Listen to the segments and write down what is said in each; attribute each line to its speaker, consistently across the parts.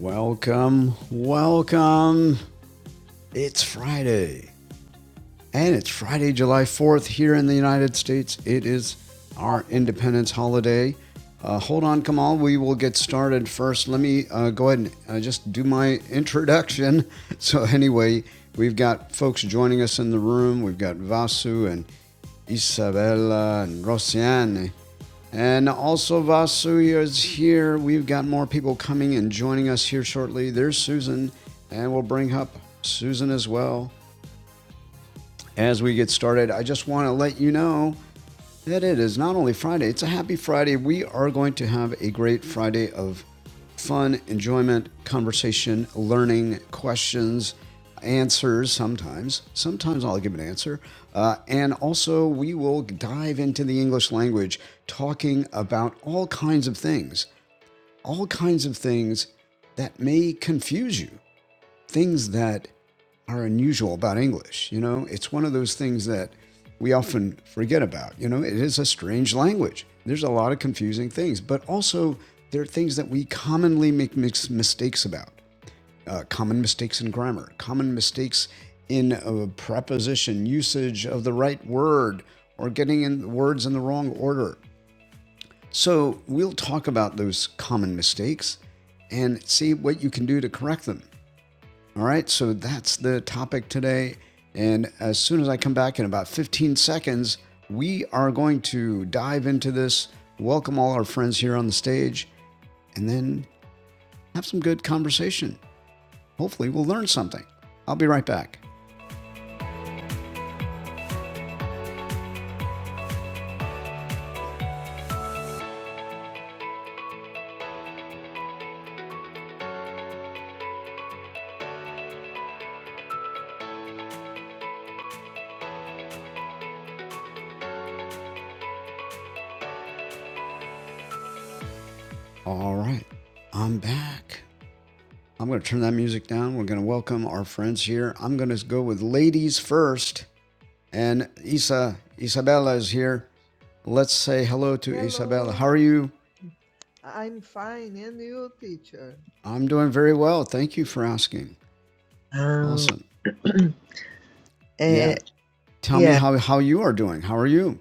Speaker 1: Welcome, welcome. It's Friday, and it's Friday, July 4th here in the United States. It is our
Speaker 2: Happy in the face.
Speaker 1: independence holiday. Uh, hold on, Kamal. We will get started first. Let me uh, go ahead and uh, just do my introduction. So, anyway, we've got folks joining us in the room. We've got Vasu and Isabella and Rosiane and also, Vasu is here. We've got more people coming and joining us here shortly. There's Susan, and we'll bring up Susan as well as we get started. I just want to let you know that it is not only Friday, it's a happy Friday. We are going to have a great Friday of fun, enjoyment, conversation, learning, questions, answers sometimes. Sometimes I'll give an answer. Uh, and also, we will dive into the English language, talking about all kinds of things, all kinds of things that may confuse you things that are unusual about English. You know, it's one of those things that we often forget about. You know, it is a strange language. There's a lot of confusing things, but also there are things that we commonly make mistakes about. Uh, common mistakes in grammar, common mistakes in uh, preposition, usage of the right word, or getting in words in the wrong order. So we'll talk about those common mistakes and see what you can do to correct them. All right, so that's the topic today. And as soon as I come back in about 15 seconds, we are going to dive into this, welcome all our friends here on the stage, and then have some good conversation. Hopefully, we'll learn something. I'll be right back. All right, I'm back. I'm going to turn that music down. We're going to welcome our friends here. I'm going to go with ladies first. And Isa, Isabella is here. Let's say hello to
Speaker 3: Hello,
Speaker 1: Isabella. How are you?
Speaker 3: I'm fine. And you, teacher?
Speaker 1: I'm doing very well. Thank you for asking.
Speaker 3: Um,
Speaker 1: Awesome.
Speaker 3: Uh,
Speaker 1: Yeah. Tell me
Speaker 3: yeah,
Speaker 1: how, how you are doing. How are you?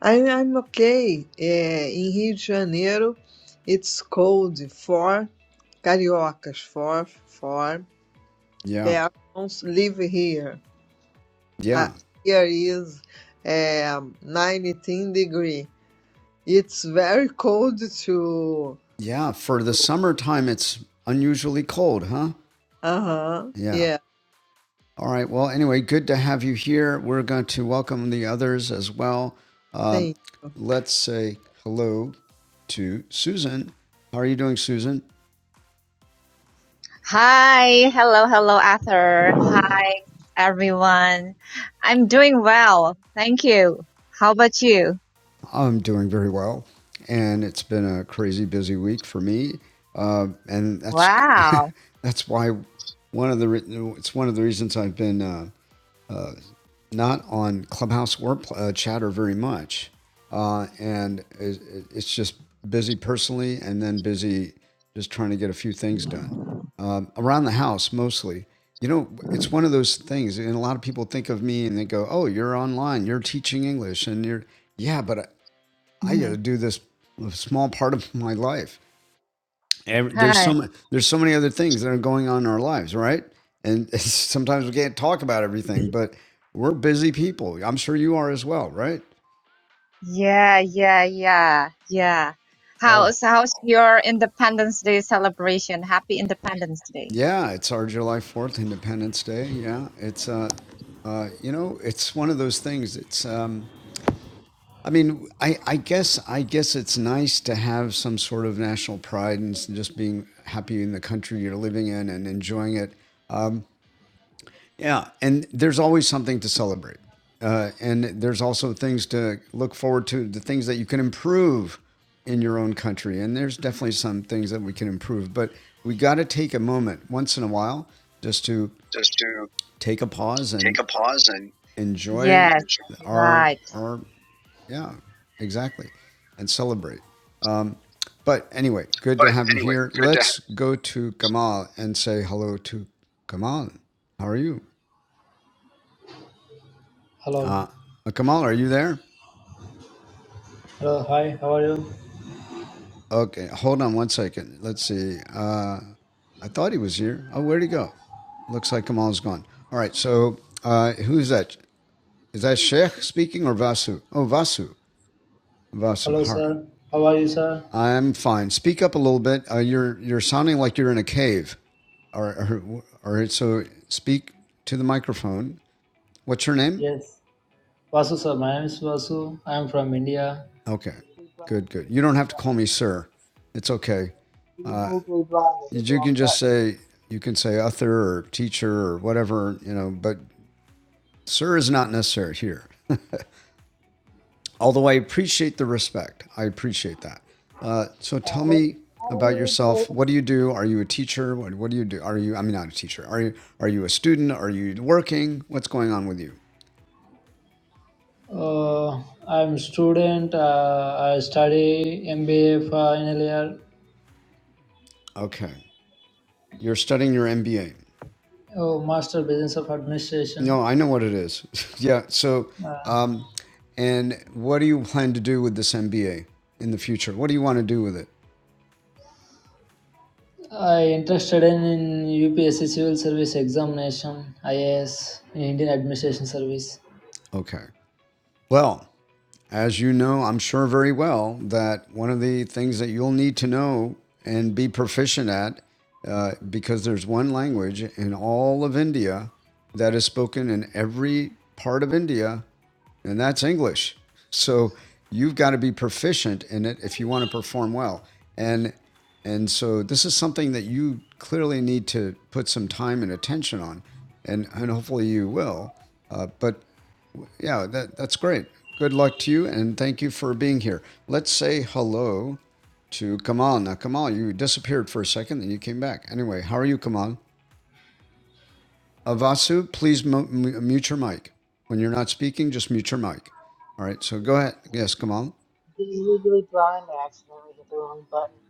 Speaker 3: I, I'm okay. Uh, in Rio de Janeiro, it's cold for cariocas, for, for
Speaker 1: Yeah.
Speaker 3: persons live here. Uh,
Speaker 1: Yeah.
Speaker 3: here is um, 19 degree. It's very cold too.
Speaker 1: Yeah. For the summertime, it's unusually cold, huh?
Speaker 3: Uh-huh.
Speaker 1: Yeah.
Speaker 3: Yeah,
Speaker 1: All right. Well, anyway, good to have you here. We're going to welcome the others as well. Uh,
Speaker 3: thank you.
Speaker 1: let's say hello to Susan. How are you doing, Susan?
Speaker 4: Hi, hello, hello, Arthur. Hi, everyone. I'm doing well. Thank you. How about you?
Speaker 1: I'm doing very well, and it's been a crazy busy week for me, uh, and that's
Speaker 4: Wow.
Speaker 1: that's why one of the re- it's one of the reasons I've been uh, not on Clubhouse or uh, Chatter very much, uh, and it's just busy personally, and then busy just trying to get a few things done um, around the house mostly. You know, it's one of those things, and a lot of people think of me and they go, "Oh, you're online, you're teaching English," and you're, yeah, but I got to
Speaker 4: Mhm.
Speaker 1: do this small part of my life. Ev- There's
Speaker 4: Hi.
Speaker 1: so many, there's so many other things that are going on in our lives, right? And sometimes we can't talk about everything, but we're busy people. I'm sure you are as well, right?
Speaker 4: Yeah, yeah, yeah, yeah.
Speaker 1: Oh,
Speaker 4: How's how's your Independence Day celebration? Happy Independence Day.
Speaker 1: yeah, it's our July 4th Independence Day. Yeah, it's uh uh you know, it's one of those things. It's um I mean, I I guess I guess it's nice to have some sort of national pride and s- just being happy in the country you're living in and enjoying it Yeah, and there's always something to celebrate. Uh, and there's also things to look forward to, the things that you can improve in your own country. And there's definitely some things that we can improve, but we got to take a moment once in a while just to
Speaker 4: just to
Speaker 1: take a pause
Speaker 4: take
Speaker 1: and
Speaker 4: a pause and
Speaker 1: enjoy
Speaker 4: Yes,
Speaker 1: our
Speaker 4: right.
Speaker 1: our yeah, exactly, and celebrate. But anyway, good
Speaker 4: but
Speaker 1: to have you
Speaker 4: anyway
Speaker 1: here.
Speaker 4: good to
Speaker 1: Let's go to Kamal and say hello to Kamal. How are you?
Speaker 5: Hello.
Speaker 1: Uh, Kamal, are you there?
Speaker 5: Hello. Hi. How are you?
Speaker 1: Okay, hold on one second. Let's see. Uh, I thought he was here. Oh, where'd he go? Looks like Kamal's gone. All right, so uh, who's that? Is that Sheikh speaking or Vasu? Oh, Vasu.
Speaker 5: Hello,
Speaker 1: Vasu, all right.
Speaker 5: sir. How are you, sir?
Speaker 1: I'm fine. Speak up a little bit. Uh, you're you're sounding like you're in a cave. All right, all right, so speak to the microphone. What's your name?
Speaker 5: Yes. Vasu, sir. My name is Vasu. I'm from India.
Speaker 1: Okay,
Speaker 2: Quickly blind,
Speaker 1: good,
Speaker 2: I
Speaker 1: good.
Speaker 2: hit
Speaker 1: You
Speaker 2: the
Speaker 1: don't
Speaker 2: wrong
Speaker 1: have to call
Speaker 2: button.
Speaker 1: me sir. It's okay.
Speaker 2: You Legally blind, I
Speaker 1: You
Speaker 2: hit the
Speaker 1: you can
Speaker 2: wrong
Speaker 1: just
Speaker 2: button.
Speaker 1: say you can say author or teacher or whatever you know, but Sir is not necessary here, although I appreciate the respect. I appreciate that. Uh, so
Speaker 2: Uh,
Speaker 1: tell
Speaker 2: how
Speaker 1: me
Speaker 2: how do
Speaker 1: about
Speaker 2: you
Speaker 1: yourself.
Speaker 2: fix
Speaker 1: What do you do? Are you a teacher? What, what do you do? Are you? I mean, not a teacher. Are you? Are you a student? Are you working? What's going on with you?
Speaker 5: Uh, I'm student. Uh, I study MBA final year,
Speaker 1: Okay, you're studying your MBA.
Speaker 5: oh, Master Business of Administration.
Speaker 1: No, I know what it is. yeah. So,
Speaker 5: Uh,
Speaker 1: um, and what do you plan to do with this MBA in the future? What do you want to do with it?
Speaker 5: I interested in, in UPSC Civil Service Examination, IAS, Indian Administration Service.
Speaker 1: Okay. Well. as you know, I'm sure very well, that one of the things that you'll need to know and be proficient at, uh, because there's one language in all of India that is spoken in every part of India, and that's English. So you've got to be proficient in it if you want to perform well. And and so this is something that you clearly need to put some time and attention on, and and hopefully you will. Uh, but yeah, that, that's great. Good luck to you and thank you for being here. Let's say hello to Kamal. Now, Kamal, you disappeared for a second and you came back. Anyway, how are you, Kamal? Uh, Vasu, please mu- mu- mute your mic. When you're not speaking, just mute your mic. All right, so go ahead. Yes, Kamal.
Speaker 2: being legally blind? I accidentally hit the wrong button.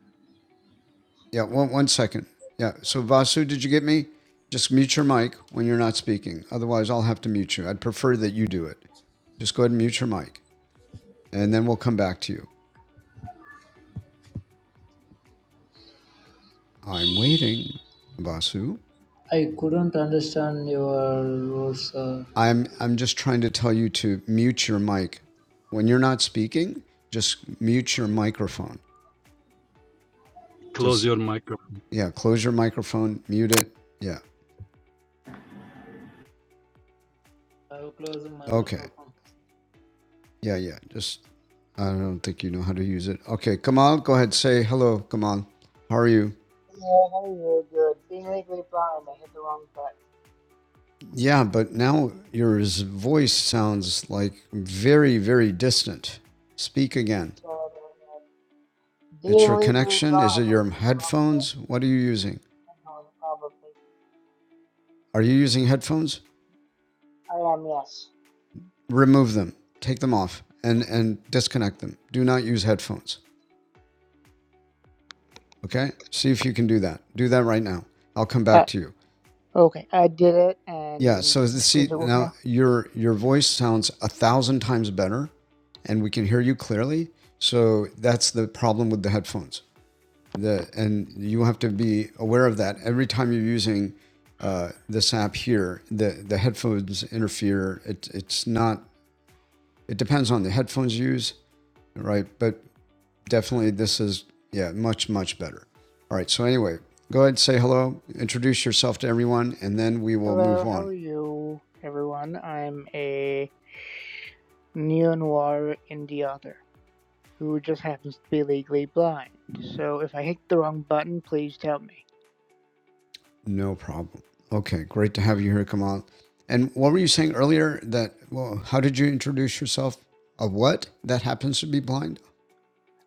Speaker 1: Yeah, one, one second. Yeah, so Vasu, did you get me? Just mute your mic when you're not speaking. Otherwise, I'll have to mute you. I'd prefer that you do it. Just go ahead and mute your mic, and then we'll come back to you. I'm waiting, Vasu.
Speaker 5: I couldn't understand your words, sir.
Speaker 1: I'm I'm just trying to tell you to mute your mic. When you're not speaking, just mute your microphone.
Speaker 6: Close
Speaker 1: Just
Speaker 6: your microphone.
Speaker 1: yeah, close your microphone, mute it. Yeah.
Speaker 5: i will close my
Speaker 1: Okay.
Speaker 5: microphone.
Speaker 1: Yeah, yeah. Just I don't think you know how to use it. Okay, Kamal, go ahead. Say hello, Kamal. How are you?
Speaker 2: Yeah, how do you good? Being legally blind, I hit the wrong button.
Speaker 1: Yeah, but now your voice sounds like very, very distant. Speak again.
Speaker 2: So I don't know.
Speaker 1: It's
Speaker 2: Being
Speaker 1: your
Speaker 2: legally
Speaker 1: connection. Is
Speaker 2: blind,
Speaker 1: it
Speaker 2: I
Speaker 1: your
Speaker 2: hit the wrong button.
Speaker 1: headphones? What are you using?
Speaker 2: I'm going probably.
Speaker 1: Are you using headphones?
Speaker 2: I am, yes.
Speaker 1: remove them, take them off, and and disconnect them. Do not use headphones. Okay, see if you can do that. Do that right now. I'll come
Speaker 2: Uh,
Speaker 1: back to you.
Speaker 2: okay, I did it,
Speaker 1: Yeah.
Speaker 2: and
Speaker 1: So see
Speaker 2: does it work
Speaker 1: now
Speaker 2: now?
Speaker 1: your your voice sounds a thousand times better, and we can hear you clearly. So that's the problem with the headphones. The and you have to be aware of that every time you're using uh, this app here. The the headphones interfere. It, it's not. It depends on the headphones you use, right? But definitely this is yeah much much better. All right. So anyway, go ahead and say hello, introduce yourself to everyone, and then we will
Speaker 2: Hello,
Speaker 1: move
Speaker 2: how
Speaker 1: on.
Speaker 2: are you, everyone? I'm a neo-noir indie author. who just happens to be legally blind. So if I hit the wrong button, please tell me.
Speaker 1: No problem. Okay, great to have you here, Kamal. And what were you saying earlier? That well, how did you introduce yourself? A what that happens to be blind?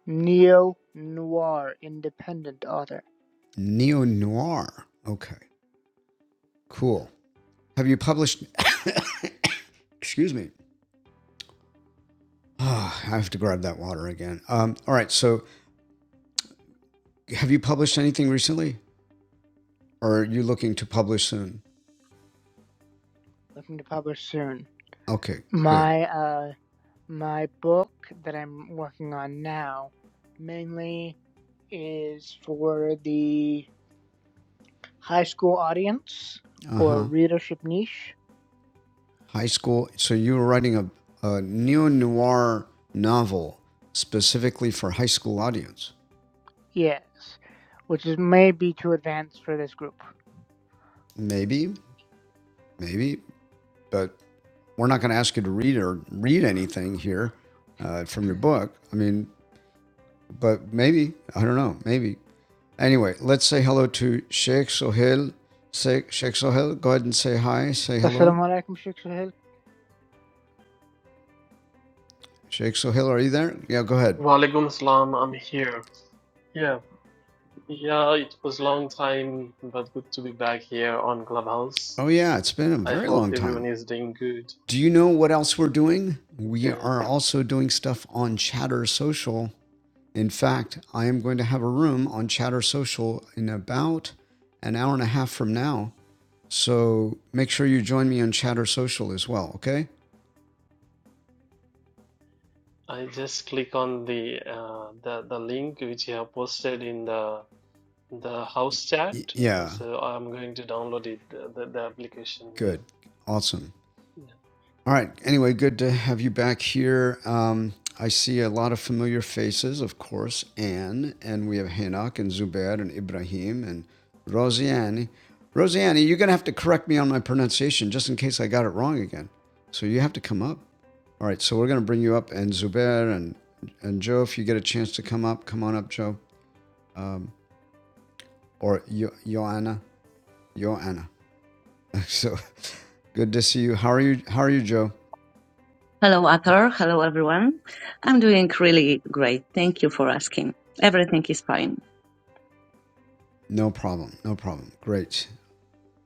Speaker 2: Neo noir independent author
Speaker 1: Neo noir. Okay, cool. Have you published? Excuse me. Ah, I have to grab that water again. Um, all right. So, have you published anything recently, or are you looking to publish soon?
Speaker 2: looking to publish soon.
Speaker 1: Okay, good.
Speaker 2: My uh my book that I'm working on now mainly is for the high school audience
Speaker 1: Uh
Speaker 2: or
Speaker 1: huh.
Speaker 2: readership niche.
Speaker 1: High school. So you were writing a, a neo noir novel specifically for high school audience.
Speaker 2: Yes, which is maybe too advanced for this group.
Speaker 1: Maybe, maybe, but we're not going to ask you to read or read anything here uh, from your book. I mean, but maybe I don't know. Maybe anyway. Let's say hello to Sheikh Sohail. Sheikh, Sheikh Sohail, go ahead and say hi. Say hello.
Speaker 2: Assalamualaikum Sheikh Suhail.
Speaker 1: Sheikh Sohail, are you there? Yeah, go ahead.
Speaker 7: Walaikum salam, I'm here. Yeah, yeah, it was long time, but good to be back here on Clubhouse.
Speaker 1: Oh yeah, it's been a
Speaker 7: I
Speaker 1: very
Speaker 7: hope
Speaker 1: long time.
Speaker 7: everyone is doing good.
Speaker 1: Do you know what else we're doing? We
Speaker 7: Yeah,
Speaker 1: are also doing stuff on Chatter Social. In fact, I am going to have a room on Chatter Social in about an hour and a half from now. So make sure you join me on Chatter Social as well, okay?
Speaker 7: I just click on the uh, the the link which you have posted in the the house
Speaker 1: Y-
Speaker 7: chat,
Speaker 1: yeah,
Speaker 7: so I'm going to download it the, the, the application
Speaker 1: good.
Speaker 7: here.
Speaker 1: Awesome. All right. Anyway, good to have you back here. Um, I see a lot of familiar faces, of course, Anne, and we have Hinak and Zubair and Ibrahim and Rosianni. Rosianni, you're going to have to correct me on my pronunciation just in case I got it wrong again. So you have to come up. All right. So we're going to bring you up, and Zubair and, and Joe, if you get a chance to come up, come on up, Joe. Or Yo- Joanna. Joanna. So good to see you. How are you? How are you, Joe?
Speaker 8: Hello, Athor. Hello, everyone. I'm doing really great. Thank you for asking. Everything is fine.
Speaker 1: No problem. No problem. Great.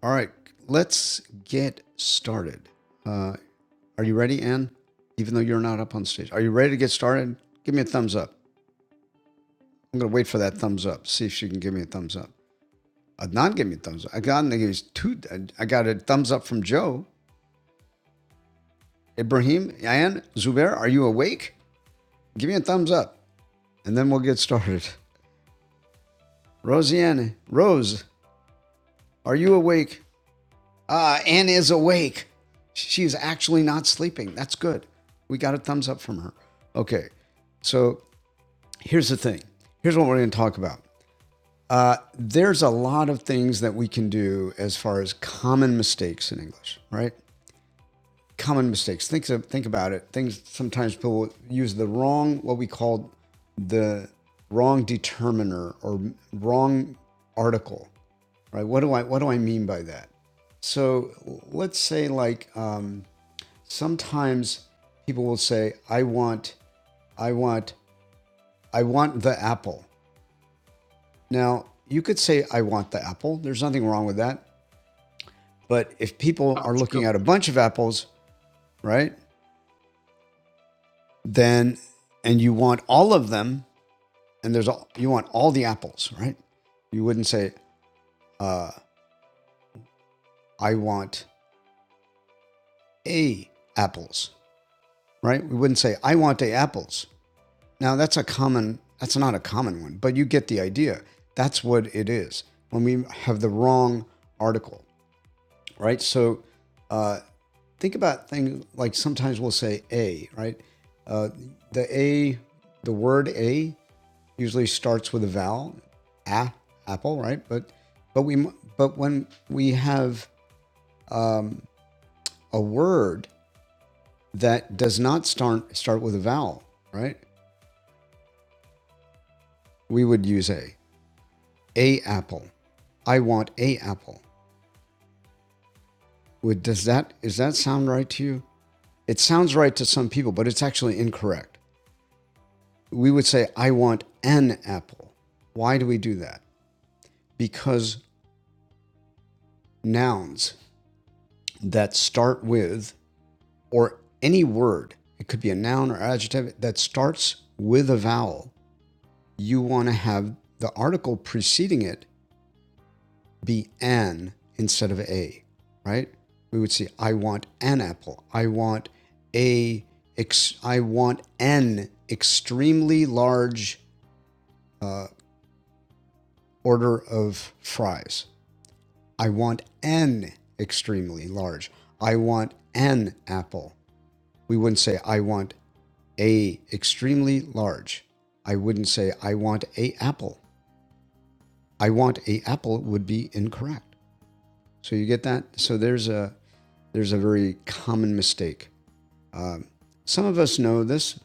Speaker 1: All right, let's get started. Uh, are you ready, Ann? Even though you're not up on stage, are you ready to get started? Give me a thumbs up. I'm going to wait for that thumbs up. See if she can give me a thumbs up. Adnan gave me a thumbs up. I got, I two, I got a thumbs up from Joe. Ibrahim, Anne, Zubair, are you awake? Give me a thumbs up and then we'll get started. Rosianne, Rose, are you awake? Uh, Anne is awake. She is actually not sleeping. That's good. We got a thumbs up from her. Okay. So here's the thing. Here's what we're going to talk about. Uh, there's a lot of things that we can do as far as common mistakes in English, right? common mistakes. Think of- think about it. Things sometimes people use the wrong what we call the wrong determiner or wrong article. Right? What do I what do I mean by that? So let's say like um, sometimes people will say I want I want I want the apple. Now you could say I want the apple. There's nothing wrong with that. But if people are looking
Speaker 6: Article.
Speaker 1: at a bunch of apples, right? Then and you want all of them, and there's all you want all the apples, right? You wouldn't say I want a apples, right? We wouldn't say I want a apples. Now that's a common that's not a common one, but you get the idea. That's what it is when we have the wrong article, right? So uh, think about things like sometimes we'll say a, right? Uh, the a, the word a, usually starts with a vowel, a, apple, right? But but we but when we have a word that does not start start with a vowel, right? We would use a a apple. I want a apple. Would does that is that sound right to you? It sounds right to some people, but it's actually incorrect. We would say I want an apple. Why do we do that? Because nouns that start with or any word, it could be a noun or adjective that starts with a vowel, you want to have the article preceding it be an instead of a, right? We would say, I want an apple. I want a ex- I want an extremely large uh, order of fries. I want an extremely large. I want an apple. We wouldn't say I want a extremely large. I wouldn't say I want a apple. I want a apple would be incorrect. So you get that? So there's a there's a very common mistake. Um, some of us know this,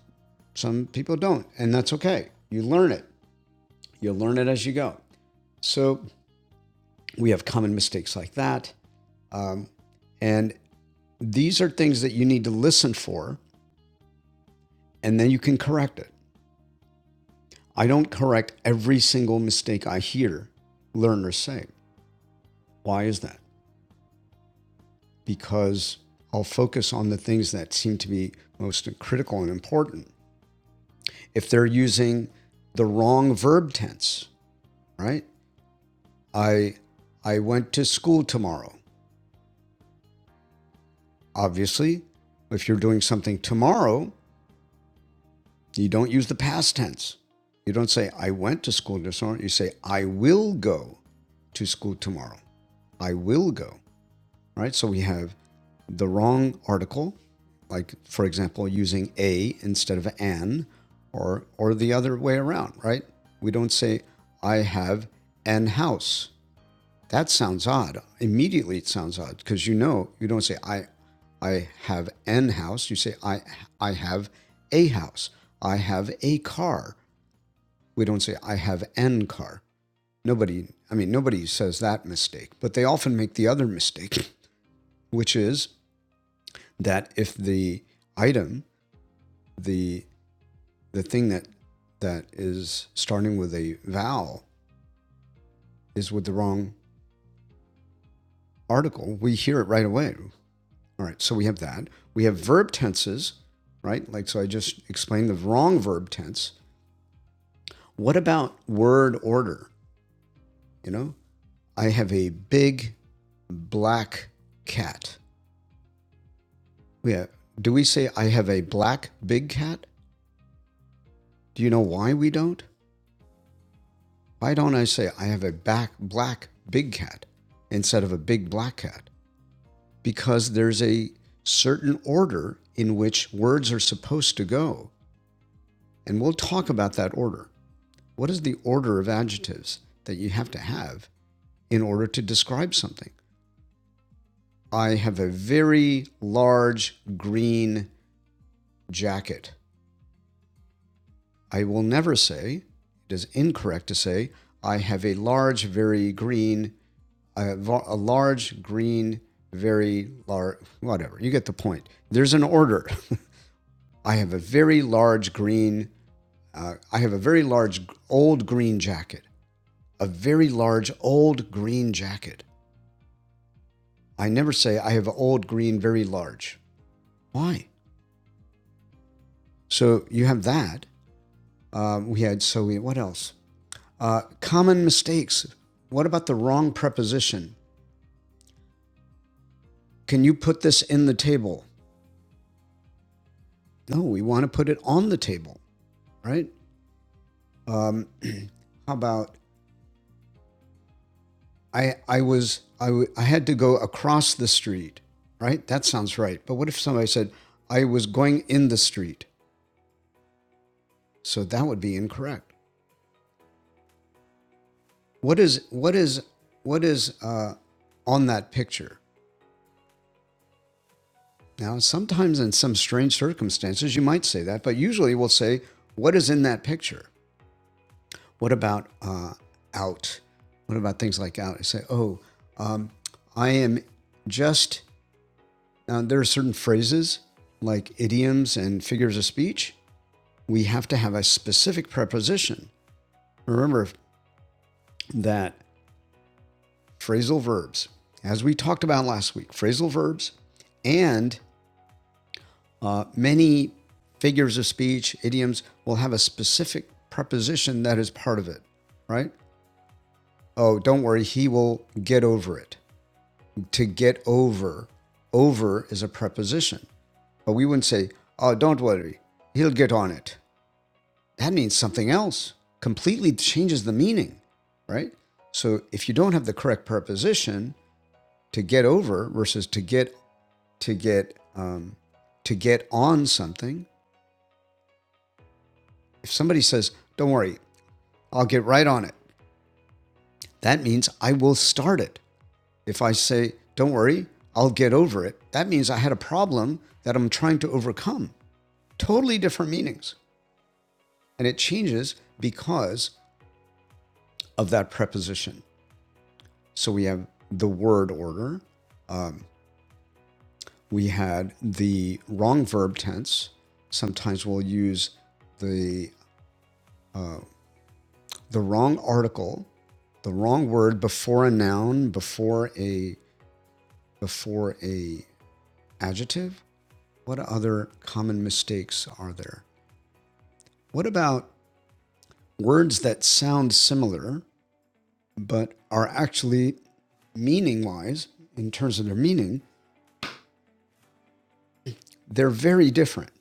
Speaker 1: some people don't, and that's okay. You learn it, you learn it as you go. So we have common mistakes like that. Um, and these are things that you need to listen for, and then you can correct it. I don't correct every single mistake I hear learners say. Why is that? Because I'll focus on the things that seem to be most critical and important. If they're using the wrong verb tense, right? I I went to school tomorrow. Obviously, if you're doing something tomorrow, you don't use the past tense. You don't say I went to school tomorrow. You say I will go to school tomorrow. I will go. Right? So we have the wrong article, like for example, using a instead of an, or or the other way around, right? We don't say I have an house. That sounds odd. Immediately, it sounds odd because you know you don't say I, I have an house. You say I, I have a house. I have a car. We don't say I have an car. Nobody, I mean, nobody says that mistake, but they often make the other mistake, which is that if the item, the the thing that that is starting with a vowel is with the wrong article, we hear it right away. All right, so we have that. We have verb tenses, right? Like, so I just explained the wrong verb tense. What about word order? You know, I have a big black cat. Yeah. Do we say I have a black big cat? Do you know why we don't? Why don't I say I have a back black big cat instead of a big black cat? Because there's a certain order in which words are supposed to go. And we'll talk about that order. What is the order of adjectives that you have to have in order to describe something? I have a very large green jacket. I will never say, it is incorrect to say, I have a large, very green, a, va- a large, green, very large, whatever. You get the point. There's an order. I have a very large green, uh, I have a very large old green jacket. A very large old green jacket. I never say I have old green very large. Why? So you have that. Uh, we had so we, what else? Uh, common mistakes. What about the wrong preposition? Can you put this in the table? No, we want to put it on the table, right? Um, how about I? I was I, w- I had to go across the street, right? That sounds right. But what if somebody said I was going in the street? So that would be incorrect. what is what is what is uh, on that picture now sometimes in some strange circumstances you might say that but usually we'll say what is in that picture what about uh, out what about things like out i say oh um, i am just now there are certain phrases like idioms and figures of speech we have to have a specific preposition remember that phrasal verbs as we talked about last week phrasal verbs and Uh, many figures of speech, idioms will have a specific preposition that is part of it, right? Oh, don't worry, he will get over it. To get over, over is a preposition. But we wouldn't say, oh, don't worry, he'll get on it. That means something else, completely changes the meaning, right? So if you don't have the correct preposition, to get over versus to get to get um, to get on something. If somebody says, "Don't worry, I'll get right on it. That means I will start it. If I say, don't worry, I'll get over it, that means I had a problem that I'm trying to overcome. Totally different meanings. And it changes because of that preposition. So we have the word order, we had the wrong verb tense. Sometimes we'll use the the wrong article, the wrong word before a noun, before a before a adjective, What other common mistakes are there? What about words that sound similar but are actually meaning wise, in terms of their meaning, they're very different,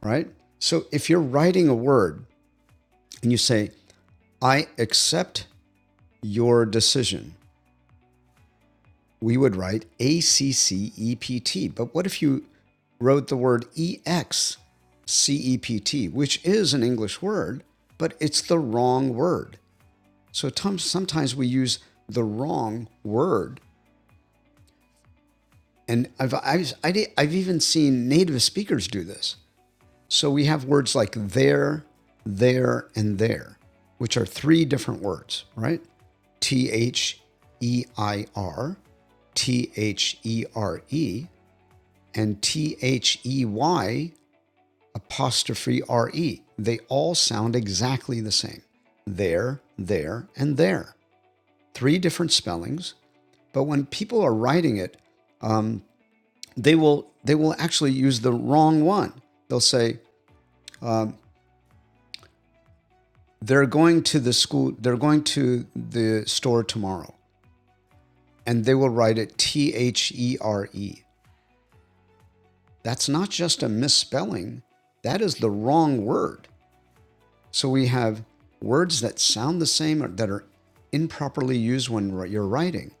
Speaker 1: right? So if you're writing a word and you say, I accept your decision, we would write A C C E P T. But what if you wrote the word E X C E P T, which is an English word, but it's the wrong word? So Tom, sometimes we use the wrong word. And I've, I've, I I've even seen native speakers do this. So we have words like there, there, and there, which are three different words, right? T H E I R, T H E R E, and T H E Y apostrophe R E. They all sound exactly the same. There, there, and there. Three different spellings, But when people are writing it, um, they will they will actually use the wrong one. They'll say they're going to the school, they're going to the store tomorrow, and they will write it T H E R E. That's not just a misspelling; that is the wrong word. So we have words that sound the same or that are improperly used when you're writing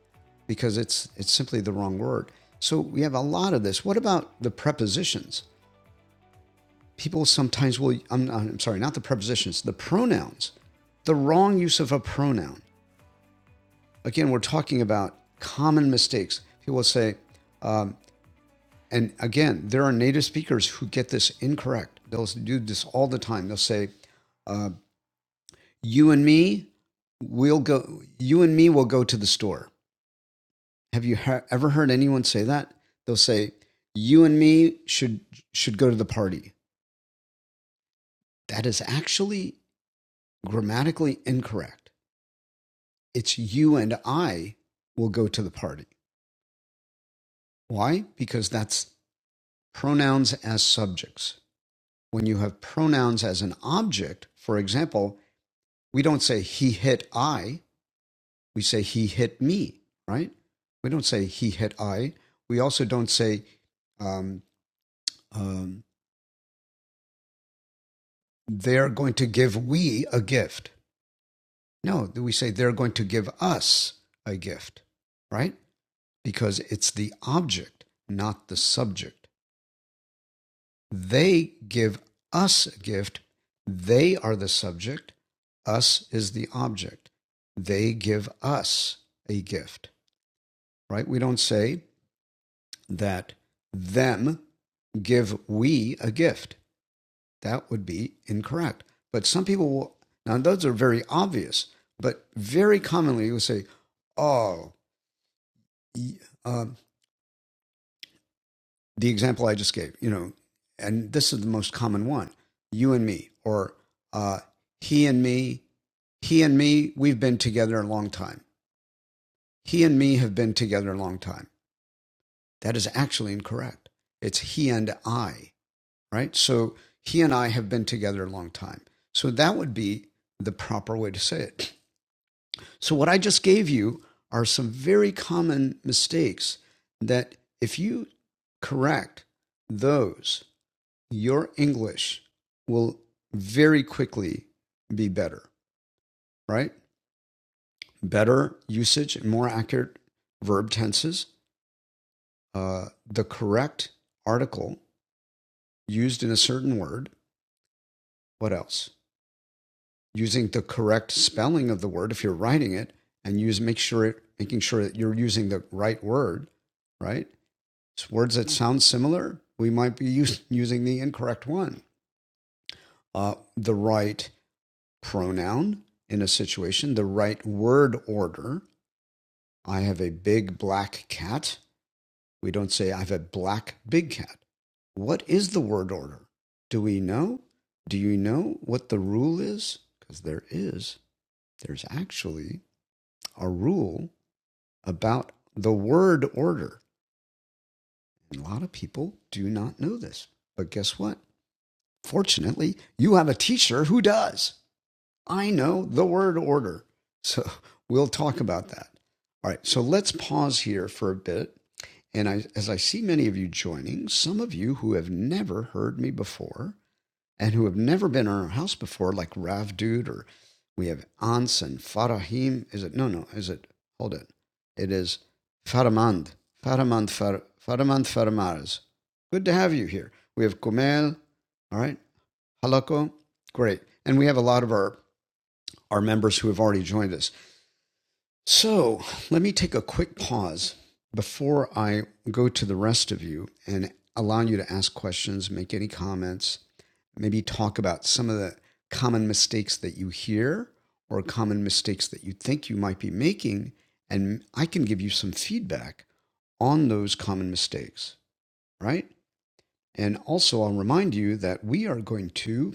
Speaker 1: because it's it's simply the wrong word. So we have a lot of this. What about the prepositions? people sometimes will I'm, I'm sorry not the prepositions the pronouns the wrong use of a pronoun again we're talking about common mistakes people will say and again there are native speakers who get this incorrect they'll do this all the time they'll say you and me we will go you and me will go to the store have you he- ever heard anyone say that they'll say you and me should should go to the party that is actually grammatically incorrect It's you and I will go to the party. Why? Because that's pronouns as subjects. When you have pronouns as an object, for example, we don't say he hit I, we say he hit me, right? We don't say he hit I. We also don't say um, um, they're going to give we a gift. No, we say they're going to give us a gift, right? Because it's the object, not the subject. They give us a gift. They are the subject. Us is the object. They give us a gift, right? We don't say that them give we a gift. That would be incorrect. But some people will, now those are very obvious, but very commonly you will say, oh, uh, the example I just gave, you know, and this is the most common one you and me, or uh, he and me. He and me, we've been together a long time. He and me have been together a long time. That is actually incorrect. It's he and I, right? So he and I have been together a long time. So that would be the proper way to say it. So, what I just gave you are some very common mistakes that if you correct those, your English will very quickly be better, right? Better usage and more accurate verb tenses, uh, the correct article used in a certain word. What else? Using the correct spelling of the word if you're writing it, and use make sure it, making sure that you're using the right word, right? It's words that sound similar, we might be use, using the incorrect one. Uh, the right pronoun in a situation, the right word order. I have a big black cat. We don't say, I have a black big cat. What is the word order? Do we know? Do you know what the rule is? Because there is. There's actually a rule about the word order. And a lot of people do not know this. But guess what? Fortunately, you have a teacher who does. I know the word order. So we'll talk about that. All right, so let's pause here for a bit. And I, as I see many of you joining, some of you who have never heard me before and who have never been in our house before, like Rav Dude, or we have Ans and Farahim. Is it? No, no. Is it? Hold it. It is Faramand. Faramand, Far, Faramand Faramars. Good to have you here. We have Kumel. All right. Halako. Great. And we have a lot of our our members who have already joined us. So let me take a quick pause before I go to the rest of you and allow you to ask questions, make any comments, maybe talk about some of the common mistakes that you hear or common mistakes that you think you might be making. And I can give you some feedback on those common mistakes, right? And also, I'll remind you that we are going to,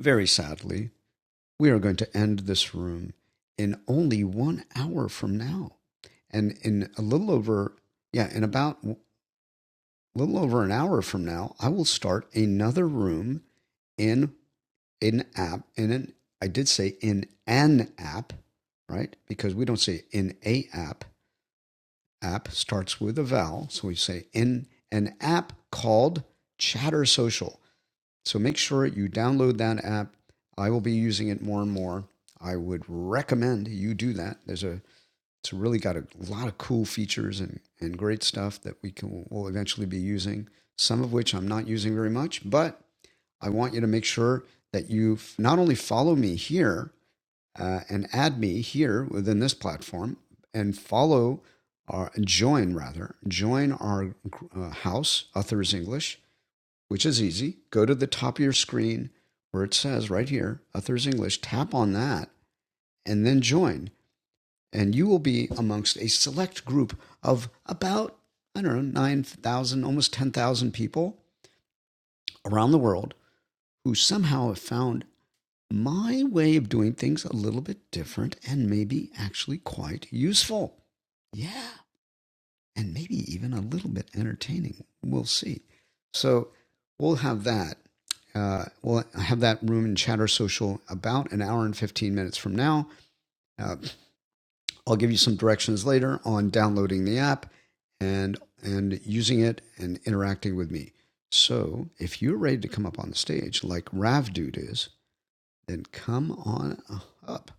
Speaker 1: very sadly, we are going to end this room in only one hour from now. And in a little over, yeah, in about a little over an hour from now, I will start another room in an app. In an, I did say in an app, right? Because we don't say in a app. App starts with a vowel. So we say in an app called Chatter Social. So make sure you download that app. I will be using it more and more. I would recommend you do that. There's a it's really got a lot of cool features and, and great stuff that we can will eventually be using, some of which I'm not using very much, but I want you to make sure that you not only follow me here uh, and add me here within this platform and follow our join rather join our uh, house authors english which is easy. Go to the top of your screen where it says right here, Authors English, tap on that and then join. And you will be amongst a select group of about, I don't know, 9,000, almost 10,000 people around the world who somehow have found my way of doing things a little bit different and maybe actually quite useful. Yeah. and maybe even a little bit entertaining. We'll see. So we'll have that. Uh, we'll have that room in Chatter Social about an hour and 15 minutes from now. Uh, I'll give you some directions later on downloading the app and and using it and interacting with me. So if you're ready to come up on the stage like Rav Dude is, then come on up.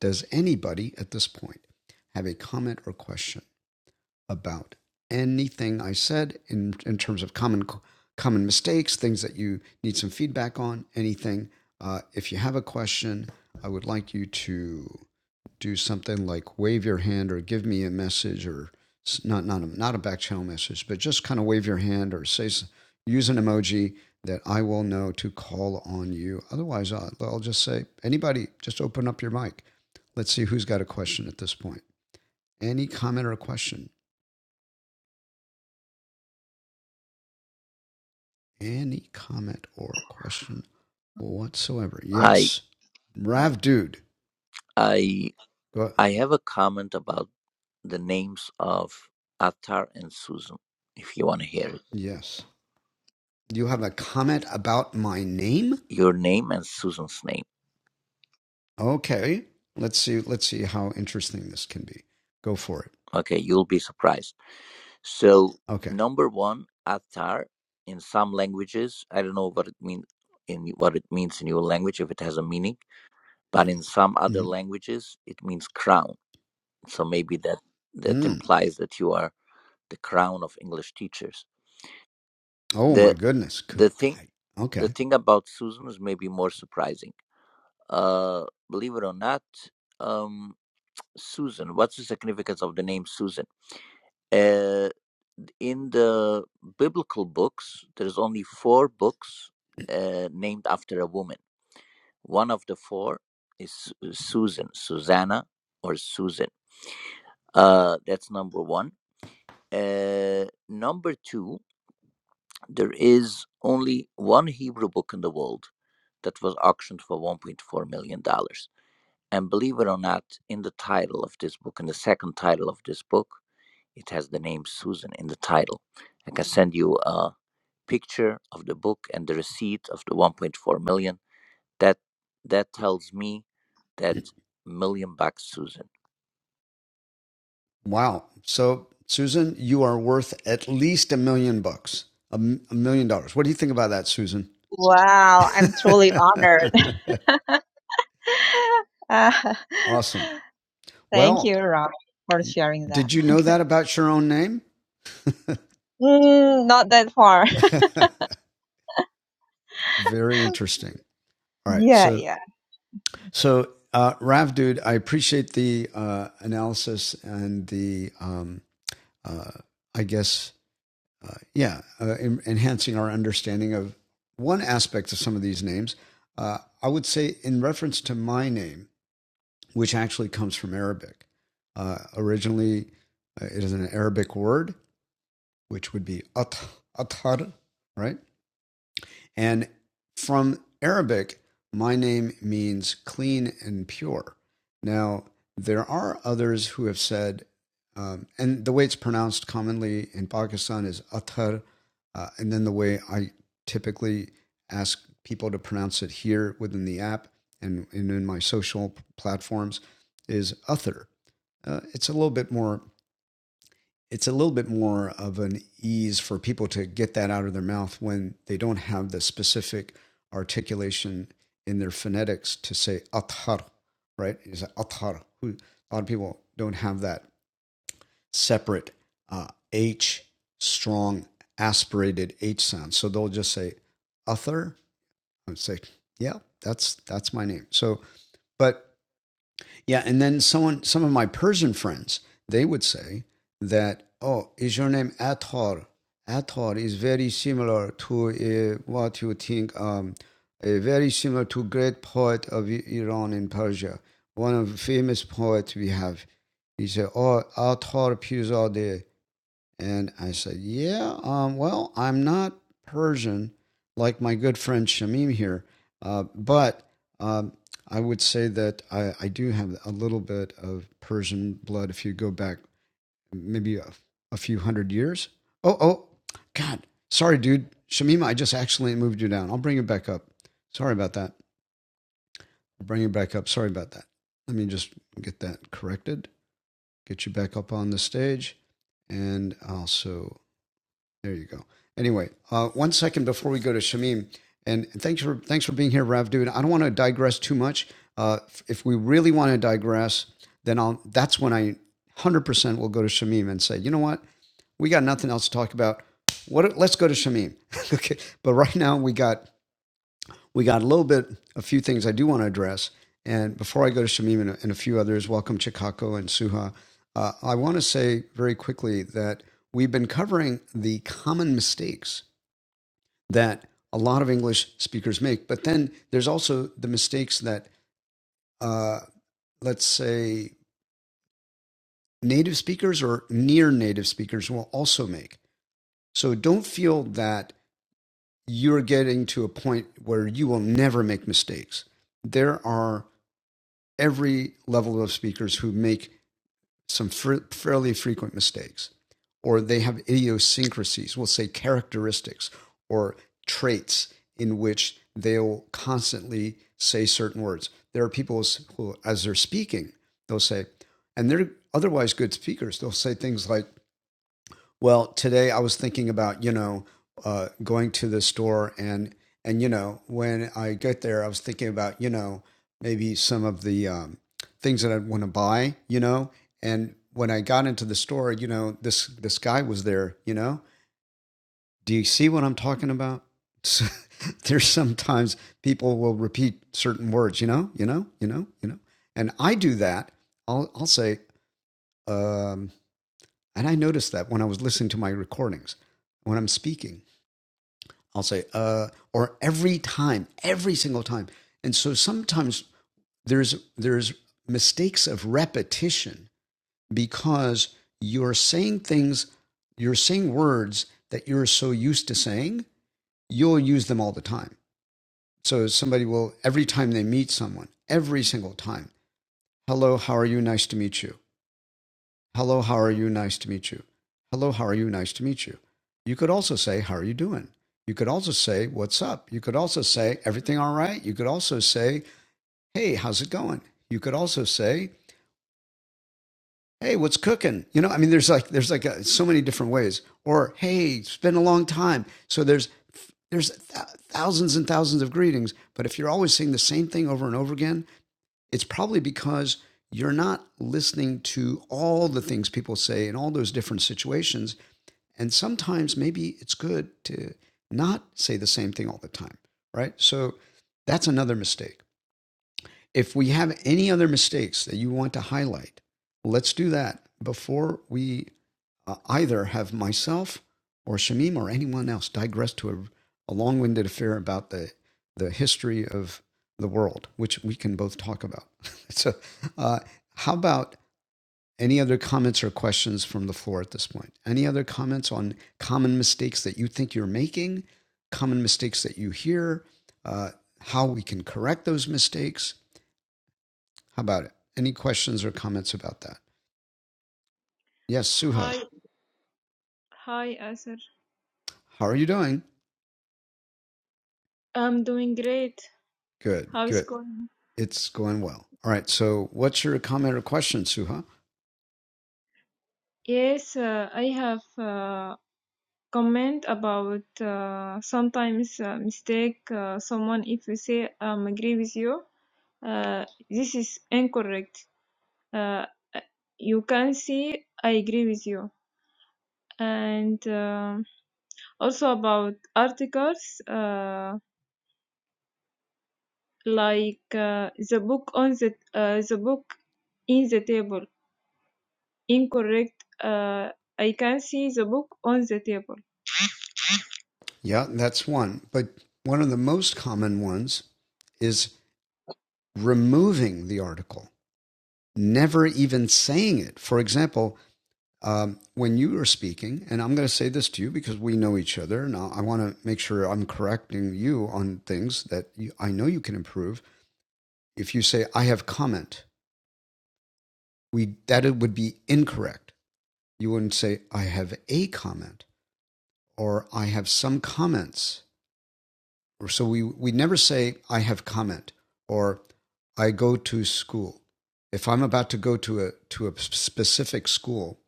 Speaker 1: Does anybody at this point have a comment or question? about anything I said in, in terms of common common mistakes, things that you need some feedback on, anything. Uh, if you have a question, I would like you to do something like wave your hand or give me a message or not not a, not a back channel message, but just kind of wave your hand or say use an emoji that I will know to call on you. Otherwise, I'll, I'll just say anybody, just open up your mic. Let's see who's got a question at this point. Any comment or question? any comment or question whatsoever.
Speaker 9: Hi,
Speaker 1: Yes. Rav Dude.
Speaker 9: I
Speaker 1: Go.
Speaker 9: I have a comment about the names of Attar and Susan. If you want to hear it,
Speaker 1: Yes. You have a comment about my name?
Speaker 9: your name and Susan's name.
Speaker 1: Okay. Let's see. Let's see how interesting this can be. Go for it.
Speaker 9: Okay, you'll be surprised. So
Speaker 1: Okay.
Speaker 9: number one, Attar in some languages, I don't know what it means in what it means in your language if it has a meaning, but in some other
Speaker 1: mm
Speaker 9: languages it means crown. So maybe that that
Speaker 1: Mm.
Speaker 9: implies that you are the crown of English teachers.
Speaker 1: Oh my
Speaker 9: The
Speaker 1: goodness.
Speaker 9: the thing The
Speaker 1: Okay.
Speaker 9: thing about Susan is maybe more surprising. Uh, believe it or not, um, Susan, what's the significance of the name Susan? Uh, in the biblical books, there's only four books uh, named after a woman. One of the four is Susan, Susanna, or Susan. Uh, that's number one. Uh, number two, there is only one Hebrew book in the world that was auctioned for $1.4 million. dollars. And believe it or not, in the title of this book, in the second title of this book, it has the name Susan in the title. I can send you a picture of the book and the receipt of the 1.4 million. That that tells me that million bucks Susan.
Speaker 1: Wow. So Susan, you are worth at least a million bucks. a a million dollars. What do you think about that, Susan?
Speaker 4: Wow, I'm truly honored. Uh,
Speaker 1: awesome.
Speaker 4: thank
Speaker 1: Well,
Speaker 4: you, Rob, for sharing that.
Speaker 1: Did you know that about your own name?
Speaker 4: Mm, not that far.
Speaker 1: Very interesting. All right.
Speaker 4: Yeah,
Speaker 1: So,
Speaker 4: yeah.
Speaker 1: so uh, Rav, dude, I appreciate the uh, analysis and the, um, uh, I guess, uh, yeah, uh, en- enhancing our understanding of one aspect of some of these names. Uh, I would say, in reference to my name, which actually comes from Arabic, uh, originally uh, it is an Arabic word, which would be at, athar, right? And from Arabic, my name means clean and pure. Now, there are others who have said, um, and the way it's pronounced commonly in Pakistan is Athar, uh, and then the way I typically ask people to pronounce it here within the app and, and in my social platforms is Athar. Uh, it's a little bit more it's a little bit more of an ease for people to get that out of their mouth when they don't have the specific articulation in their phonetics to say athar, right? Is athar. A lot of people don't have that separate uh, H strong aspirated H sound, so they'll just say author. I would say, yeah, that's that's my name. So, but yeah, and then someone, some of my Persian friends, they would say that, "Oh, is your name Atar? Atar is very similar to uh, what you think. Um, uh, very similar to great poet of Iran and Persia, one of the famous poets we have. He said, "Oh, Atar Pirzadeh and I said, Yeah, um, well, I'm not Persian like my good friend Shamim here, uh, but um, I would say that I, I do have a little bit of Persian blood if you go back maybe a, a few hundred years. Oh, oh, God. Sorry, dude. Shamima, I just accidentally moved you down. I'll bring you back up. Sorry about that. I'll bring you back up. Sorry about that. Let me just get that corrected, get you back up on the stage, and also there you go. Anyway, uh, one second before we go to Shamim, and thanks for thanks for being here, Rav Dude. I don't want to digress too much. Uh, if we really want to digress, then I'll. That's when I one hundred percent will go to Shamim and say, you know what, we got nothing else to talk about. What? Let's go to Shamim. okay. But right now we got we got a little bit, a few things I do want to address. And before I go to Shamim and, and a few others, welcome Chikako and Suha. Uh, I want to say very quickly that we've been covering the common mistakes that a lot of English speakers make, but then there's also the mistakes that, uh, let's say, native speakers or near native speakers will also make. So don't feel that you're getting to a point where you will never make mistakes. There are every level of speakers who make some fr- fairly frequent mistakes, or they have idiosyncrasies, we'll say characteristics or traits in which they'll constantly say certain words. There are people who, as they're speaking, they'll say, and they're otherwise good speakers, they'll say things like, well, today I was thinking about, you know, uh, going to the store and and you know, when I get there, I was thinking about, you know, maybe some of the um, things that I'd want to buy, you know. And when I got into the store, you know, this this guy was there, you know. Do you see what I'm talking about? there's sometimes people will repeat certain words, you know, you know, you know, you know. And I do that. I'll I'll say, um, and I noticed that when I was listening to my recordings, when I'm speaking, I'll say, uh, or every time, every single time. And so sometimes there's, there's mistakes of repetition because you're saying things, you're saying words that you're so used to saying, you'll use them all the time. So somebody will, every time they meet someone, every single time, hello, how are you? Nice to meet you. Hello, how are you? Nice to meet you. Hello, how are you? Nice to meet you. You could also say, How are you doing? You could also say, What's up? You could also say, Everything all right? You could also say, Hey, how's it going? You could also say, Hey, what's cooking? You know, I mean, there's like, there's like uh so many different ways. Or, Hey, it's been a long time. So there's, there's th- thousands and thousands of greetings. But if you're always saying the same thing over and over again, it's probably because you're not listening to all the things people say in all those different situations and sometimes maybe it's good to not say the same thing all the time, right? So that's another mistake. If we have any other mistakes that you want to highlight, let's do that before we uh, either have myself or Shamim or anyone else digress to a, a long winded affair about the, the history of the world, which we can both talk about. so, uh, how about any other comments or questions from the floor at this point? Any other comments on common mistakes that you think you're making, common mistakes that you hear, uh, how we can correct those mistakes? How about it? Any questions or comments about that? Yes, Suha,
Speaker 10: Hi, hi, Asir.
Speaker 1: how are you doing?
Speaker 10: I'm doing great.
Speaker 1: Good,
Speaker 10: How is
Speaker 1: good.
Speaker 10: going?
Speaker 1: It's going well. All right, so what's your comment or question, Suha?
Speaker 10: Yes, uh, I have uh, comment about uh, sometimes uh, mistake uh, someone if you say um, agree with you. Uh, this is incorrect. Uh, you can see I agree with you. And um also about articles uh, like uh, the book on the uh, the book in the table. Incorrect. Uh, I can see the book on the table.
Speaker 1: Yeah, that's one. But one of the most common ones is removing the article, never even saying it. For example, Um, when you are speaking, and I'm going to say this to you because we know each other, and I, want to make sure I'm correcting you on things that you, I know you can improve. If you say "I have comment," we that it would be incorrect. You wouldn't say "I have a comment" or "I have some comments." Or so we we never say "I have comment" or "I go to school." If I'm about to go to a to a specific school,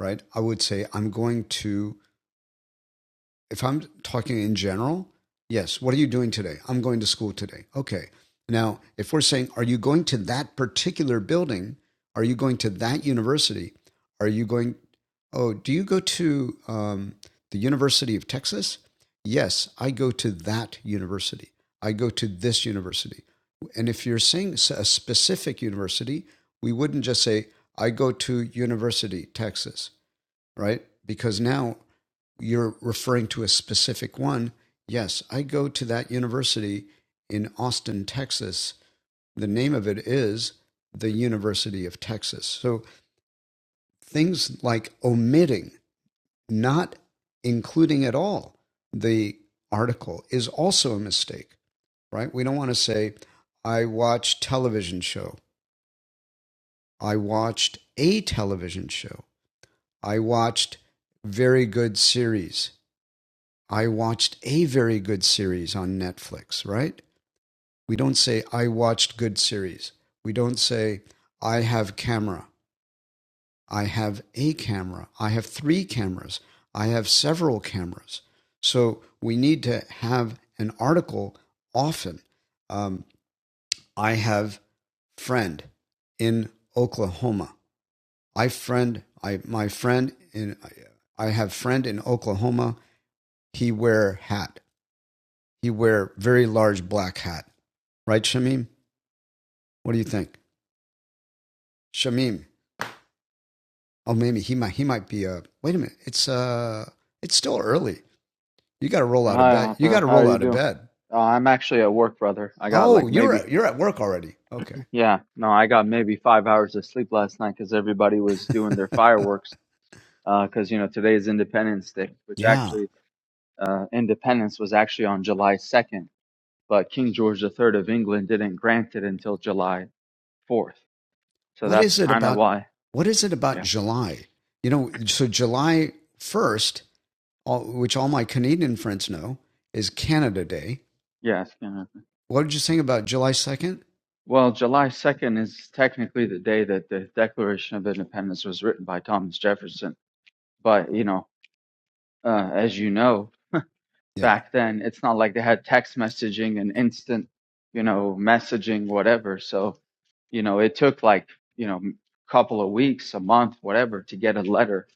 Speaker 1: right? I would say I'm going to if I'm talking in general, yes, what are you doing today? I'm going to school today. Okay. Now, if we're saying, are you going to that particular building? Are you going to that university? Are you going, oh, do you go to um, the University of Texas? Yes, I go to that university. I go to this university. And if you're saying a specific university, we wouldn't just say, I go to University Texas, right? Because now you're referring to a specific one. Yes, I go to that university in Austin, Texas. The name of it is the University of Texas. So things like omitting, not including at all the article is also a mistake, right? We don't want to say, I watched television show. I watched a television show. I watched very good series. I watched a very good series on Netflix, right? We don't say, I watched good series. We don't say, I have camera. I have a camera. I have three cameras. I have several cameras. So we need to have an article often. Um, I have friend in Oklahoma. I friend I my friend in I have friend in Oklahoma. He wear hat. he wear very large black hat, right, Shamim? What do you think, Shamim? Oh, maybe he might. He might be a. Wait a minute. It's uh. It's still early. You got to roll out of
Speaker 11: Hi,
Speaker 1: bed. You got
Speaker 11: Arthur.
Speaker 1: to
Speaker 11: How
Speaker 1: roll
Speaker 11: are you
Speaker 1: out of
Speaker 11: doing?
Speaker 1: bed.
Speaker 11: Uh, I'm actually at work, brother. I got
Speaker 1: Oh,
Speaker 11: like
Speaker 1: you're
Speaker 11: maybe,
Speaker 1: at, you're at work already. Okay.
Speaker 11: yeah, no, I got maybe five hours of sleep last night because everybody was doing their fireworks. Uh, because you know today is Independence Day, which
Speaker 1: yeah.
Speaker 11: actually uh, independence was actually on July 2nd, but King George the Third of England didn't grant it until July 4th. So
Speaker 1: What
Speaker 11: that's
Speaker 1: is it
Speaker 11: kind of
Speaker 1: about?
Speaker 11: why.
Speaker 1: What is it about
Speaker 11: Yeah.
Speaker 1: July? You know, so July first, all, which all my Canadian friends know, is Canada Day.
Speaker 11: Yes. Yeah.
Speaker 1: What did you think about July second?
Speaker 11: well, July 2nd is technically the day that the Declaration of Independence was written by Thomas Jefferson. but you know uh, as you know,
Speaker 1: Yeah.
Speaker 11: back then it's not like they had text messaging and instant, you know, messaging, whatever. So, you know, it took like, you know, a couple of weeks, a month, whatever, to get a letter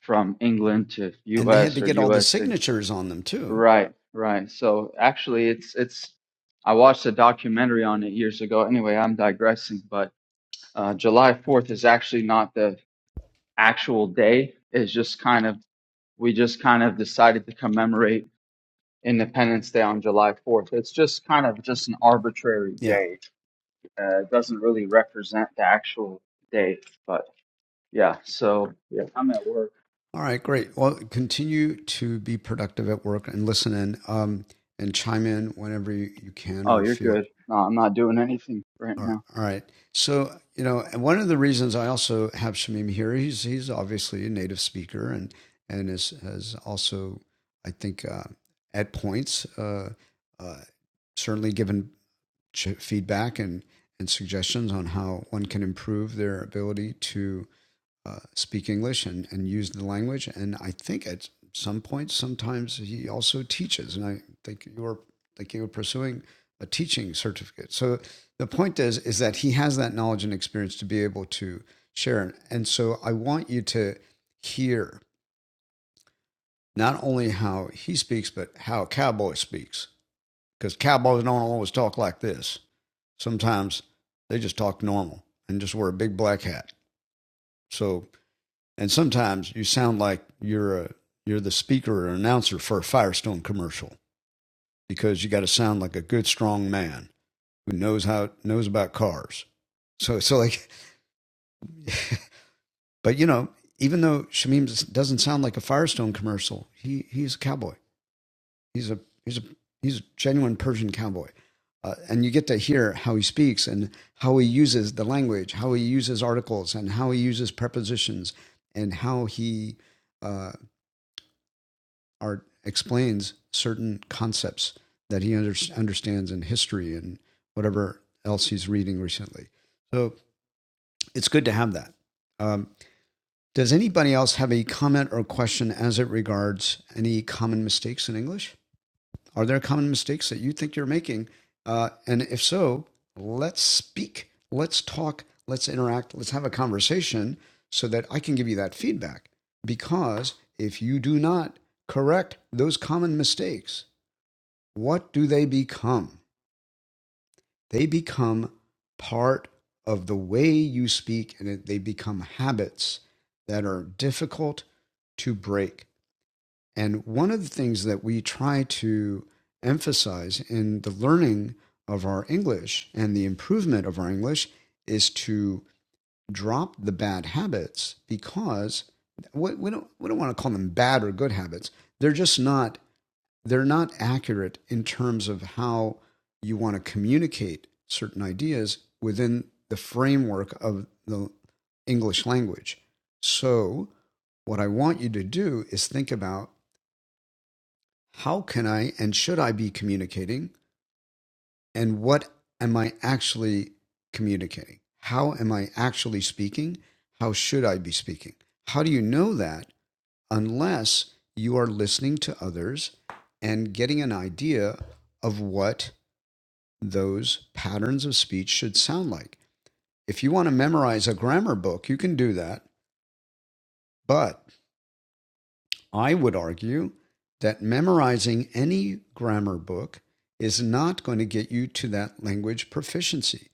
Speaker 11: from England to
Speaker 1: And they had
Speaker 11: US
Speaker 1: to
Speaker 11: or
Speaker 1: get all the
Speaker 11: US to
Speaker 1: signatures on them too.
Speaker 11: right, right. So actually it's it's I watched a documentary on it years ago. Anyway, I'm digressing, but uh, July 4th is actually not the actual day. It's just kind of we just kind of decided to commemorate Independence Day on July 4th. It's just kind of just an arbitrary
Speaker 1: Yeah.
Speaker 11: date. Uh, it doesn't really represent the actual date, but yeah. So yeah, I'm at work.
Speaker 1: All right, great. Well, continue to be productive at work and listen in um, and chime in whenever you, you can
Speaker 11: Oh,
Speaker 1: or
Speaker 11: you're
Speaker 1: feel.
Speaker 11: good. No, I'm not doing anything right
Speaker 1: All right,
Speaker 11: now.
Speaker 1: all right. So, you know, one of the reasons I also have Shamim here, he's he's obviously a native speaker and and is has also, I think, uh, at points, uh, uh, certainly given ch- feedback and and suggestions on how one can improve their ability to uh, speak English and, and use the language. And I think at some point, sometimes he also teaches. And I think you were thinking of pursuing a teaching certificate. So the point is, is that he has that knowledge and experience to be able to share. And so I want you to hear not only how he speaks, but how a cowboy speaks, because cowboys don't always talk like this. Sometimes they just talk normal and just wear a big black hat. So And sometimes you sound like you're a you're the speaker or announcer for a Firestone commercial because you got to sound like a good strong man who knows how knows about cars. So so like but you know, even though Shamim doesn't sound like a Firestone commercial, he he's a cowboy. He's a he's a he's a genuine Persian cowboy. Uh, and you get to hear how he speaks and how he uses the language, how he uses articles, and how he uses prepositions, and how he uh, art explains certain concepts that he under, understands in history and whatever else he's reading recently. So it's good to have that. Um, does anybody else have a comment or question as it regards any common mistakes in English? Are there common mistakes that you think you're making? Uh, and if so, let's speak, let's talk, let's interact, let's have a conversation so that I can give you that feedback. Because if you do not correct those common mistakes, what do they become? They become part of the way you speak, and they become habits that are difficult to break. And one of the things that we try to emphasize in the learning of our English and the improvement of our English is to drop the bad habits because we don't, we don't want to call them bad or good habits. They're just not they're not accurate in terms of how you want to communicate certain ideas within the framework of the English language. So, what I want you to do is think about how can I and should I be communicating and what am I actually communicating? How am I actually speaking? How should I be speaking? How do you know that? unless you are listening to others and getting an idea of what those patterns of speech should sound like. If you want to memorize a grammar book, you can do that. But I would argue that memorizing any grammar book is not going to get you to that language proficiency.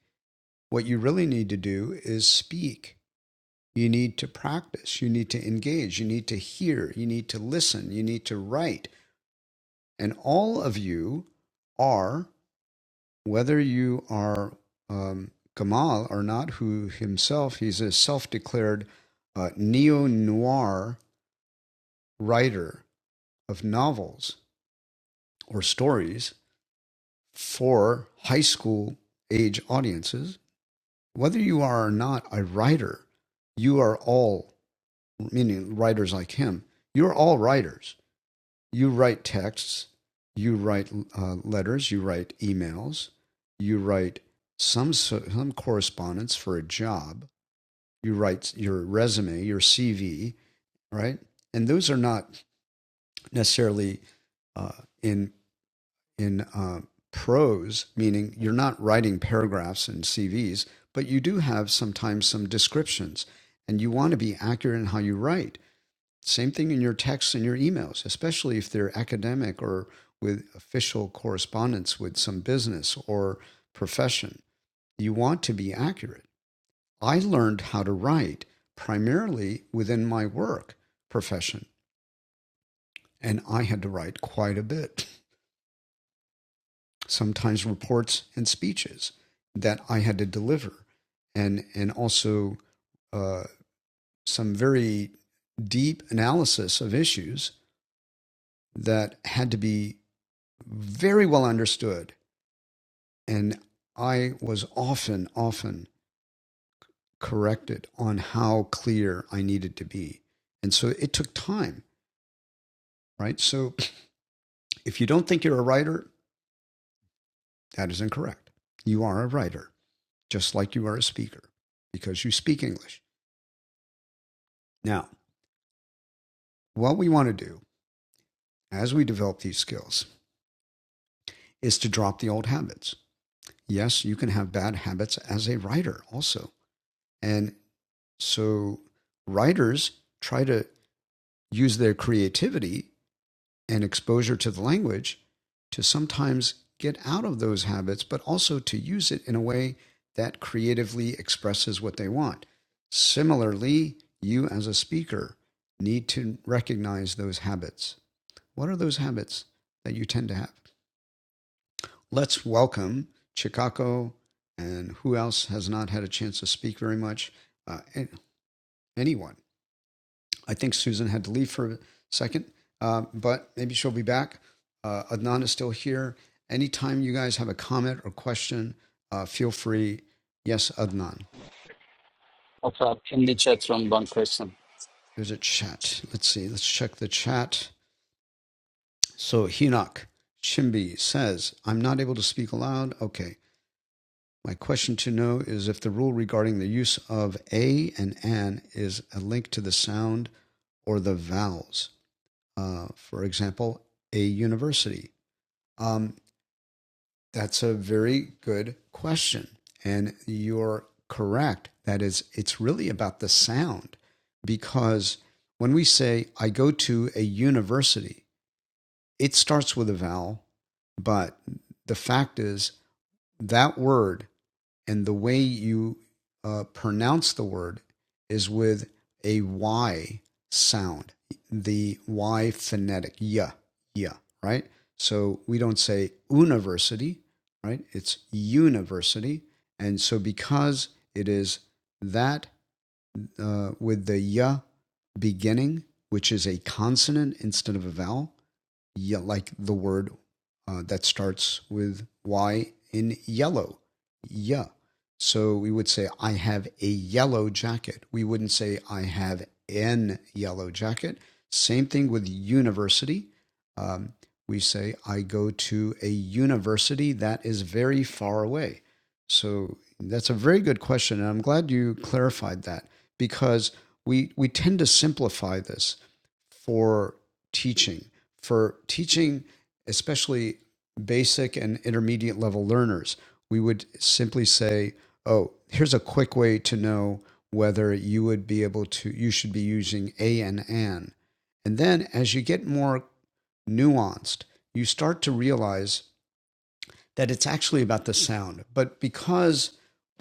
Speaker 1: What you really need to do is speak. You need to practice. You need to engage. You need to hear. You need to listen. You need to write. And all of you are, whether you are um, Kamal or not, who himself, he's a self declared uh, neo noir writer of novels or stories for high school age audiences. Whether you are or not a writer, you are all, meaning writers like him, you're all writers you write texts, you write uh, letters, you write emails, you write some so- some correspondence for a job, you write your resume, your CV, right? And those are not necessarily uh, in in uh, prose, meaning you're not writing paragraphs and CVs, but you do have sometimes some descriptions, and you want to be accurate in how you write. Same thing in your texts and your emails, especially if they're academic or with official correspondence with some business or profession. You want to be accurate. I learned how to write primarily within my work profession, and I had to write quite a bit, sometimes reports and speeches that I had to deliver, and, and also uh, some very deep analysis of issues that had to be very well understood. And I was often, often corrected on how clear I needed to be. And so it took time, right? So if you don't think you're a writer, that is incorrect. You are a writer, just like you are a speaker, because you speak English. Now, what we want to do as we develop these skills is to drop the old habits. Yes, you can have bad habits as a writer also. And so writers try to use their creativity and exposure to the language to sometimes get out of those habits, but also to use it in a way that creatively expresses what they want. Similarly, you as a speaker need to recognize those habits. What are those habits that you tend to have? Let's welcome Chicago and who else has not had a chance to speak very much? Uh, anyone. I think Susan had to leave for a second, uh, but maybe she'll be back. Uh, Adnan is still here. Anytime you guys have a comment or question, uh, feel free. Yes, Adnan.
Speaker 6: What's up in the chat room? One question.
Speaker 1: There's a chat. Let's see. Let's check the chat. So Hinak Shimbi says, I'm not able to speak aloud. Okay. My question to know is if the rule regarding the use of a and an is a link to the sound or the vowels. Uh, for example, a university. Um, That's a very good question. And you're correct. That is, it's really about the sound because when we say, I go to a university, it starts with a vowel, but the fact is that word and the way you uh, pronounce the word is with a y sound, the y phonetic, yeah, yeah, right. So we don't say university, right? It's university, and so because it is that uh, with the ya beginning, which is a consonant instead of a vowel, ye- like the word uh, that starts with Y in yellow. Yeah. So we would say, I have a yellow jacket. We wouldn't say, I have an yellow jacket. Same thing with university. Um, we say, I go to a university that is very far away. So that's a very good question. And I'm glad you clarified that because we, we tend to simplify this for teaching, for teaching, especially basic and intermediate level learners. We would simply say, oh, here's a quick way to know whether you would be able to, you should be using a and an. And then as you get more nuanced, you start to realize that it's actually about the sound. But because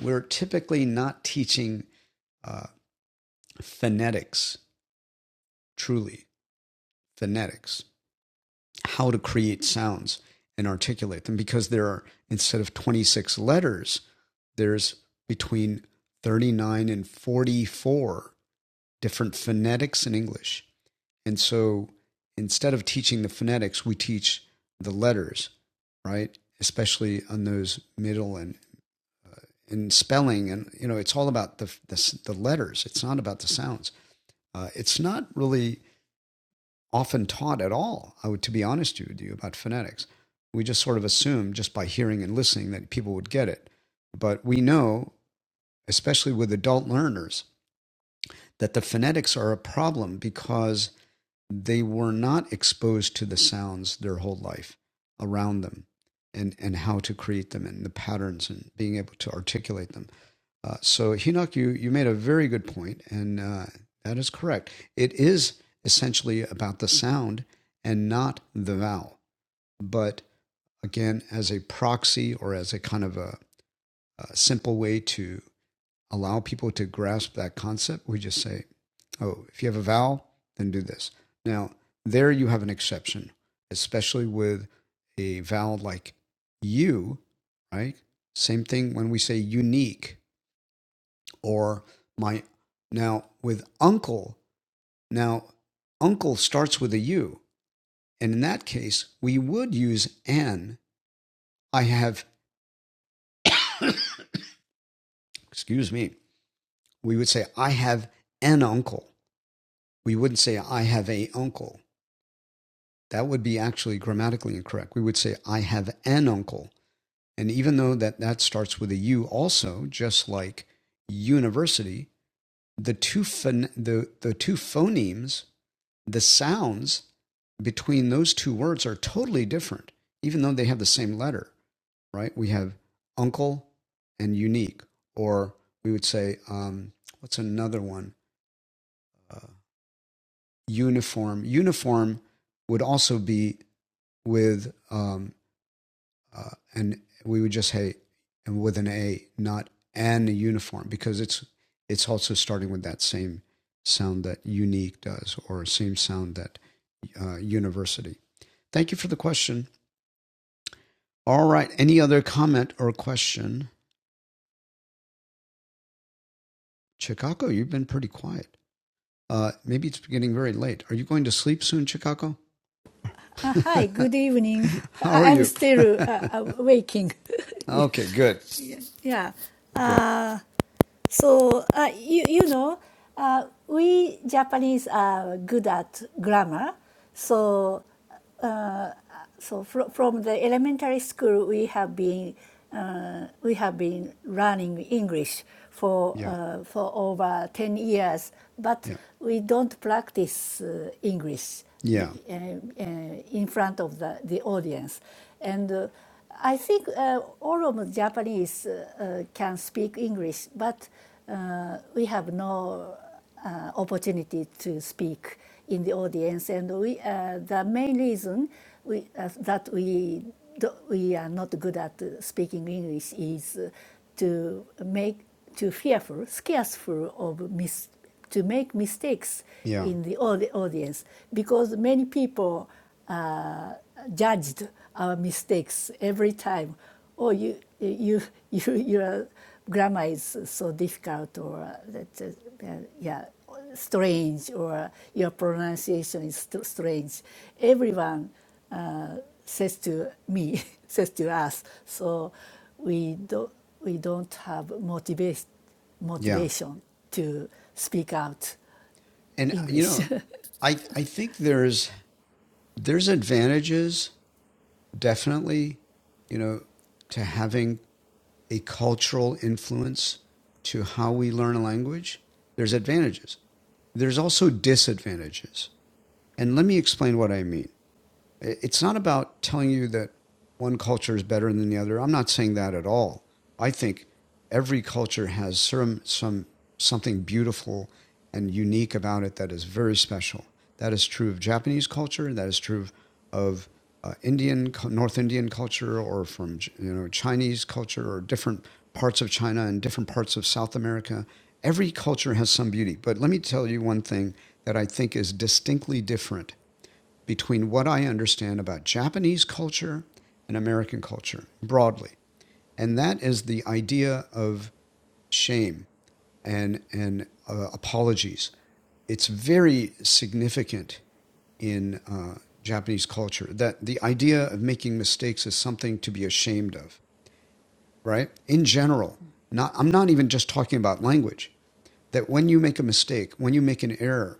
Speaker 1: we're typically not teaching uh, phonetics, truly phonetics, how to create sounds and articulate them because there are instead of 26 letters there's between 39 and 44 different phonetics in english and so instead of teaching the phonetics we teach the letters right especially on those middle and and spelling and you know it's all about the the, the letters it's not about the sounds uh, it's not really often taught at all, I would, to be honest with you, about phonetics. We just sort of assumed just by hearing and listening that people would get it. But we know, especially with adult learners, that the phonetics are a problem because they were not exposed to the sounds their whole life around them and, and how to create them and the patterns and being able to articulate them. Uh, so, Hinok, you, you made a very good point, and uh, that is correct. It is essentially about the sound and not the vowel. But again, as a proxy or as a kind of a, a simple way to allow people to grasp that concept, we just say, oh, if you have a vowel, then do this. Now, there you have an exception, especially with a vowel like you, right? Same thing when we say unique or my now with uncle now uncle starts with a u and in that case we would use an i have excuse me we would say i have an uncle we wouldn't say i have a uncle that would be actually grammatically incorrect we would say i have an uncle and even though that that starts with a u also just like university the two phon- the, the two phonemes the sounds between those two words are totally different, even though they have the same letter, right? We have uncle and unique, or we would say, um, what's another one? Uh, uniform. Uniform would also be with, um, uh, and we would just say and with an A, not an uniform, because it's it's also starting with that same sound that unique does, or same sound that uh, university. Thank you for the question. All right. Any other comment or question? Chicago, you've been pretty quiet. Uh, maybe it's getting very late. Are you going to sleep soon, Chicago?
Speaker 12: Uh, hi, good evening.
Speaker 1: How are
Speaker 12: I- I'm
Speaker 1: you?
Speaker 12: still uh, uh, waking.
Speaker 1: okay, good,
Speaker 12: yeah.
Speaker 1: good.
Speaker 12: Uh, so uh, you you know, uh, we Japanese are good at grammar. So uh, so fro- from the elementary school, we have been uh, we have been learning English for
Speaker 1: Yeah,
Speaker 12: uh, for over ten years, but
Speaker 1: yeah,
Speaker 12: we don't practice uh, English
Speaker 1: yeah,
Speaker 12: be- uh, uh, in front of the, the audience. And uh, I think uh, all of Japanese uh, uh, can speak English, but uh, we have no uh, opportunity to speak in the audience, and we uh, the main reason we uh, that we do, we are not good at uh, speaking English is uh, to make too fearful, scarceful of mis- to make mistakes
Speaker 1: yeah,
Speaker 12: in the, au- the audience because many people uh, judged our mistakes every time. Oh, you, you, you, your grammar is so difficult, or uh, that, uh, uh, yeah, strange, or uh, your pronunciation is strange. Everyone says to me, says to us. So we do not we don't have motivation
Speaker 1: yeah.
Speaker 12: motivation to speak out
Speaker 1: And uh, you
Speaker 12: English.
Speaker 1: know, I I think there's there's advantages definitely, you know, to having a cultural influence to how we learn a language. There's advantages There's also disadvantages. And let me explain what I mean. It's not about telling you that one culture is better than the other. I'm not saying that at all. I think every culture has some, some something beautiful and unique about it that is very special. That is true of Japanese culture. That is true of, of uh, Indian, North Indian culture, or from you know Chinese culture, or different parts of China and different parts of South America. Every culture has some beauty. But let me tell you one thing that I think is distinctly different between what I understand about Japanese culture and American culture broadly. And that is the idea of shame and, and uh, apologies. It's very significant in uh, Japanese culture that the idea of making mistakes is something to be ashamed of, right? In general, not, I'm not even just talking about language, that when you make a mistake, when you make an error,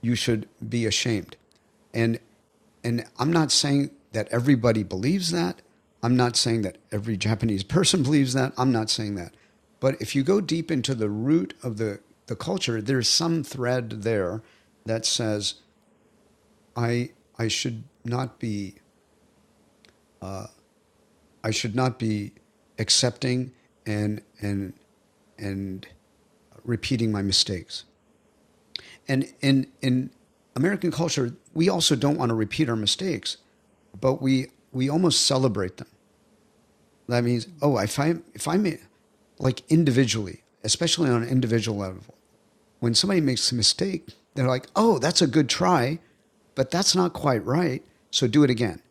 Speaker 1: you should be ashamed. And And I'm not saying that everybody believes that. I'm not saying that every Japanese person believes that. I'm not saying that. But if you go deep into the root of the, the culture, there's some thread there that says, I, I should not be, uh, I should not be accepting and, and, and repeating my mistakes. And in, in American culture, we also don't want to repeat our mistakes, but we, we almost celebrate them. That means, oh, if I if I'm like individually, especially on an individual level, when somebody makes a mistake, they're like, oh, that's a good try, but that's not quite right. So do it again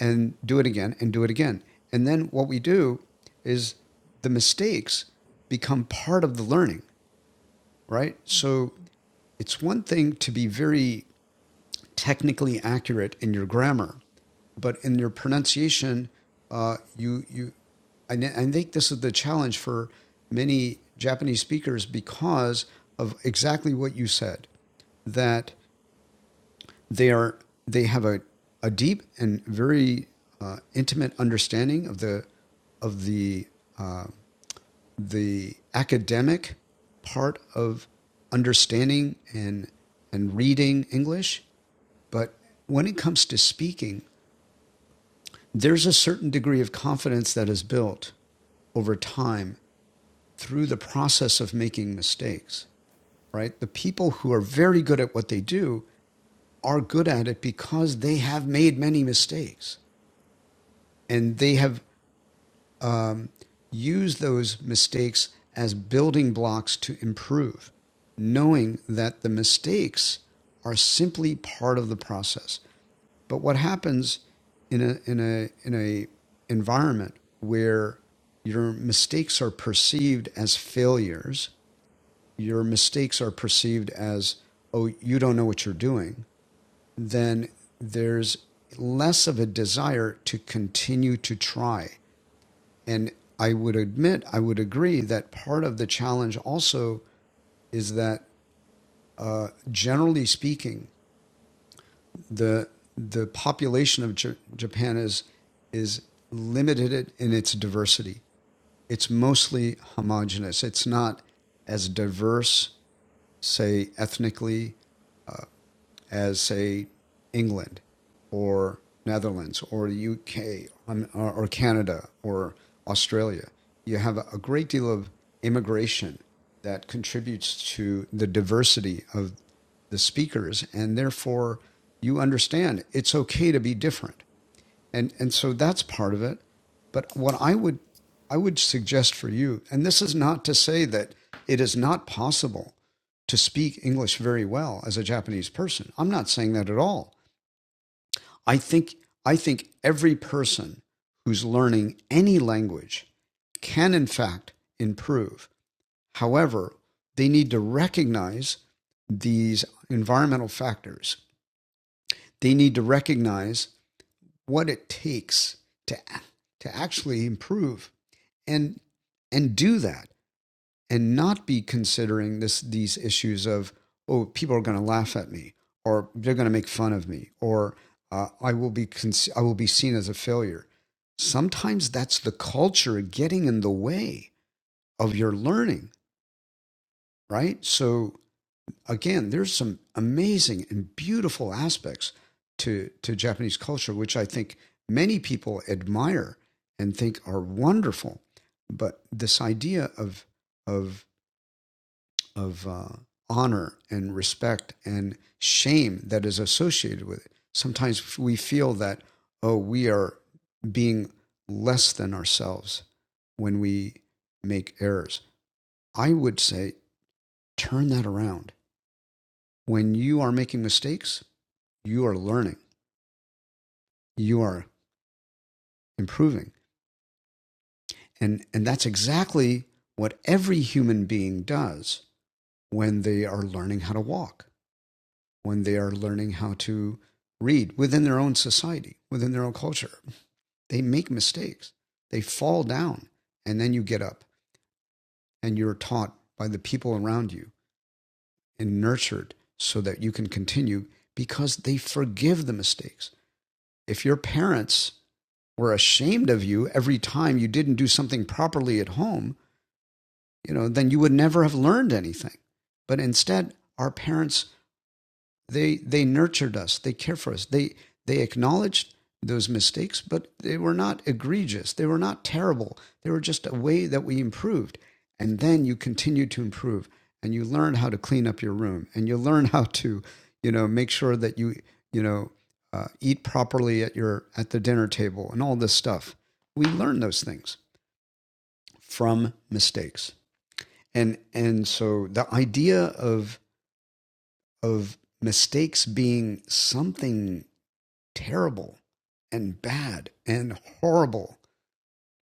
Speaker 1: and do it again and do it again. And then what we do is the mistakes become part of the learning, right? So it's one thing to be very technically accurate in your grammar, but in your pronunciation, uh, you you, I, I think this is the challenge for many Japanese speakers because of exactly what you said that they are they have a, a deep and very uh, intimate understanding of the of the uh, the academic part of understanding and and reading English, but when it comes to speaking, there's a certain degree of confidence that is built over time through the process of making mistakes, right? The people who are very good at what they do are good at it because they have made many mistakes and they have um, used those mistakes as building blocks to improve, knowing that the mistakes are simply part of the process. But what happens in a in a in a environment where your mistakes are perceived as failures, your mistakes are perceived as oh you don't know what you're doing, then there's less of a desire to continue to try. And I would admit, I would agree that part of the challenge also is that uh, generally speaking the the population of J- Japan is is limited in its diversity. It's mostly homogenous. It's not as diverse, say ethnically, uh, as say England or Netherlands or the UK um, or Canada or Australia. You have a great deal of immigration that contributes to the diversity of the speakers, and therefore you understand it's okay to be different and and so that's part of it but what i would i would suggest for you and this is not to say that it is not possible to speak english very well as a japanese person i'm not saying that at all i think i think every person who's learning any language can in fact improve however they need to recognize these environmental factors they need to recognize what it takes to to actually improve and and do that and not be considering this these issues of oh people are going to laugh at me or they're going to make fun of me or uh, I will be con- I will be seen as a failure. Sometimes that's the culture getting in the way of your learning, right? So again, there's some amazing and beautiful aspects to to Japanese culture, which I think many people admire and think are wonderful. But this idea of of of uh, honor and respect and shame that is associated with it, sometimes we feel that oh, we are being less than ourselves when we make errors. I would say turn that around. When you are making mistakes, you are learning, you are improving. And, and that's exactly what every human being does when they are learning how to walk, when they are learning how to read within their own society, within their own culture. They make mistakes, they fall down, and then you get up and you're taught by the people around you and nurtured so that you can continue because they forgive the mistakes. If your parents were ashamed of you every time you didn't do something properly at home, you know, then you would never have learned anything. But instead, our parents they they nurtured us. They cared for us. They they acknowledged those mistakes, but they were not egregious. They were not terrible. They were just a way that we improved. And then you continue to improve and you learn how to clean up your room and you learn how to, you know, make sure that you, you know, uh, eat properly at your at the dinner table and all this stuff. We learn those things from mistakes. And and so the idea of of mistakes being something terrible and bad and horrible.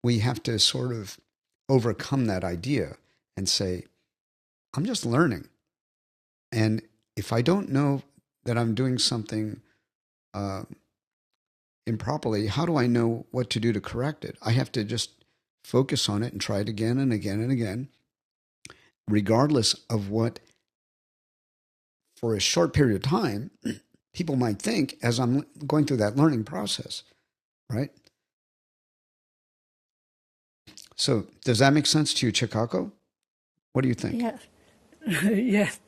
Speaker 1: We have to sort of overcome that idea and say, I'm just learning. And if I don't know that I'm doing something uh, improperly, how do I know what to do to correct it? I have to just focus on it and try it again and again and again, regardless of what, for a short period of time, people might think as I'm going through that learning process, right? So, does that make sense to you, Chicago? What do you think?
Speaker 12: Yes. yes.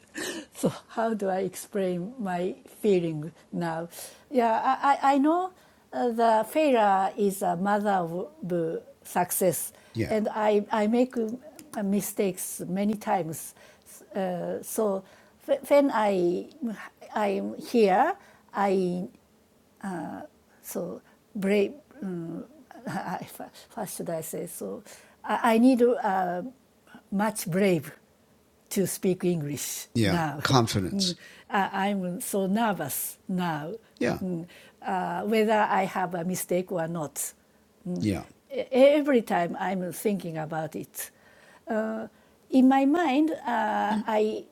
Speaker 12: So how do I explain my feeling now? Yeah, I, I know uh, the failure is a mother of the success,
Speaker 1: Yeah.
Speaker 12: and I, I make uh, mistakes many times. Uh, so when I, I'm here, I so brave. Um, I, first should I say so? I, I need uh, much brave to speak English
Speaker 1: Yeah.
Speaker 12: now. Mm,
Speaker 1: Confidence.
Speaker 12: I, I'm so nervous now.
Speaker 1: Yeah.
Speaker 12: Mm, uh, whether I have a mistake or not,
Speaker 1: Yeah.
Speaker 12: E- every time I'm thinking about it. In my mind, uh, I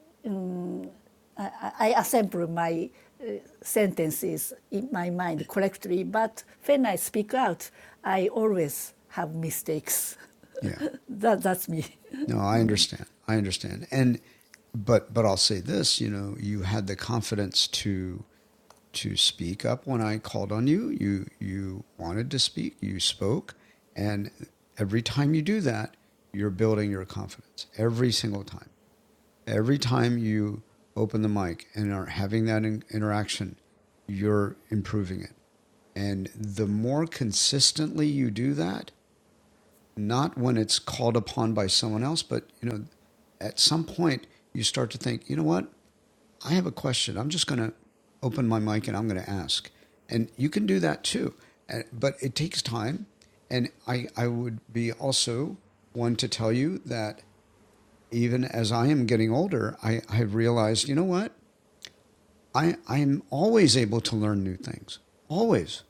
Speaker 12: I assemble my uh, sentences in my mind correctly, but when I speak out, I always have mistakes.
Speaker 1: Yeah.
Speaker 12: That, that's me.
Speaker 1: No, I understand. I understand. And but but I'll say this, you know, you had the confidence to to speak up when I called on you. You you wanted to speak, you spoke, and every time you do that, you're building your confidence. Every single time. Every time you open the mic and are having that in- interaction, you're improving it. And the more consistently you do that, not when it's called upon by someone else, but you know, at some point you start to think, you know what? I have a question. I'm just going to open my mic and I'm going to ask. And you can do that too. uh, But it takes time. And I, I would be also one to tell you that even as I am getting older, I, I realized, you know what? I, I'm always able to learn new things. Always.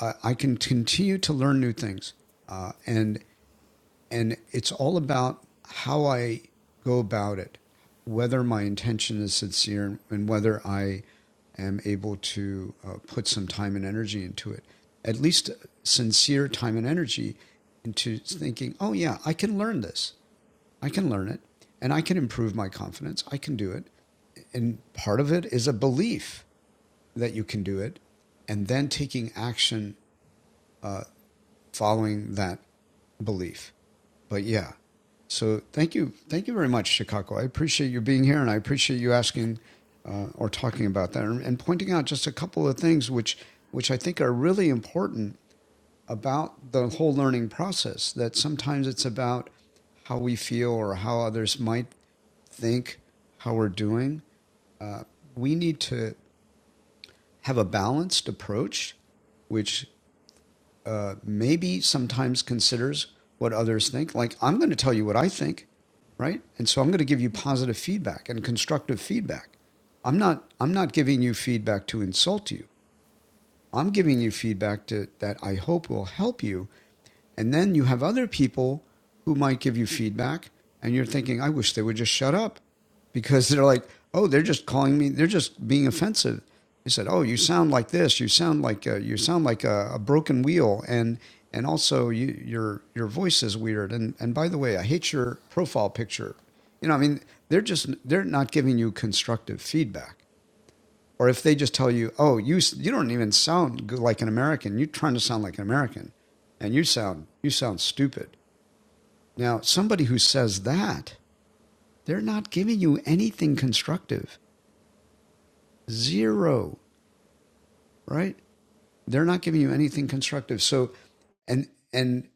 Speaker 1: I, I can continue to learn new things. Uh, and and it's all about how I go about it, whether my intention is sincere and whether I am able to uh, put some time and energy into it. At least sincere time and energy into thinking, oh, yeah, I can learn this. I can learn it and I can improve my confidence. I can do it. And part of it is a belief that you can do it and then taking action uh, following that belief but yeah. So thank you, thank you very much, Chicago. I appreciate you being here, and I appreciate you asking uh, or talking about that and, and pointing out just a couple of things which which I think are really important about the whole learning process. That sometimes it's about how we feel or how others might think, how we're doing. Uh, we need to have a balanced approach, which uh, maybe sometimes considers what others think. Like, I'm going to tell you what I think, right? And so I'm going to give you positive feedback and constructive feedback. I'm not, I'm not giving you feedback to insult you. I'm giving you feedback to, that I hope will help you and then you have other people who might give you feedback, and you're thinking, I wish they would just shut up because they're like, oh, they're just calling me, they're just being offensive. They said, oh, you sound like this, you sound like a, you sound like a, a broken wheel, and and also you, your your voice is weird. And and by the way, I hate your profile picture. You know, I mean, they're just they're not giving you constructive feedback or if they just tell you, "Oh, you you don't even sound good like an American. You're trying to sound like an American, and you sound you sound stupid." Now, somebody who says that they're not giving you anything constructive. Zero, right? They're not giving you anything constructive. So, and and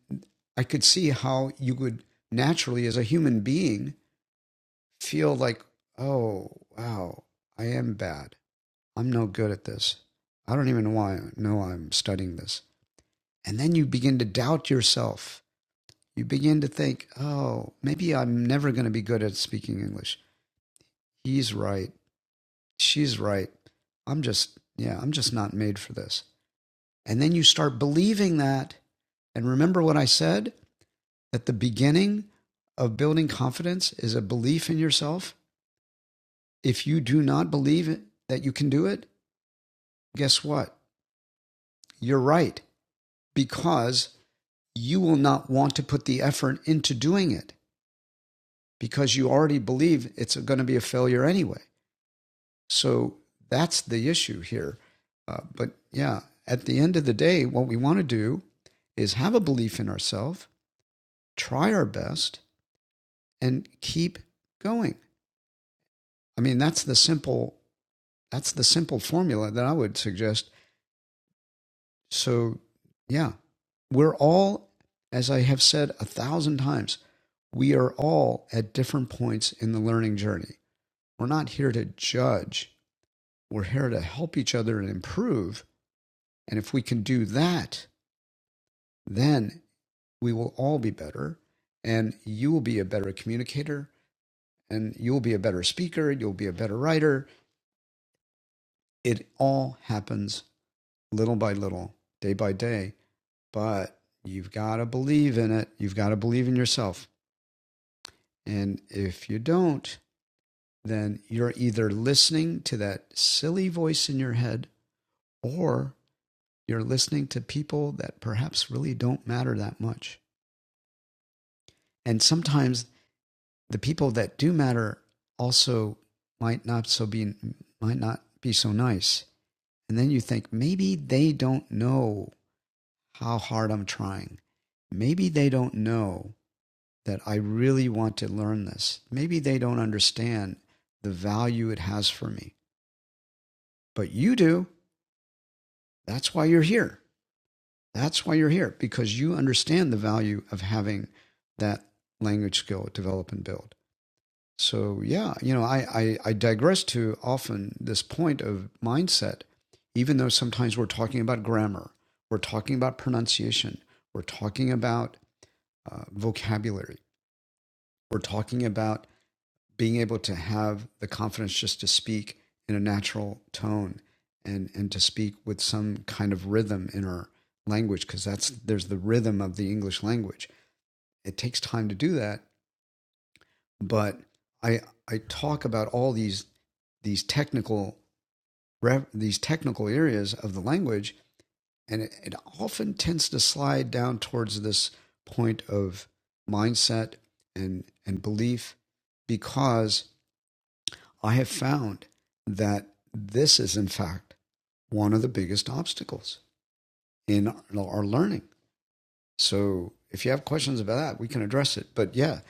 Speaker 1: I could see how you would naturally, as a human being, feel like, "Oh, wow, I am bad. I'm no good at this. I don't even know why. No, I'm studying this." And then you begin to doubt yourself. You begin to think, oh, maybe I'm never going to be good at speaking English. He's right. She's right. I'm just, yeah, I'm just not made for this. And then you start believing that. And remember what I said that the beginning of building confidence is a belief in yourself. If you do not believe that you can do it, guess what? You're right because you will not want to put the effort into doing it. because you already believe it's going to be a failure anyway. So that's the issue here. Uh, but yeah, at the end of the day, what we want to do is have a belief in ourselves, try our best, and keep going. I mean, that's the simple that's the simple formula that I would suggest. So yeah, we're all, as I have said a thousand times, we are all at different points in the learning journey. We're not here to judge We're here to help each other and improve. And if we can do that, then we will all be better. And you will be a better communicator, and you'll be a better speaker, you'll be a better writer. It all happens little by little, day by day. But you've got to believe in it. You've got to believe in yourself. And if you don't, then you're either listening to that silly voice in your head or you're listening to people that perhaps really don't matter that much. and sometimes the people that do matter also might not so be might not be so nice and then you think maybe they don't know how hard i'm trying maybe they don't know that i really want to learn this maybe they don't understand the value it has for me but you do that's why you're here that's why you're here because you understand the value of having that language skill develop and build So yeah, you know, I, I, I digress to often this point of mindset, even though sometimes we're talking about grammar, we're talking about pronunciation, we're talking about uh, vocabulary, we're talking about being able to have the confidence just to speak in a natural tone and and to speak with some kind of rhythm in our language because that's there's the rhythm of the English language. It takes time to do that, but I I talk about all these these technical these technical areas of the language, and it, it often tends to slide down towards this point of mindset and and belief, because I have found that this is in fact one of the biggest obstacles in our learning So if you have questions about that, we can address it. But yeah,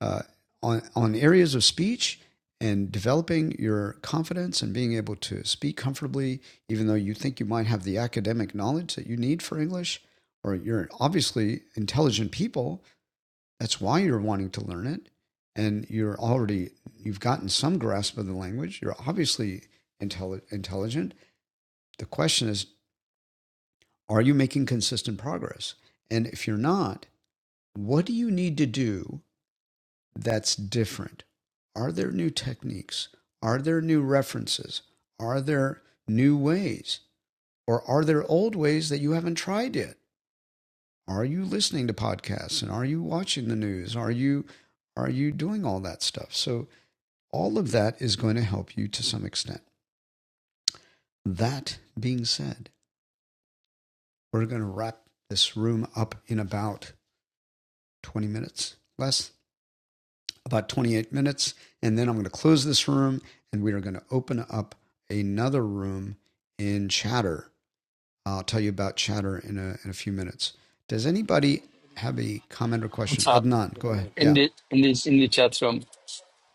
Speaker 1: uh, on on areas of speech and developing your confidence and being able to speak comfortably, even though you think you might have the academic knowledge that you need for English, or you're obviously intelligent people. That's why you're wanting to learn it, and you're already you've gotten some grasp of the language. You're obviously intelli- intelligent. The question is, are you making consistent progress? And if you're not, what do you need to do that's different? Are there new techniques? Are there new references? Are there new ways? Or are there old ways that you haven't tried yet? Are you listening to podcasts and are you watching the news? Are you are you doing all that stuff? So all of that is going to help you to some extent. That being said, we're going to wrap this room up in about 20 minutes, less about 28 minutes, and then I'm going to close this room and we are going to open up another room in Chatter. I'll tell you about Chatter in a, in a few minutes. Does anybody have a comment or question?
Speaker 6: What's up
Speaker 1: Adnan, go ahead.
Speaker 6: in
Speaker 1: Yeah.
Speaker 6: the in the in the chat room?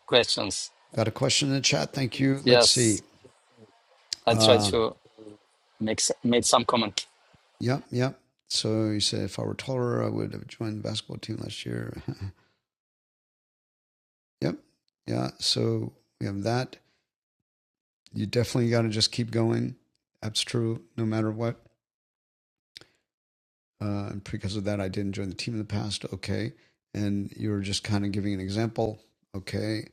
Speaker 6: Questions.
Speaker 1: Got a question in the chat. Thank you. Let's
Speaker 6: Yes,
Speaker 1: see.
Speaker 6: I try
Speaker 1: Uh,
Speaker 6: to make s- make some comment.
Speaker 1: yep, yep. So you said if I were taller, I would have joined the basketball team last year. yep. Yeah. So we have that. You definitely got to just keep going. That's true, no matter what. uh, and because of that, I didn't join the team in the past. Okay, and you were just kind of giving an example. Okay,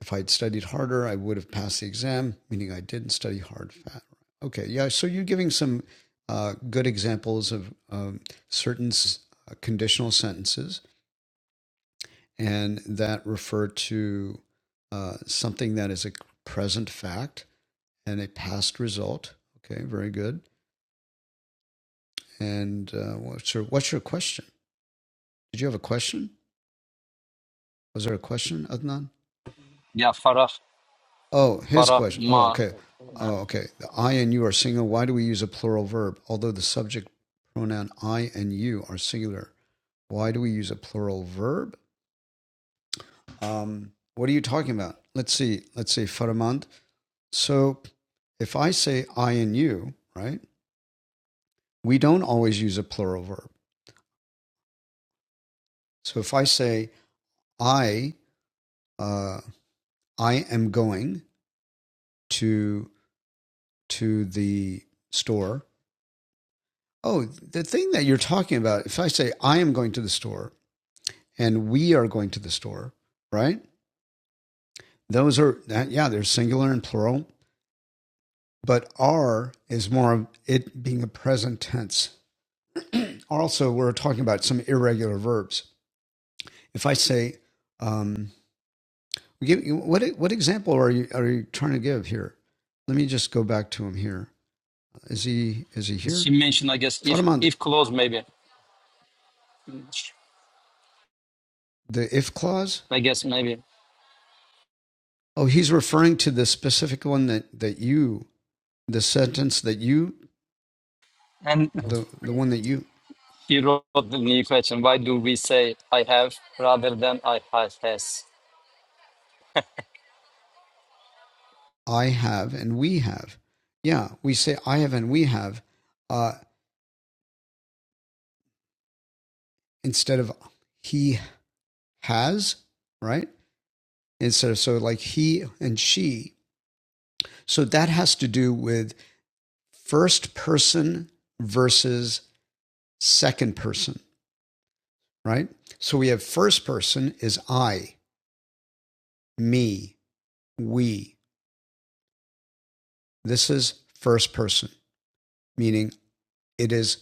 Speaker 1: if I'd studied harder, I would have passed the exam, meaning I didn't study hard. Fat. Okay, yeah. So you're giving some uh, good examples of um, certain s- uh, conditional sentences, and that refer to uh, something that is a present fact and a past result. Okay, very good. And uh, what's your what's your question? Did you have a question? Was there a question, Adnan?
Speaker 6: Yeah, Farah,
Speaker 1: Oh, his
Speaker 6: Farah
Speaker 1: question. Oh,
Speaker 6: Ma.
Speaker 1: okay.
Speaker 6: uh,
Speaker 1: Oh, okay. The I and you are singular. Why do we use a plural verb? Although the subject pronoun I and you are singular, why do we use a plural verb? Um, what are you talking about? Let's see. Let's see, Faramand. So if I say I and you, right, we don't always use a plural verb. So if I say I, uh, I am going to to the store, Oh, the thing that you're talking about, if I say I am going to the store and we are going to the store, right? Those are that yeah, they're singular and plural, but are is more of it being a present tense. Also, we're talking about some irregular verbs. If I say um give what what example are you are you trying to give here? Let me just go back to him here. Is he is he here?
Speaker 6: she mentioned, I guess, if
Speaker 1: Fatima,
Speaker 6: if close, maybe.
Speaker 1: the if clause?
Speaker 6: I guess maybe.
Speaker 1: Oh, he's referring to the specific one that that you the sentence that you
Speaker 6: And
Speaker 1: the the one that you
Speaker 6: he wrote the new question. Why do we say I have rather than I has? has?
Speaker 1: I have and we have. Yeah, we say I have and we have uh instead of he has, right? Instead of so like he and she. So that has to do with first person versus second person, right? So we have first person is I, me, we. This is first person, meaning it is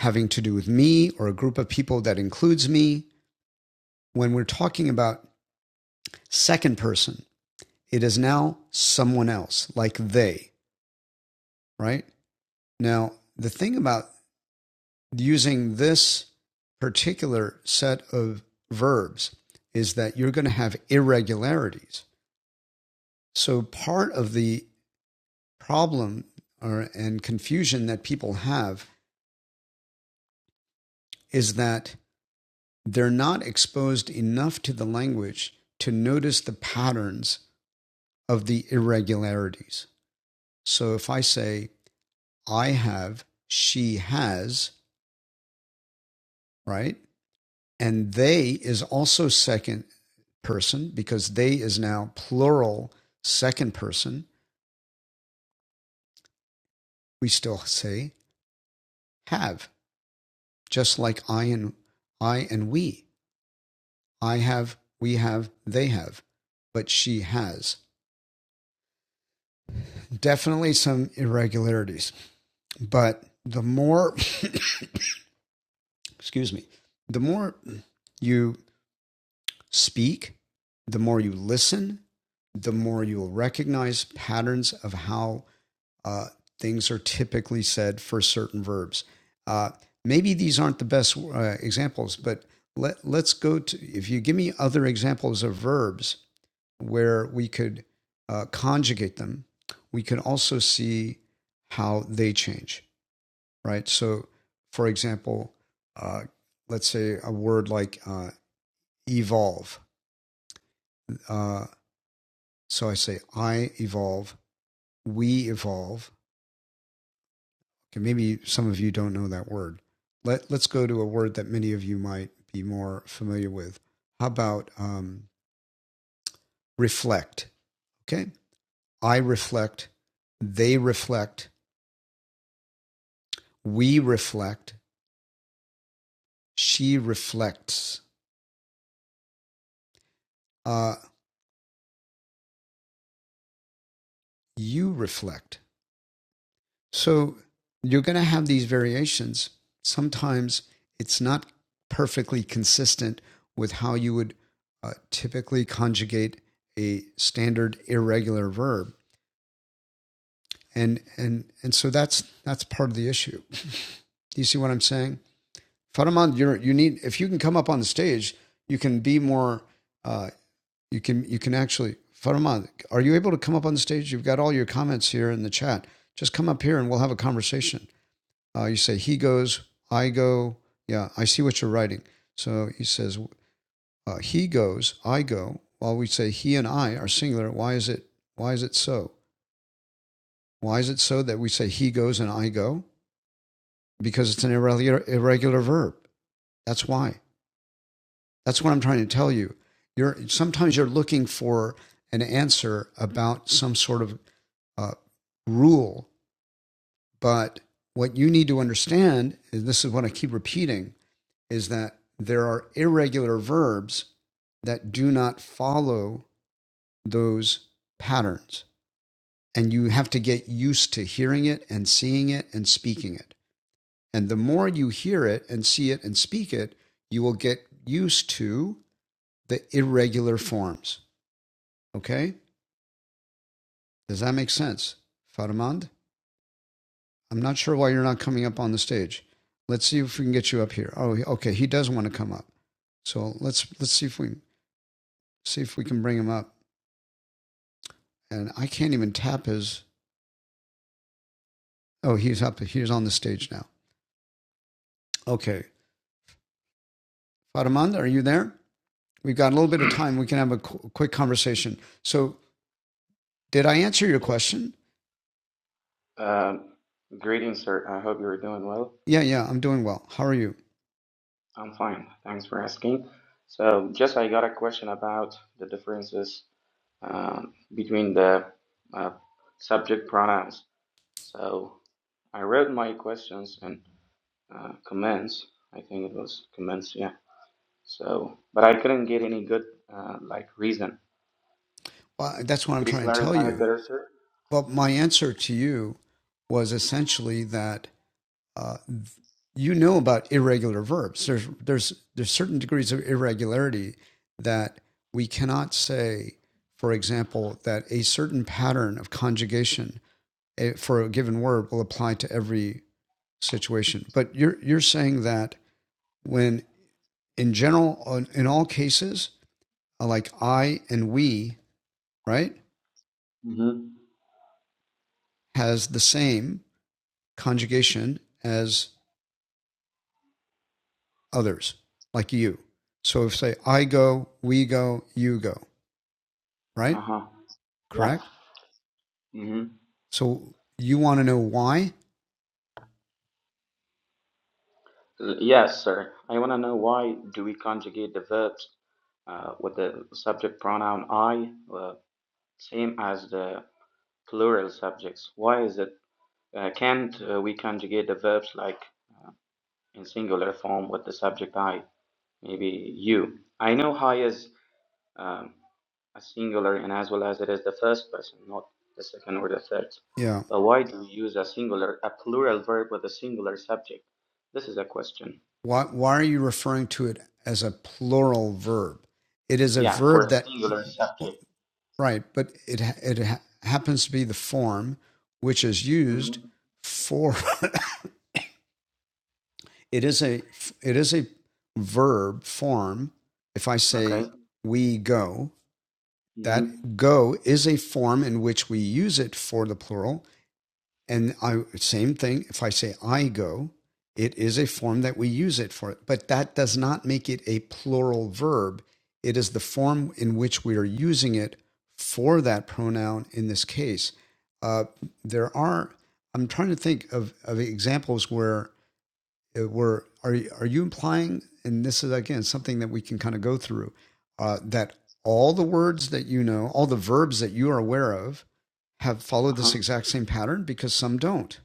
Speaker 1: having to do with me or a group of people that includes me. When we're talking about second person, it is now someone else, like they, right? Now, the thing about using this particular set of verbs is that you're going to have irregularities. So, part of the problem or, and confusion that people have is that they're not exposed enough to the language to notice the patterns of the irregularities. So if I say, I have, she has, right? And they is also second person because they is now plural second person. We still say have, just like I and I and we. I have, we have, they have, but she has. Definitely some irregularities. But the more, excuse me, the more you speak, the more you listen, the more you will recognize patterns of how uh, things are typically said for certain verbs. Uh, maybe these aren't the best uh, examples, but let, let's go to, if you give me other examples of verbs where we could uh, conjugate them, we can also see how they change, right? So, for example, uh, let's say a word like uh, evolve. Uh, So I say, I evolve, we evolve. Okay, maybe some of you don't know that word. Let, let's go to a word that many of you might be more familiar with. How about um, reflect? Okay, I reflect, they reflect, we reflect, she reflects, uh, you reflect. So you're going to have these variations. Sometimes it's not perfectly consistent with how you would uh, typically conjugate a standard irregular verb. And, and, and so that's, that's part of the issue. Do you see what I'm saying? Faraman, you're, you need, if you can come up on the stage, you can be more, uh, you can, you can actually, Faraman, are you able to come up on the stage? You've got all your comments here in the chat. Just come up here and we'll have a conversation. Uh, you say, He goes, I go. Yeah, I see what you're writing. So he says, uh, He goes, I go. While we say he and I are singular, why is it why is it so? Why is it so that we say he goes and I go? Because it's an irregular, irregular verb. That's why. That's what I'm trying to tell you. You're sometimes you're looking for an answer about some sort of uh, rule, but what you need to understand, and this is what I keep repeating, is that there are irregular verbs that do not follow those patterns. And you have to get used to hearing it and seeing it and speaking it. And the more you hear it and see it and speak it, you will get used to the irregular forms. Okay? Does that make sense? Faramand? I'm not sure why you're not coming up on the stage. Let's see if we can get you up here. Oh, okay. He does want to come up. So let's let's see if we see if we can bring him up. and I can't even tap his. Oh, he's up. He's on the stage now. Okay, Fatimand, are you there? We've got a little bit of time. We can have a qu- quick conversation. So, did I answer your
Speaker 13: Yes.
Speaker 1: question?
Speaker 13: Um, greetings, sir. I hope you're doing well.
Speaker 1: Yeah, yeah, I'm doing well. How are you?
Speaker 13: I'm fine. Thanks for asking. So, just I got a question about the differences um, between the uh, subject pronouns. So, I read my questions and uh, comments. I think it was comments, yeah. So, but I couldn't get any good uh, like reason.
Speaker 1: Well, that's what I'm
Speaker 13: Could you
Speaker 1: trying to tell
Speaker 13: clarify it
Speaker 1: you.
Speaker 13: better, sir?
Speaker 1: But my answer to you was essentially that uh, you know about irregular verbs. There's there's there's certain degrees of irregularity that we cannot say, for example, that a certain pattern of conjugation eh, for a given word will apply to every situation. But you're you're saying that when in general in all cases uh, like I and we, right,
Speaker 13: Mm-hmm.
Speaker 1: has the same conjugation as others, like you. So if say I go, we go, you go, right?
Speaker 13: Uh-huh. Yeah.
Speaker 1: Correct?
Speaker 13: Mm-hmm.
Speaker 1: So you want to know why?
Speaker 13: L- Yes, sir. I want to know why do we conjugate the verbs uh, with the subject pronoun I, uh, same as the plural subjects? Why is it? Uh, can't uh, we conjugate the verbs like in singular form with the subject I? Maybe you. I know I is um, a singular and as well as it is the first person, not the second or the third.
Speaker 1: Yeah.
Speaker 13: But why do we use a singular, a plural verb with a singular subject? This is a question.
Speaker 1: Why why are you referring to it as a plural verb? It is a
Speaker 13: Yeah, for
Speaker 1: verb
Speaker 13: a
Speaker 1: that
Speaker 13: singular subject.
Speaker 1: Right, but it it ha- happens to be the form which is used
Speaker 13: Mm-hmm.
Speaker 1: for it is a it is a verb form. If I say
Speaker 13: Okay.
Speaker 1: we go,
Speaker 13: Mm-hmm.
Speaker 1: that go is a form in which we use it for the plural And I same thing. If I say I go, it is a form that we use it for. But that does not make it a plural verb. It is the form in which we are using it for that pronoun. In this case, uh, there are. I'm trying to think of, of examples where uh, were are you- are you implying? And this is again something that we can kind of go through uh, that all the words that you know, all the verbs that you are aware of, have followed
Speaker 13: Uh-huh.
Speaker 1: this exact same pattern because some don't.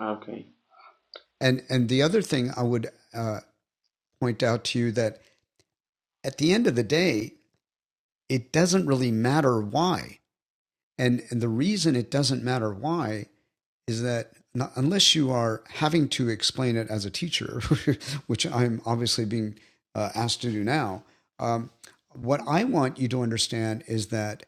Speaker 13: Okay.
Speaker 1: And and the
Speaker 13: Yes.
Speaker 1: other thing I would uh, point out to you that at the end of the day, it doesn't really matter why. And and the reason it doesn't matter why is that not, unless you are having to explain it as a teacher, which I'm obviously being uh, asked to do now, um, what I want you to understand is that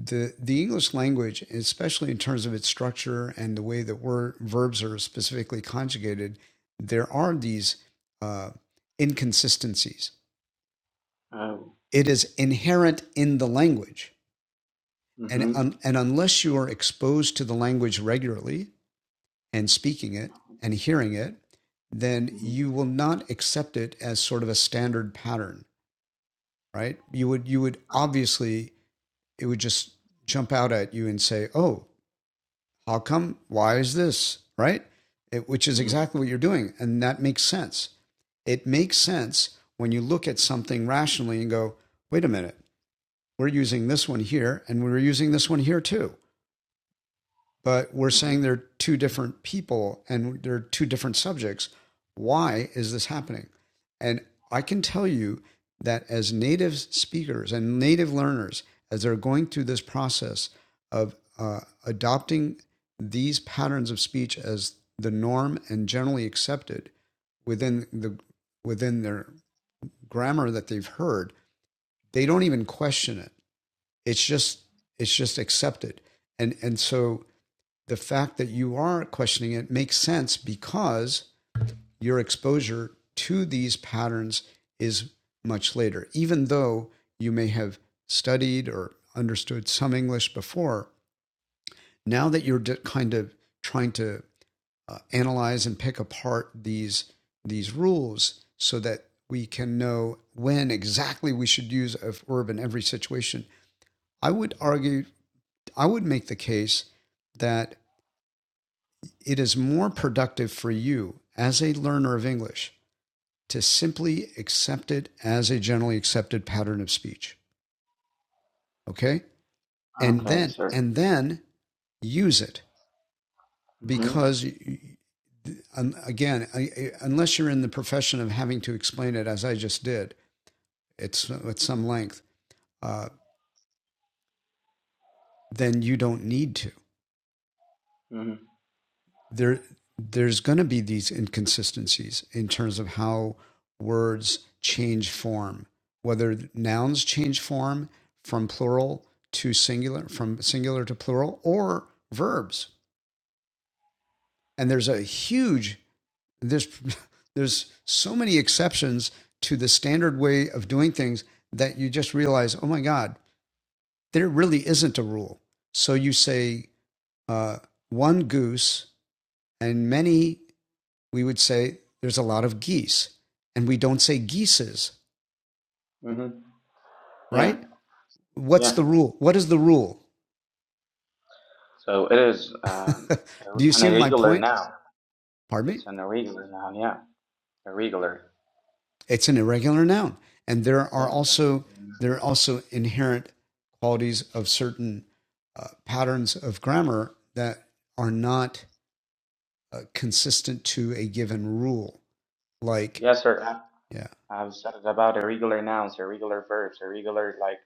Speaker 1: the the English language, especially in terms of its structure and the way that word, verbs are specifically conjugated, there are these uh, inconsistencies.
Speaker 13: Oh.
Speaker 1: It is inherent in the language, and
Speaker 13: Mm-hmm.
Speaker 1: un, and unless you are exposed to the language regularly, and speaking it and hearing it, then
Speaker 13: Mm-hmm.
Speaker 1: you will not accept it as sort of a standard pattern, right? You would you would
Speaker 13: Uh-huh.
Speaker 1: obviously it would just jump out at you and say, "Oh, how come? Why is this?" right? It, which is
Speaker 13: Mm-hmm.
Speaker 1: exactly what you're doing, and that makes sense. It makes sense when you look at something rationally and go, "Wait a minute. We're using this one here and we're using this one here too. but we're saying
Speaker 13: Mm-hmm.
Speaker 1: they're two different people and they're two different subjects. Why is this happening? And I can tell you that as native speakers and native learners, as they're going through this process of uh, adopting these patterns of speech as the norm and generally accepted within the within their grammar that they've heard, they don't even question it. It's just it's just accepted. And and so the fact that you are questioning it makes sense because your exposure to these patterns is much later. Even though you may have studied or understood some English before, now that you're kind of trying to uh, analyze and pick apart these these rules so that we can know when exactly we should use a verb in every situation. I would argue, I would make the case that it is more productive for you as a learner of English to simply accept it as a generally accepted pattern of speech. Okay. And
Speaker 13: Okay,
Speaker 1: then,
Speaker 13: sir.
Speaker 1: and then use it
Speaker 13: Mm-hmm.
Speaker 1: because um, again, unless you're in the profession of having to explain it as I just did, it's at some length, uh, then you don't need to.
Speaker 13: Mm-hmm.
Speaker 1: there there's going to be these inconsistencies in terms of how words change form whether nouns change form from plural to singular from singular to plural or verbs and there's a huge there's there's so many exceptions to the standard way of doing things that you just realize oh my god there really isn't a rule so you say uh, one goose and many we would say there's a lot of geese, and we don't say geeses,
Speaker 13: Mm-hmm. Yeah.
Speaker 1: right? What's
Speaker 13: Yeah.
Speaker 1: the rule? What is the rule?
Speaker 13: So it is um,
Speaker 1: Do you
Speaker 13: a- an
Speaker 1: see my
Speaker 13: irregular
Speaker 1: point?
Speaker 13: noun.
Speaker 1: Pardon me.
Speaker 13: It's an irregular noun. Yeah. Irregular.
Speaker 1: It's an irregular noun, and there are
Speaker 13: Yeah. It's an
Speaker 1: also
Speaker 13: irregular noun.
Speaker 1: there are also inherent qualities of certain uh, patterns of grammar that are not uh, consistent to a given rule. Like,
Speaker 13: Yes, sir. I,
Speaker 1: yeah,
Speaker 13: I've said it about irregular nouns, irregular verbs, irregular like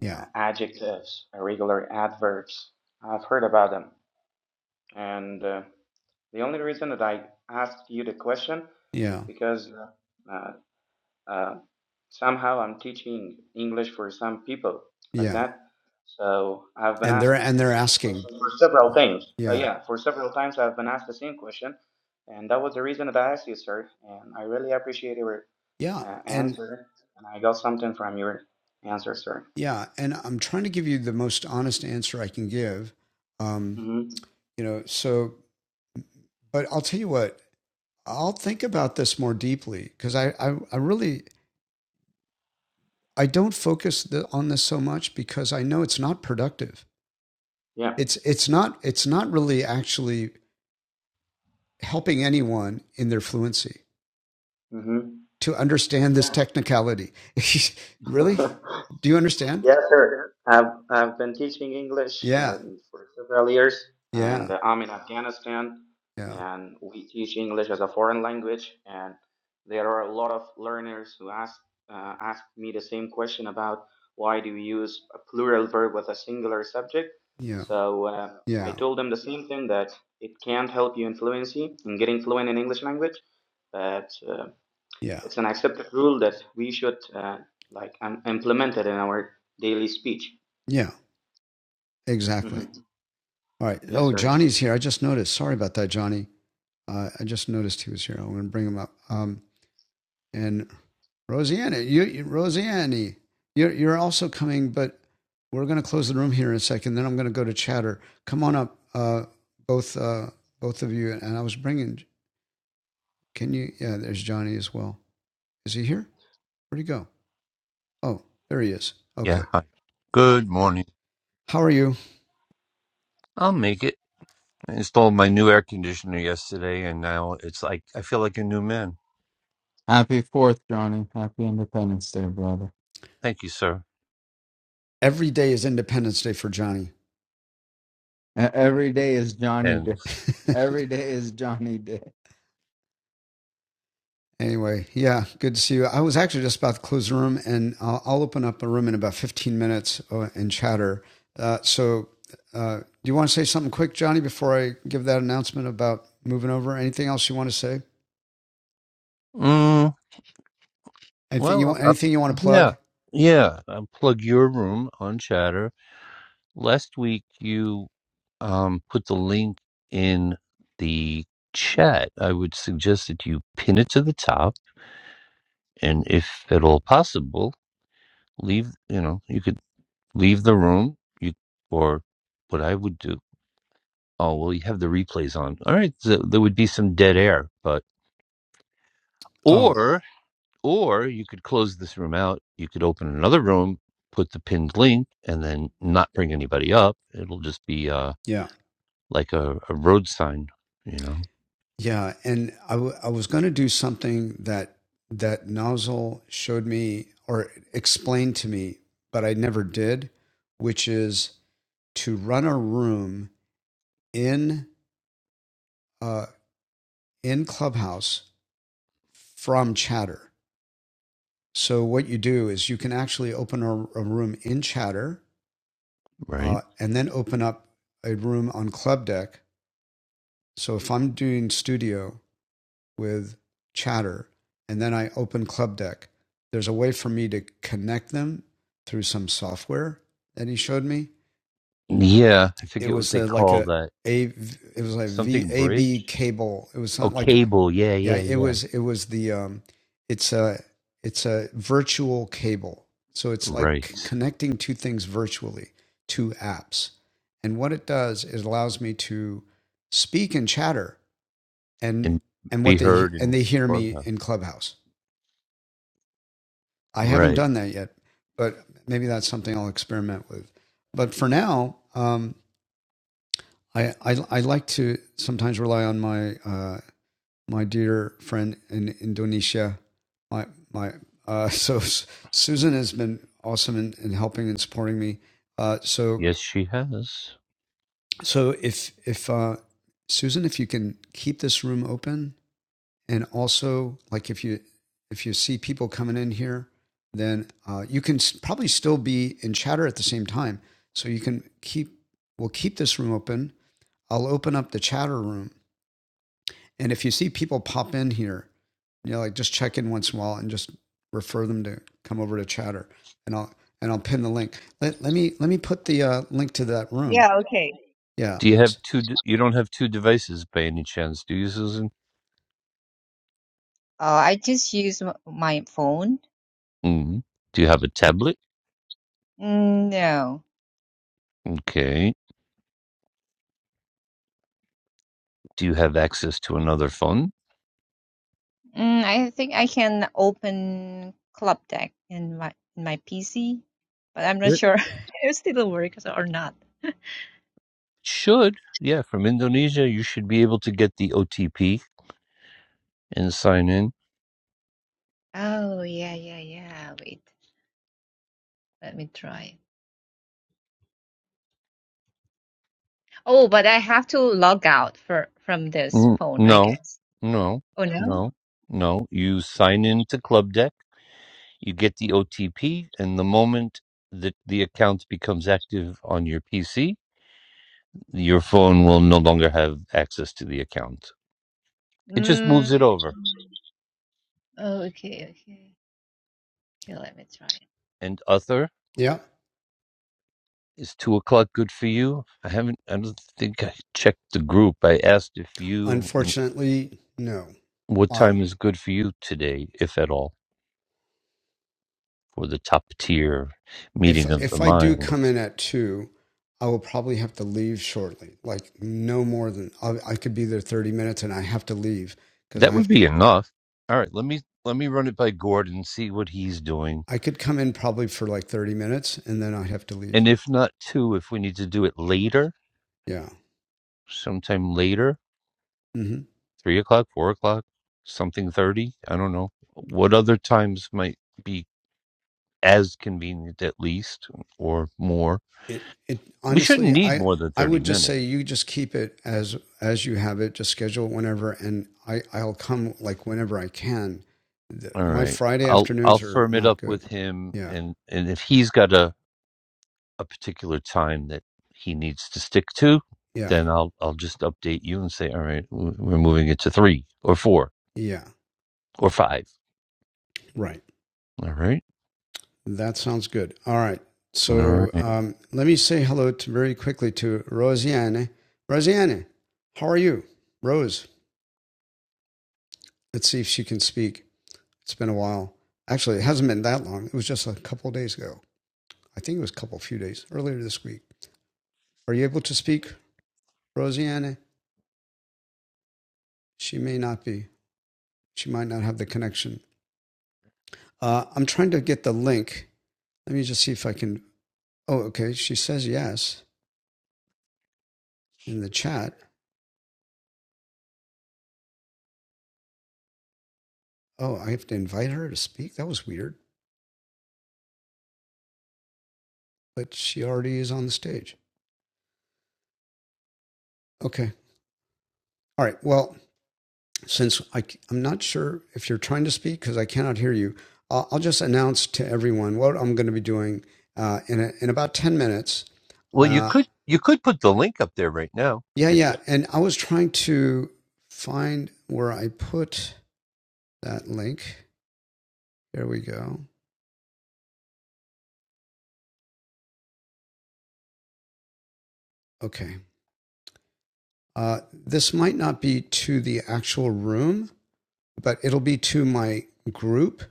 Speaker 1: yeah,
Speaker 13: uh, adjectives, irregular adverbs. I've heard about them, and uh, The only reason that I asked you the question
Speaker 1: yeah,
Speaker 13: because uh, uh, somehow I'm teaching English for some people like
Speaker 1: yeah,
Speaker 13: that. So I've been
Speaker 1: and
Speaker 13: asked
Speaker 1: they're and
Speaker 13: the
Speaker 1: they're
Speaker 13: same
Speaker 1: asking,
Speaker 13: question for several times. Uh,
Speaker 1: yeah,
Speaker 13: yeah, for several times I've been asked the same question, and that was the reason that I asked you, sir. And I really appreciate your
Speaker 1: yeah,
Speaker 13: uh,
Speaker 1: and
Speaker 13: answer, and I got something from your answer, sir.
Speaker 1: Yeah, and I'm trying to give you the most honest answer I can give. Um,
Speaker 13: Mm-hmm.
Speaker 1: you know, so, but I'll tell you what, I'll think about this more deeply because I, I, I really, I don't focus the, on this so much because I know it's not productive.
Speaker 13: Yeah.
Speaker 1: It's, it's not, it's not really actually helping anyone in their fluency
Speaker 13: Mm-hmm.
Speaker 1: to understand this technicality. really?
Speaker 13: Yeah.
Speaker 1: Do you understand?
Speaker 13: Yes, sir. I've I've been teaching English
Speaker 1: Yeah,
Speaker 13: um, for several years, and
Speaker 1: yeah,
Speaker 13: uh, I'm in Afghanistan,
Speaker 1: yeah,
Speaker 13: and we teach English as a foreign language. And there are a lot of learners who ask uh, ask me the same question about why do we use a plural verb with a singular subject.
Speaker 1: yeah,
Speaker 13: So uh, I
Speaker 1: yeah,
Speaker 13: told them the same thing that it can't help you in fluency in getting fluent in English language, That uh,
Speaker 1: yeah,
Speaker 13: it's an accepted rule that we should uh, like um, implement it in our daily speech.
Speaker 1: yeah, exactly.
Speaker 13: hmm
Speaker 1: All right.
Speaker 13: Yes,
Speaker 1: Oh,
Speaker 13: sir.
Speaker 1: Johnny's here. I just noticed. Sorry about that, Johnny. Uh, I just noticed he was here. I'm going to bring him up. Um, and Rosianna, you, you Rosianne, you're, you're also coming, but we're going to close the room here in a second. Then I'm going to go to chatter. Come on up, uh, both uh, both of you. And I was bringing. Can you? Yeah, there's Johnny as well. Is he here? Where'd he go? Oh, there he is.
Speaker 14: Yeah,
Speaker 1: Okay.
Speaker 14: hi. Good morning.
Speaker 1: How are you?
Speaker 14: I'll make it. I installed my new air conditioner yesterday, and now it's like I feel like a new man.
Speaker 11: Happy Fourth, Johnny. Happy Independence Day, brother.
Speaker 14: Thank you, sir.
Speaker 1: Every day is Independence Day for Johnny.
Speaker 11: E- Every day is Johnny
Speaker 14: And
Speaker 11: Day. Every day is Johnny Day.
Speaker 1: Anyway, yeah, good to see you. I was actually just about to close the room, and I'll, I'll open up a room in about 15 minutes uh, and chatter. Uh, so, uh, do you want to say something quick, Johnny, before I give that announcement about moving over? Anything else you want to say?
Speaker 14: mm,
Speaker 1: Anything you
Speaker 14: well,
Speaker 1: want?
Speaker 14: uh,
Speaker 1: Anything you want to plug?
Speaker 14: yeah, yeah. Unplug your room on Chatter. Last week you um put the link in the chat. I would suggest that you pin it to the top, and if at all possible, leave. You know, you could leave the room. You or what I would do oh well you have the replays on all right so there would be some dead air but
Speaker 1: Oh,
Speaker 14: or or you could close this room out you could open another room put the pinned link and then not bring anybody up it'll just be uh
Speaker 1: yeah,
Speaker 14: like a, a road sign you know
Speaker 1: yeah. And I, w- I was going to do something that that nozzle showed me or explained to me, but I never did, which is to run a room in. uh, in Clubhouse from Chatter. So what you do is you can actually open a, a room in Chatter
Speaker 14: right
Speaker 1: uh, and then open up a room on Club Deck. So if I'm doing studio with Chatter and then I open Club Deck, there's a way for me to connect them through some software that he showed me.
Speaker 14: yeah i
Speaker 1: It
Speaker 14: forget what
Speaker 1: was
Speaker 14: they
Speaker 1: a, like
Speaker 14: call
Speaker 1: a
Speaker 14: that
Speaker 1: a it was like V
Speaker 14: something
Speaker 1: A B
Speaker 14: bridge
Speaker 1: cable. It was
Speaker 14: oh
Speaker 1: something like
Speaker 14: cable yeah
Speaker 1: Yeah,
Speaker 14: yeah
Speaker 1: it
Speaker 14: yeah
Speaker 1: was it was the um it's a it's a virtual cable. So it's like c-
Speaker 14: right
Speaker 1: connecting two things virtually, two apps. And what it does is allows me to speak and chatter and
Speaker 14: and
Speaker 1: and
Speaker 14: be
Speaker 1: what they
Speaker 14: heard
Speaker 1: and
Speaker 14: in
Speaker 1: they hear me
Speaker 14: clubhouse
Speaker 1: in Clubhouse. I haven't
Speaker 14: right
Speaker 1: done that yet, but maybe that's something I'll experiment with. But for now, um I I, I like to sometimes rely on my uh my dear friend in Indonesia. My my uh, so Susan has been awesome in, in helping and supporting me. Uh, so
Speaker 14: yes she has
Speaker 1: so if if uh, Susan, if you can keep this room open, and also like if you if you see people coming in here, then uh, you can s- probably still be in chatter at the same time. So you can keep we'll keep this room open. I'll open up the chatter room, and if you see people pop in here you know, like just check in once in a while and just refer them to come over to Chatter, and I'll and I'll pin the link. Let, let me let me put the uh, link to that room.
Speaker 4: Yeah, okay.
Speaker 1: Yeah,
Speaker 14: Do you have two? d- You don't have two devices by any chance, do you, Susan?
Speaker 4: Oh, I just use m- my phone.
Speaker 14: Mm. Do you have a tablet?
Speaker 4: Mm, no.
Speaker 14: Okay. Do you have access to another phone?
Speaker 4: Mm, I think I can open Club Deck in my in my PC, but I'm not
Speaker 14: There
Speaker 4: sure if it still works or not.
Speaker 14: should. Yeah, from Indonesia, you should be able to get the OTP and sign in.
Speaker 4: Oh, yeah, yeah, yeah. Wait, let me try. Oh, but I have to log out for from this
Speaker 14: Mm,
Speaker 4: phone, I
Speaker 14: No,
Speaker 4: guess.
Speaker 14: no,
Speaker 4: Oh no?
Speaker 14: no, no. You sign in to Club Deck, you get the OTP, and the moment that the account becomes active on your PC, your phone will no longer have access to the account. It just moves
Speaker 4: Mm,
Speaker 14: it over.
Speaker 4: oh, okay, okay. Okay, let me try.
Speaker 14: and other.
Speaker 1: yeah.
Speaker 14: Is two o'clock good for you? I haven't. I don't think I checked the group. I asked if you and
Speaker 1: Unfortunately, no.
Speaker 14: what
Speaker 1: Um,
Speaker 14: time is good for you today, if at all, for the top tier
Speaker 1: if
Speaker 14: meeting of the
Speaker 1: if I do come
Speaker 14: minds.
Speaker 1: in at two, I will probably have to leave shortly. Like no more than I, I could be there thirty minutes, and I have to leave because I
Speaker 14: That
Speaker 1: have
Speaker 14: would
Speaker 1: to,
Speaker 14: be enough. All right. Let me let me run it by Gordon, see what he's doing,
Speaker 1: I could come in probably for like thirty minutes, and then I have to
Speaker 14: and
Speaker 1: leave.
Speaker 14: if not two, if we need to do it later,
Speaker 1: Yeah.
Speaker 14: sometime later,
Speaker 1: hmm
Speaker 14: three o'clock, four o'clock, something thirty. I don't know. What other times might be as convenient, at least, or more.
Speaker 1: it it
Speaker 14: We shouldn't
Speaker 1: honestly
Speaker 14: need
Speaker 1: i
Speaker 14: more than
Speaker 1: i
Speaker 14: thirty
Speaker 1: would just say
Speaker 14: minutes.
Speaker 1: you just keep it as as you have it just schedule it whenever and i i'll come like whenever i can the,
Speaker 14: All
Speaker 1: my
Speaker 14: right.
Speaker 1: friday
Speaker 14: I'll I'll
Speaker 1: afternoons are
Speaker 14: firm it
Speaker 1: not
Speaker 14: up with
Speaker 1: good
Speaker 14: him,
Speaker 1: yeah
Speaker 14: and and if he's got a a particular time that he needs to stick to,
Speaker 1: yeah
Speaker 14: then I'll I'll just update you and say, all right, w- we're moving it to three or four
Speaker 1: yeah
Speaker 14: or five.
Speaker 1: right
Speaker 14: All right.
Speaker 1: that sounds good all right
Speaker 14: All
Speaker 1: so
Speaker 14: right.
Speaker 1: um, let me say hello to very quickly to Rosiane Rosiane how are you rose let's see if she can speak it's been a while actually it hasn't been that long it was just a couple of days ago i think it was a couple few days earlier this week Are you able to speak, Rosianne? She may not be. She might not have the connection. Uh, I'm trying to get the link. Let me just see if I can. Oh, okay. She says yes in the chat. Oh, I have to invite her to speak? That was weird. But she already is on the stage. Okay. All right. Well, since I, am not sure if you're trying to speak because I cannot hear you, I'll, I'll just announce to everyone what I'm going to be doing uh, in, a, in about 10 minutes.
Speaker 14: Well, you
Speaker 1: Uh,
Speaker 14: could you could put the link up there right now.
Speaker 1: Yeah,
Speaker 14: Get
Speaker 1: yeah.
Speaker 14: that?
Speaker 1: And I was trying to find where I put that link. There we go. Okay. Uh, this might not be to the actual room, but it'll be to my group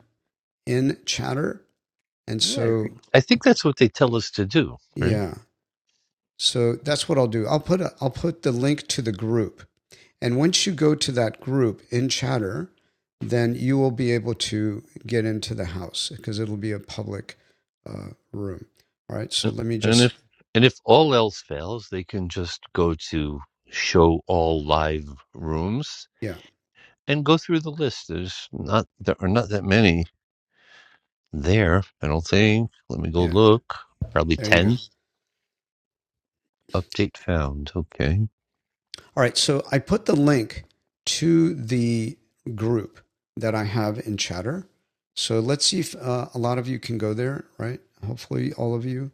Speaker 1: in Chatter. And
Speaker 14: Yeah. I
Speaker 1: so,
Speaker 14: think I think that's what they tell us to do, right?
Speaker 1: yeah. So that's what I'll do. I'll put a, I'll put the link to the group. And once you go to that group in Chatter, then you will be able to get into the house because it'll be a public uh, room. All right. So
Speaker 14: Yep.
Speaker 1: let me
Speaker 14: And
Speaker 1: just
Speaker 14: if and if all else fails, they can just go to show all live rooms
Speaker 1: Yeah,
Speaker 14: And go through the list. There's not there are not that many there, I don't think. Let me go
Speaker 1: yeah.
Speaker 14: look. Probably
Speaker 1: There you go.
Speaker 14: 10. Update found. Okay.
Speaker 1: All right. So I put the link to the group that I have in Chatter. So let's see if uh, a lot of you can go there, right? Hopefully, all of you.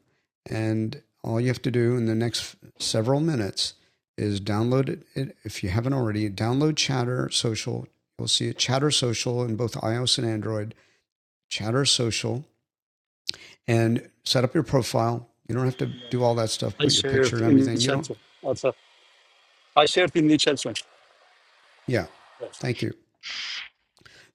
Speaker 1: And all you have to do in the next several minutes is download it, it if you haven't already. Download Chatter Social. You'll see it, Chatter Social, in both iOS and Android. Chatter Social, and set up your profile. You don't have to do all that stuff.
Speaker 6: I
Speaker 1: Put
Speaker 6: sh-
Speaker 1: your picture and everything. You don't.
Speaker 6: What's up? I shared in the chat room.
Speaker 1: Yeah. Thank you.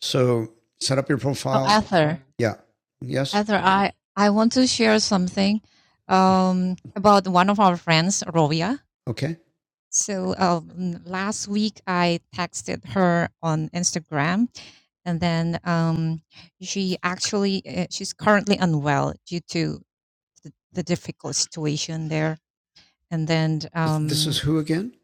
Speaker 1: So set up your
Speaker 4: Oh,
Speaker 1: profile.
Speaker 4: Ether.
Speaker 1: Yeah. Yes.
Speaker 4: Heather, I, I want to share something um, about one of our friends, Rovia.
Speaker 1: Okay.
Speaker 4: So um, last week I texted her on Instagram, and then um, she actually uh, she's currently unwell due to the, the difficult situation there. And then
Speaker 1: This- is
Speaker 4: um,
Speaker 1: who again?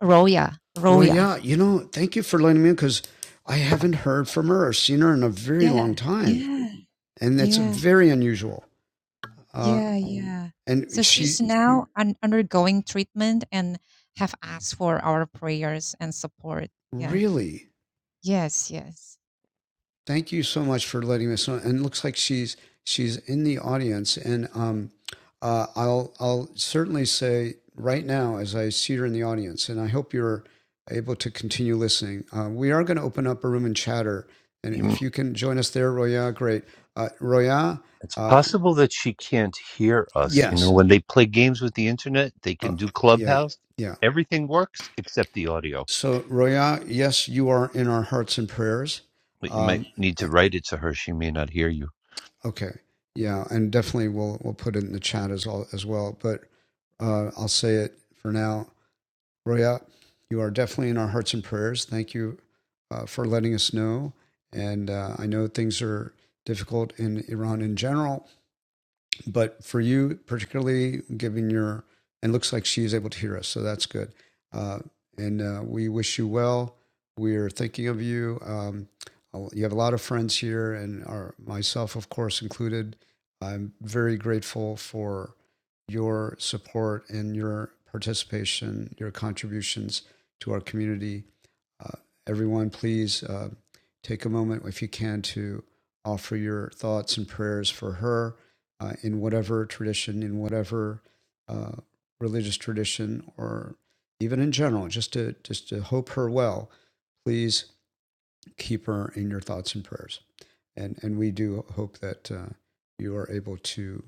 Speaker 4: Roya, Roya,
Speaker 1: Roya. You know, thank you for letting me in because I haven't heard from her or seen her in a very
Speaker 4: yeah,
Speaker 1: long time.
Speaker 4: yeah,
Speaker 1: And that's
Speaker 4: yeah.
Speaker 1: very unusual. Uh,
Speaker 4: Yeah, yeah. So
Speaker 1: and
Speaker 4: she's
Speaker 1: she
Speaker 4: now un- undergoing treatment and have asked for our prayers and support. Yeah.
Speaker 1: really
Speaker 4: Yes, yes.
Speaker 1: Thank you so much for letting us know. And it looks like she's she's in the audience, and um, uh, I'll I'll certainly say right now as I see her in the audience, and I hope you're able to continue listening. Uh, we are going to open up a room and chatter, and
Speaker 14: You-
Speaker 1: if you can join us there, Roya, great. Uh, Roya,
Speaker 14: It's
Speaker 1: uh,
Speaker 14: possible that she can't hear us. You know,
Speaker 1: yes,
Speaker 14: when they play games with the internet, they
Speaker 1: uh,
Speaker 14: can do
Speaker 1: yeah,
Speaker 14: Clubhouse.
Speaker 1: yeah.
Speaker 14: Everything works except the audio.
Speaker 1: So Roya, yes, you are in our hearts and prayers.
Speaker 14: But you might
Speaker 1: Um,
Speaker 14: need to write it to her. She may not hear you.
Speaker 1: Okay. Yeah, and definitely we'll we'll put it in the chat as well as well. But uh, I'll say it for now. Roya, you are definitely in our hearts and prayers. Thank you uh, for letting us know. And uh, I know things are difficult in Iran in general, but for you, particularly giving your, and it looks like she is able to hear us, so that's good. Uh, and uh, we wish you well. We are thinking of you. Um, uh, you have a lot of friends here, and our, myself, of course, included. I'm very grateful for your support and your participation, your contributions to our community. Uh, everyone, please uh, take a moment, if you can, to offer your thoughts and prayers for her uh, in whatever tradition, in whatever uh, religious tradition, or even in general, just to just to hope her well. Please keep her in your thoughts and prayers, and and we do hope that uh, you are able to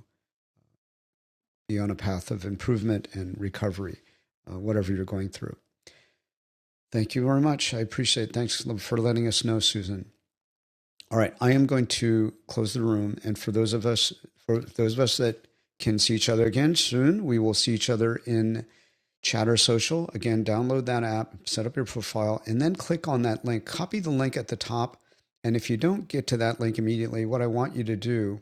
Speaker 1: be on a path of improvement and recovery, uh, whatever you're going through. Thank you very much. I appreciate. It. Thanks for letting us know, Susan. All right, I am going to close the room, and for those of us for those of us that can see each other again soon, we will see each other in Chatter Social. Again, download that app, set up your profile, and then click on that link. Copy the link at the top. And if you don't get to that link immediately, what I want you to do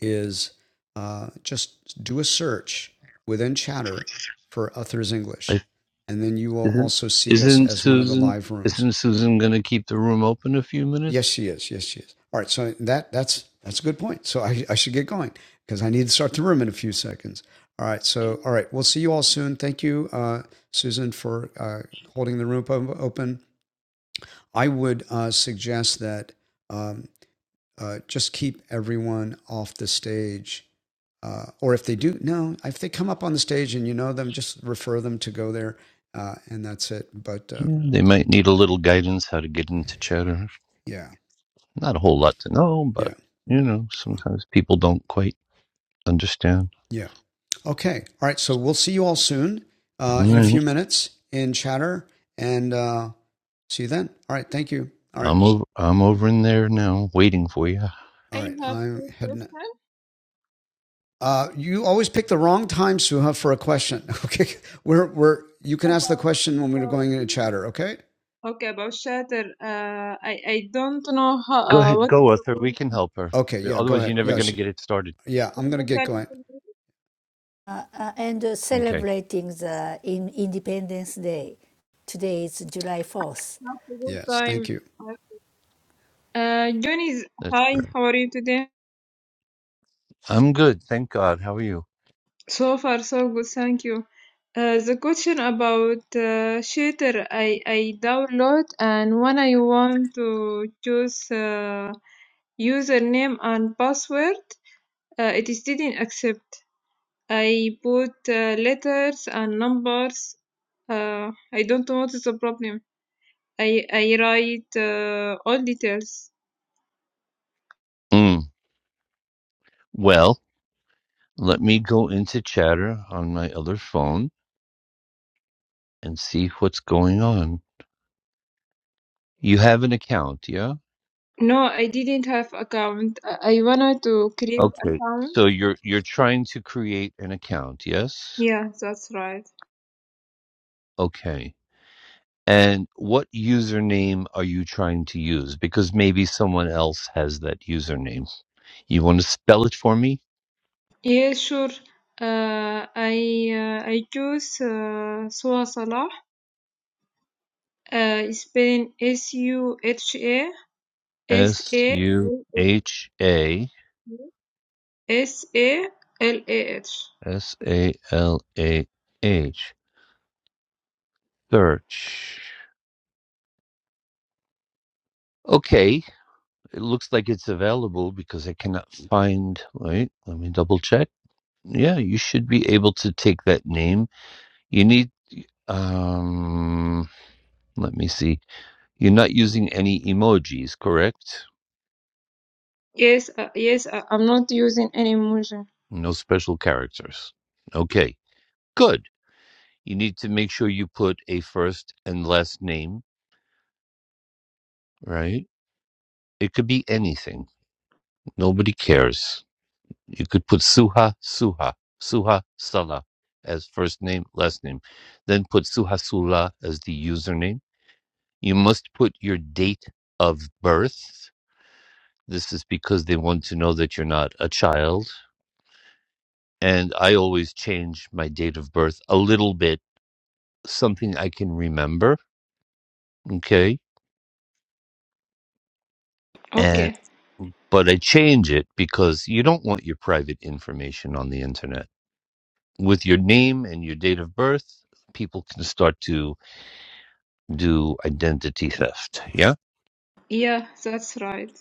Speaker 1: is uh, just do a search within Chatter for Uthers English.
Speaker 14: I-
Speaker 1: And then you will
Speaker 14: Isn't
Speaker 1: also see us
Speaker 14: isn't
Speaker 1: as one of the
Speaker 14: Susan
Speaker 1: live rooms.
Speaker 14: isn't Susan going to keep the room open a few
Speaker 1: Yes,
Speaker 14: minutes?
Speaker 1: she is. Yes, she is. All right. So that that's that's a good point. So I, I should get going because I need to start the room in a few seconds. All right.
Speaker 10: I,
Speaker 1: So all right. We'll see you all soon. Thank you, uh, Susan, for uh, holding the room open. I would uh, suggest that um, uh, just keep everyone off the stage. Uh, or if they do, no, if they come up on the stage and you know them, just refer them to go there, uh, and that's it. But uh,
Speaker 14: Yeah, they might need a little guidance how to get into chatter.
Speaker 1: yeah,
Speaker 14: Not a whole lot to know, but
Speaker 1: yeah,
Speaker 14: you know, sometimes people don't quite understand.
Speaker 1: yeah. Okay. All right. So we'll see you all soon uh,
Speaker 14: All
Speaker 1: in a few
Speaker 14: right.
Speaker 1: minutes in chatter and uh, see you then. All right. Thank you. All right.
Speaker 14: I'm over, I'm over in there now, waiting for you.
Speaker 1: All
Speaker 10: I
Speaker 1: right.
Speaker 10: have
Speaker 1: I'm
Speaker 10: two
Speaker 1: heading.
Speaker 10: questions
Speaker 1: Uh, you always pick the wrong time, Suha, for a question. Okay. We're, we're, you can ask the
Speaker 10: about
Speaker 1: question when we're
Speaker 10: about
Speaker 1: going into
Speaker 10: theater.
Speaker 1: chatter. Okay.
Speaker 10: Okay, about theater. Uh, I I don't know how,
Speaker 14: Go
Speaker 10: uh,
Speaker 14: ahead,
Speaker 10: what
Speaker 14: go
Speaker 10: is the
Speaker 14: with her. We can help her.
Speaker 1: Okay. Yeah. Go
Speaker 14: Otherwise,
Speaker 1: ahead.
Speaker 14: you're never
Speaker 1: Yeah.
Speaker 14: going
Speaker 10: good
Speaker 14: to
Speaker 1: She,
Speaker 14: get it started.
Speaker 1: yeah. I'm going to get going.
Speaker 12: Uh, uh, and uh,
Speaker 14: Okay,
Speaker 12: celebrating the in Independence Day. Today is July 4th.
Speaker 10: how to good
Speaker 1: Yes.
Speaker 10: time.
Speaker 1: Thank you.
Speaker 10: Uh, John is
Speaker 14: that's
Speaker 10: hi.
Speaker 14: all right.
Speaker 10: How are you today?
Speaker 14: I'm good, thank God. How are you?
Speaker 10: So far, so good. Thank you. Uh, the question about uh, shader, I, I download and when I want to choose uh, username and password, uh, it didn't accept. I put uh, letters and numbers. Uh, I don't know what is the problem. I, I write uh, all details.
Speaker 14: Mm. Well, let me go into chatter on my other phone and see what's going on. You have an account, yeah?
Speaker 10: No, I didn't have account. I I wanted to create
Speaker 14: Okay.
Speaker 10: account.
Speaker 14: So you're you're trying to create an account, yes?
Speaker 10: Yeah, that's right.
Speaker 14: Okay. and what username are you trying to use? Because maybe someone else has that username. You want to spell it for me?
Speaker 10: Yes, sure. Uh, I uh, I choose uh, Sua Salah. Uh, spelling S U H A S
Speaker 14: S
Speaker 10: A
Speaker 14: U H A
Speaker 10: S A L A H.
Speaker 14: S A L A H. Search. Okay, it looks like it's available because I cannot find. Wait, let me double check. Yeah, you should be able to take that name. You need. Um, let me see. You're not using any emojis, correct?
Speaker 10: Yes, uh, yes. Uh, I'm not using any emoji.
Speaker 14: No special characters. Okay, good. You need to make sure you put a first and last name, right? It could be anything. Nobody cares. You could put Suha Suha, Suha Sala as first name, last name. Then put Suha Sula as the username. You must put your date of birth. This is because they want to know that you're not a child. And I always change my date of birth a little bit, something I can remember. Okay And
Speaker 10: Okay.
Speaker 14: but I change it because you don't want your private information on the internet. With your name and your date of birth, people can start to do identity theft. Yeah.
Speaker 10: Yeah, that's right.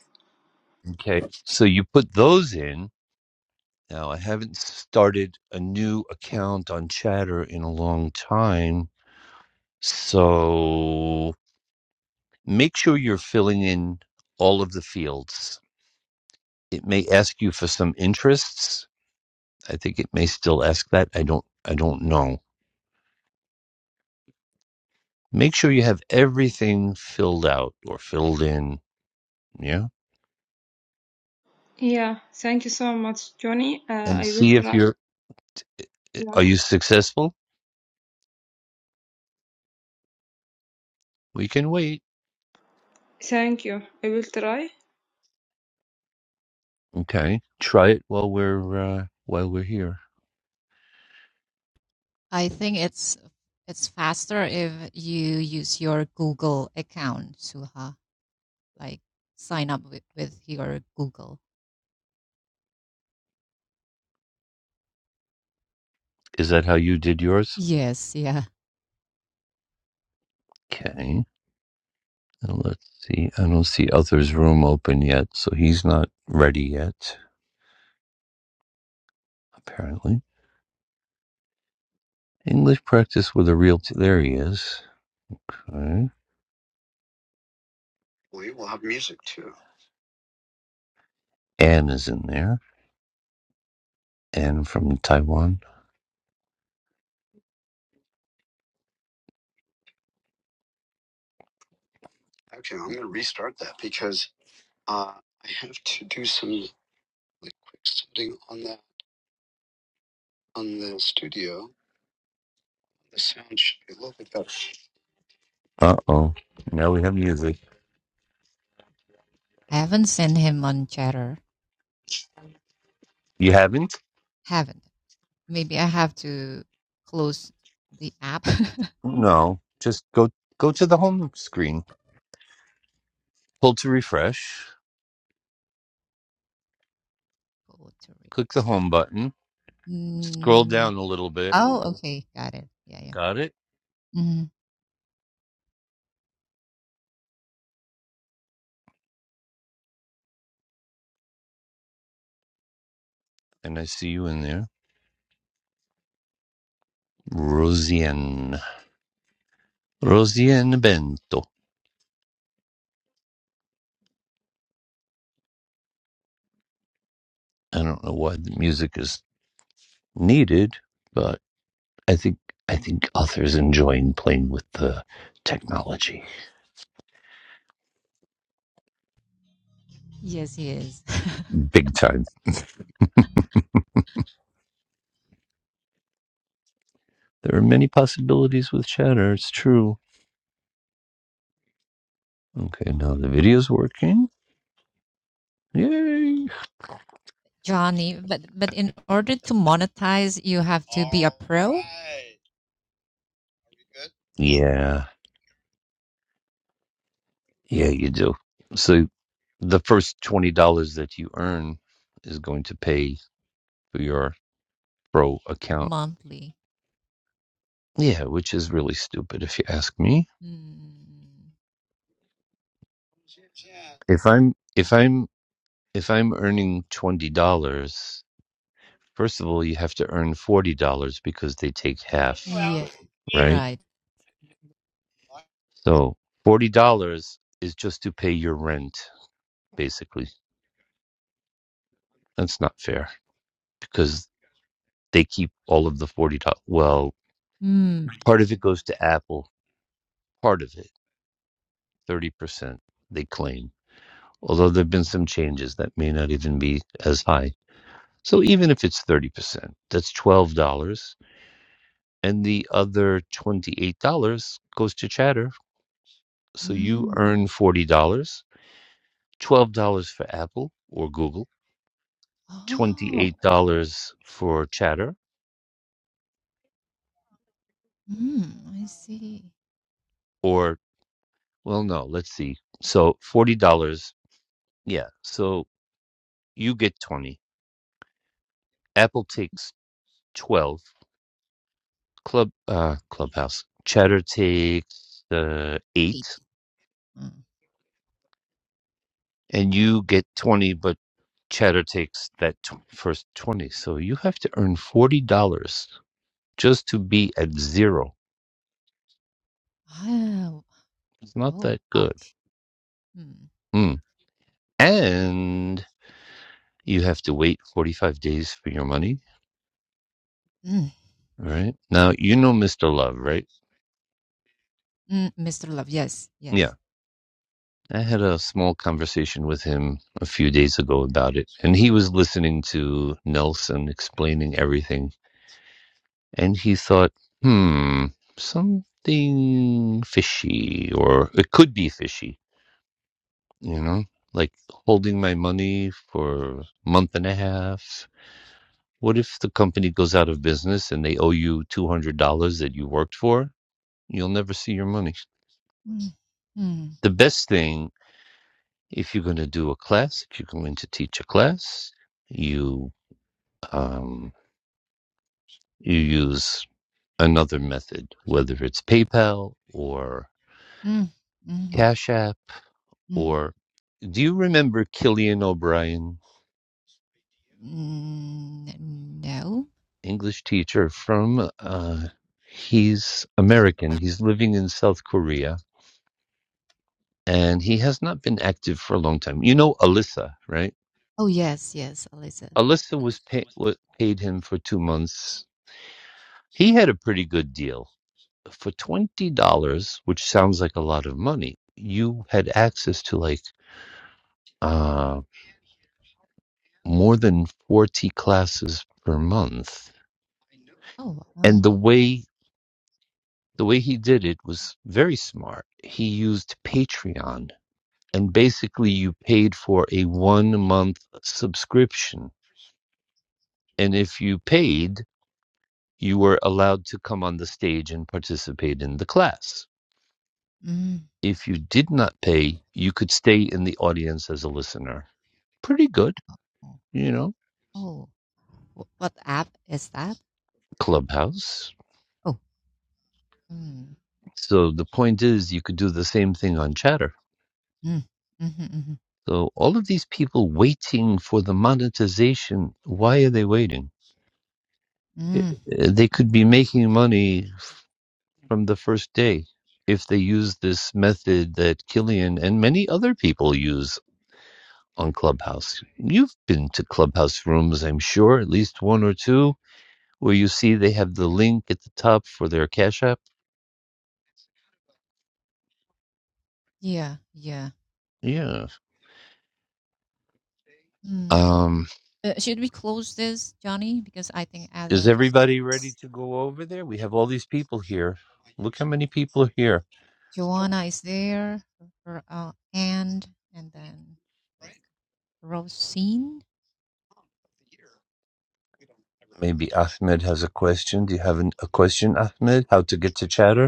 Speaker 14: Okay. So you put those in. Now I haven't started a new account on Chatter in a long time. So make sure you're filling in all of the fields. It may ask you for some interests. I think it may still ask that. I don't I don't know Make sure you have everything filled out or filled in. Yeah.
Speaker 10: Yeah. Thank you so much, Johnny. Uh,
Speaker 14: And
Speaker 10: I will
Speaker 14: see if
Speaker 10: try.
Speaker 14: you're, eh, eh,
Speaker 10: Yeah.
Speaker 14: are you successful? We can wait.
Speaker 10: Thank you. I will try.
Speaker 14: Okay. Try it while we're, uh, while we're here.
Speaker 4: I think it's it's faster if you use your Google account, Suha. Like sign up with, with your Google.
Speaker 14: Is that how you did yours?
Speaker 4: Yes, yeah.
Speaker 14: Okay. Now let's see. I don't see Arthur's room open yet, so he's not ready yet, apparently. English practice with a real. t- there he is. Okay. Anne is in there. Anne from Taiwan. Uh oh. Now we have music.
Speaker 4: I haven't sent him on chatter.
Speaker 14: You haven't?
Speaker 4: Haven't. Maybe I have to close the app. Go
Speaker 14: No, just go go to the home screen. Pull to refresh.
Speaker 4: to re-
Speaker 14: Click the home button. Scroll
Speaker 4: Mm,
Speaker 14: down a little bit.
Speaker 4: Oh, okay, got it. Yeah, yeah.
Speaker 14: Got it?
Speaker 4: Mhm.
Speaker 14: And I see you in there. Rosien. Rosien Bento. I don't know why the music is needed, but I think I think authors enjoying playing with the technology.
Speaker 4: Yes, he is.
Speaker 14: Big time. There are many possibilities with chatter, it's true. Okay, now the video's working. Yay.
Speaker 4: Johnny, but but in order to monetize, you have to be a pro right. we good?
Speaker 14: Yeah. Yeah, you do. So the first twenty dollars that you earn is going to pay for your pro account.
Speaker 4: monthly.
Speaker 14: Yeah, which is really stupid if you ask me.
Speaker 4: Mm.
Speaker 14: If I'm if I'm if I'm earning twenty dollars, first of all you have to earn forty dollars because they take half,
Speaker 4: Yeah. Yeah,
Speaker 14: right?
Speaker 4: right. Like-
Speaker 14: So forty dollars is just to pay your rent, basically. That's not fair because they keep all of the forty dollars. Well,
Speaker 4: Mm.
Speaker 14: part of it goes to Apple, part of it, thirty percent they claim although there have been some changes that may not even be as high. So even if it's 30%, that's $12. And the other $28 goes to Chatter. So you
Speaker 4: Mm.
Speaker 14: earn $40, dollars, $12 for Apple or Google,
Speaker 4: Oh,
Speaker 14: $28 for Chatter,
Speaker 4: mm, I see.
Speaker 14: or, well, no, let's see. So $40. Yeah. So you get 20. Apple takes 12. Club, uh, Clubhouse. Chatter takes uh, eight
Speaker 4: Eight. Mm.
Speaker 14: and you get 20 but chatter takes that tw- first 20 so you have to earn $40 just to be at zero
Speaker 4: Wow.
Speaker 14: it's not
Speaker 4: Oh,
Speaker 14: that
Speaker 4: up.
Speaker 14: good
Speaker 4: Mm.
Speaker 14: mm. and you have to wait 45 days for your money
Speaker 4: Mm.
Speaker 14: All right now you know mr love right
Speaker 4: Mm, Mr. Love. Yes,
Speaker 14: yeah
Speaker 4: yes.
Speaker 14: i had a small conversation with him a few days ago about it and he was listening to nelson explaining everything And he thought, hmm, something fishy, or it could be fishy, you know, like holding my money for a month and a half. What if the company goes out of business and they owe you $200 that you worked for? You'll never see your money.
Speaker 4: Mm, mm,
Speaker 14: The best thing, if you're going to do a class, if you're going to teach a class, you, um, you use another method, whether it's PayPal or
Speaker 4: mm, mm,
Speaker 14: Cash App
Speaker 4: mm,
Speaker 14: or do you remember Killian O'Brien,
Speaker 4: mm, no.
Speaker 14: English teacher from uh he's American. He's living in South Korea and he has not been active for a long time. You know Alyssa, right?
Speaker 4: Oh, yes, yes, Alyssa.
Speaker 14: Alyssa was pay, wa- paid him for 2 months. He had a pretty good deal. For $20, which sounds like a lot of money, you had access to like uh more than 40 classes per month.
Speaker 4: Oh, wow.
Speaker 14: And the way the way he did it was very smart. He used Patreon and basically you paid for a one month subscription. And if you paid, you were allowed to come on the stage and participate in the class.
Speaker 4: Mm.
Speaker 14: If you did not pay, you could stay in the audience as a listener. Pretty good,
Speaker 4: Oh,
Speaker 14: you know,
Speaker 4: oh. Wh- what app is that?
Speaker 14: clubhouse.
Speaker 4: Oh. Mm.
Speaker 14: So the point is, you could do the same thing on chatter.
Speaker 4: Mm. Mm-hmm, mm-hmm.
Speaker 14: So all of these people waiting for the monetization, why are they waiting? i-
Speaker 4: Mm.
Speaker 14: they could be making money from the first day if they use this method that Killian and many other people use on Clubhouse. You've been to Clubhouse rooms, I'm sure, at least one or two, where you see they have the link at the top for their Cash App.
Speaker 4: Yeah, yeah.
Speaker 14: Yeah.
Speaker 4: Mm.
Speaker 14: Um,
Speaker 4: Uh, should we close this, Johnny? Because I think
Speaker 14: is
Speaker 4: others.
Speaker 14: everybody ready to go over there? We have all these people here. Look how many people are here.
Speaker 4: Joanna is there, or, uh, and and then with Rosine.
Speaker 14: Maybe Ahmed has a question. Do you have an, a question, Ahmed? How to get to chatter?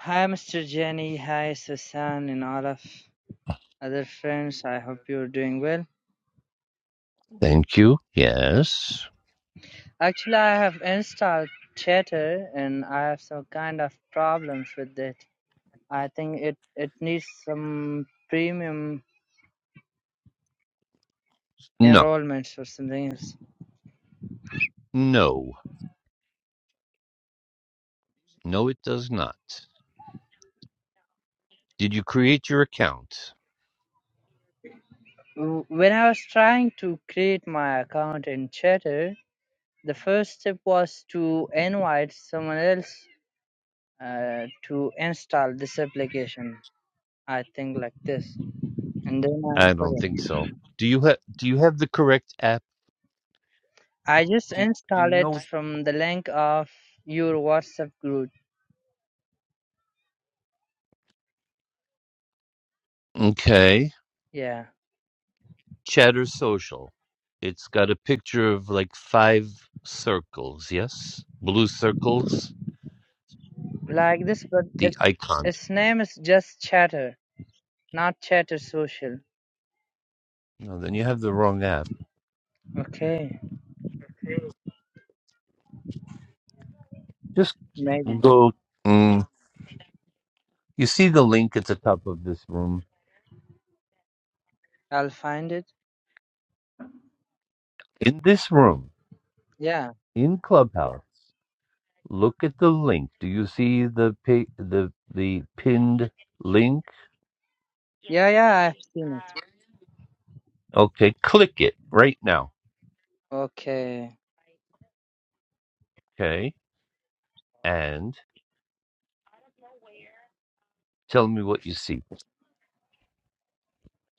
Speaker 15: Hi, Mr. Jenny. Hi, Susan, and all of other friends. I hope you're doing well.
Speaker 14: Thank you. Yes.
Speaker 15: Actually, I have installed Chatter, and I have some kind of problems with it. I think it it needs some premium
Speaker 14: No.
Speaker 15: enrollments or something else.
Speaker 14: No. No, it does not. Did you create your account?
Speaker 15: W- When I was trying to create my account in Chatter, the first step was to invite someone else uh, to install this application. I think like this, and then I
Speaker 14: I don't
Speaker 15: couldn't.
Speaker 14: think so. Do you have Do you have the correct app?
Speaker 15: I just
Speaker 14: Do you, Do you
Speaker 15: install it
Speaker 14: know?
Speaker 15: from the link of your WhatsApp group.
Speaker 14: Okay.
Speaker 15: Yeah,
Speaker 14: Chatter Social. It's got a picture of like five circles. Yes, blue circles.
Speaker 15: like this, but
Speaker 14: The
Speaker 15: its
Speaker 14: icon.
Speaker 15: its name is just Chatter, not Chatter Social.
Speaker 14: No, then you have the wrong app.
Speaker 15: Okay,
Speaker 14: Just
Speaker 15: maybe
Speaker 14: go. Mm, you see the link at the top of this room.
Speaker 15: I'll find it.
Speaker 14: In this room,
Speaker 15: Yeah,
Speaker 14: in Clubhouse. Look at the link. Do you see the pi- the the pinned link?
Speaker 15: yeah, yeah. I've seen it.
Speaker 14: Okay, click it right now.
Speaker 15: Okay,
Speaker 14: Okay, and tell me what you see.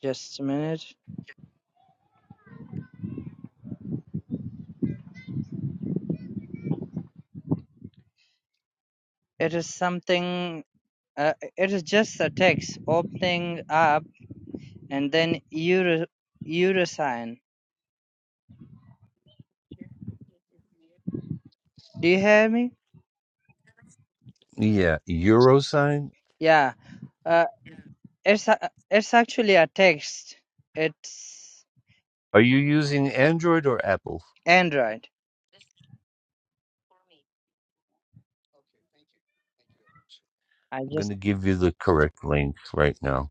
Speaker 15: just a minute. It is something. Uh, it is just a text opening up and then euro euro sign. Do you hear me?
Speaker 14: Yeah, euro sign.
Speaker 15: Yeah. Uh, It's a, it's actually a text. It's
Speaker 14: Are you using Android or Apple?
Speaker 15: Android. I
Speaker 14: I'm going
Speaker 15: just
Speaker 14: to give you the correct link right now.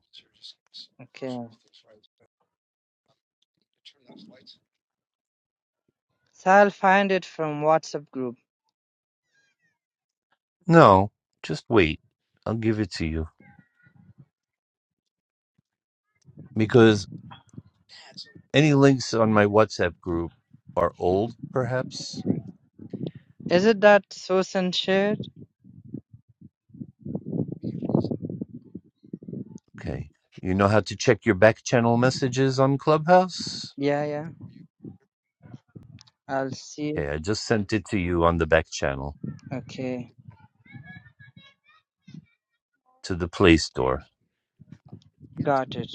Speaker 15: okay. So I'll find it from WhatsApp group.
Speaker 14: No, just wait. I'll give it to you because any links on my WhatsApp group are old, perhaps.
Speaker 15: Is it that Susan shared?
Speaker 14: Okay. You know how to check your back channel messages on Clubhouse?
Speaker 15: Yeah, yeah. I'll see it.
Speaker 14: Okay, I just sent it to you on the back channel
Speaker 15: Okay,
Speaker 14: to the Play Store.
Speaker 15: got it.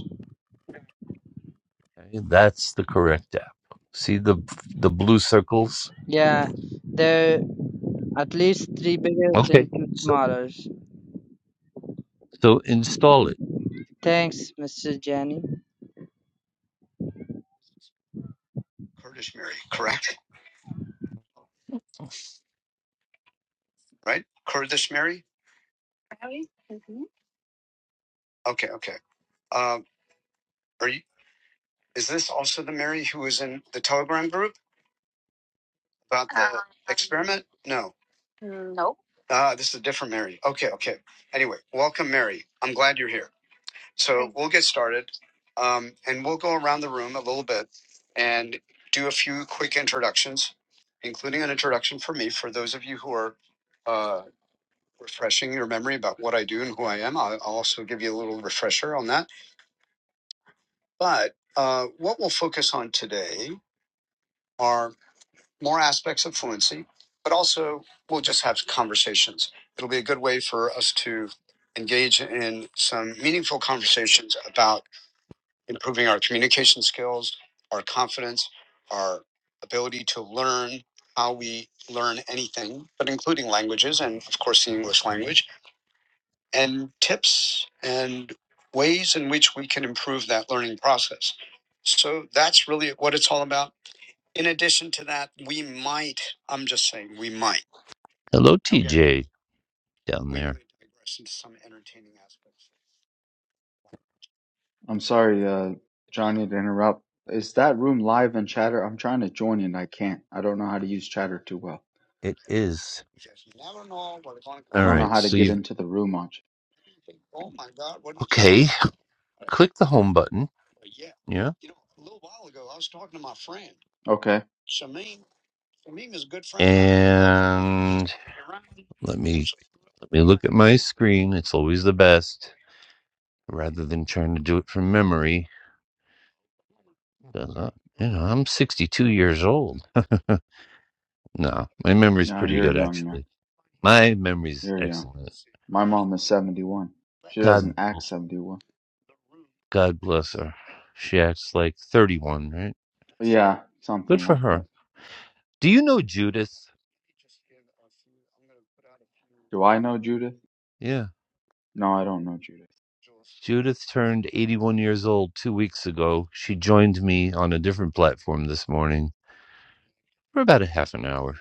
Speaker 14: Okay, that's the correct app. See the the blue circles?
Speaker 15: Yeah, there are at least three bigger
Speaker 14: Okay.
Speaker 15: and two
Speaker 14: So
Speaker 15: smaller.
Speaker 14: so install it.
Speaker 15: Thanks, Mr. Jenny.
Speaker 14: Hello TJ down there.
Speaker 11: I'm sorry, uh, Johnny, to interrupt. Is that room live in Chatter? I'm trying to join and I can't. I don't know how to use Chatter too well.
Speaker 14: It is.
Speaker 11: I
Speaker 14: All
Speaker 11: don't know
Speaker 14: right.
Speaker 11: how to
Speaker 14: So
Speaker 11: get
Speaker 14: you
Speaker 11: into the room much.
Speaker 14: Okay, click the home button. Yeah.
Speaker 11: Okay.
Speaker 14: And let me let me look at my screen. It's always the best. rather than trying to do it from memory. 'Cause I, you know, I'm 62 years old. No, my memory's
Speaker 11: No,
Speaker 14: pretty
Speaker 11: you're
Speaker 14: good
Speaker 11: young, man.
Speaker 14: actually. My memory's
Speaker 11: You're young.
Speaker 14: excellent.
Speaker 11: My mom is 71. She doesn't
Speaker 14: God,
Speaker 11: act 71.
Speaker 14: God bless her. She acts like 31, right?
Speaker 11: Yeah,
Speaker 14: Good
Speaker 11: something
Speaker 14: for
Speaker 11: like that.
Speaker 14: her. Do you know Judith?
Speaker 11: Do I know Judith?
Speaker 14: Yeah.
Speaker 11: No, I don't know Judith.
Speaker 14: Judith turned 81 years old two weeks ago. She joined me on a different platform this morning for about a half an hour.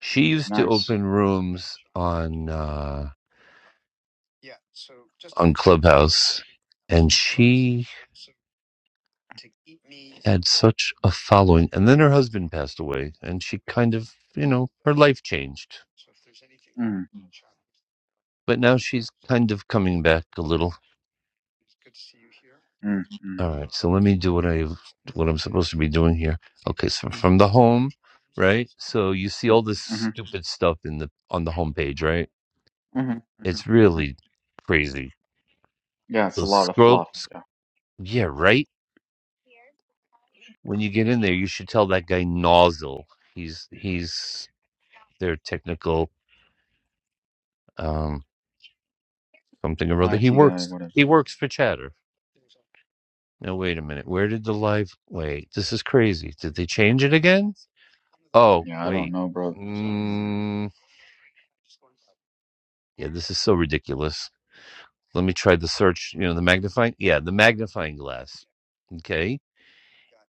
Speaker 14: She used to
Speaker 11: Nice.
Speaker 14: open rooms on uh, on Clubhouse, and she had such a following. And then her husband passed away, and she kind of, you know, her life changed.
Speaker 11: Mm,
Speaker 14: But now she's kind of coming back a little.
Speaker 11: mm, mm,
Speaker 14: All right, so let me do what I what I'm supposed to be doing here. Okay, so from the home, right? So you see
Speaker 11: mm,
Speaker 14: all this
Speaker 11: mm-hmm,
Speaker 14: stupid stuff in the on the homepage, right?
Speaker 11: mm-hmm,
Speaker 14: It's
Speaker 11: mm-hmm, hmm
Speaker 14: really crazy.
Speaker 11: Yeah, it's a
Speaker 14: So
Speaker 11: lot of
Speaker 14: scroll,
Speaker 11: fluff.
Speaker 14: s-
Speaker 11: Yeah.
Speaker 14: yeah, right. when you get in there, you should tell that guy nozzle. He's he's their technical um something or other. He
Speaker 11: IT guy,
Speaker 14: works
Speaker 11: whatever.
Speaker 14: he works for Chatter. Now wait a minute. Where did the live wait, this is crazy. Did they change it again? Oh,
Speaker 11: Yeah, I don't
Speaker 14: wait.
Speaker 11: know, bro. Something going
Speaker 14: Mm, yeah, this is so ridiculous. Let me try the search, you know, the magnifying yeah, the magnifying glass. Okay.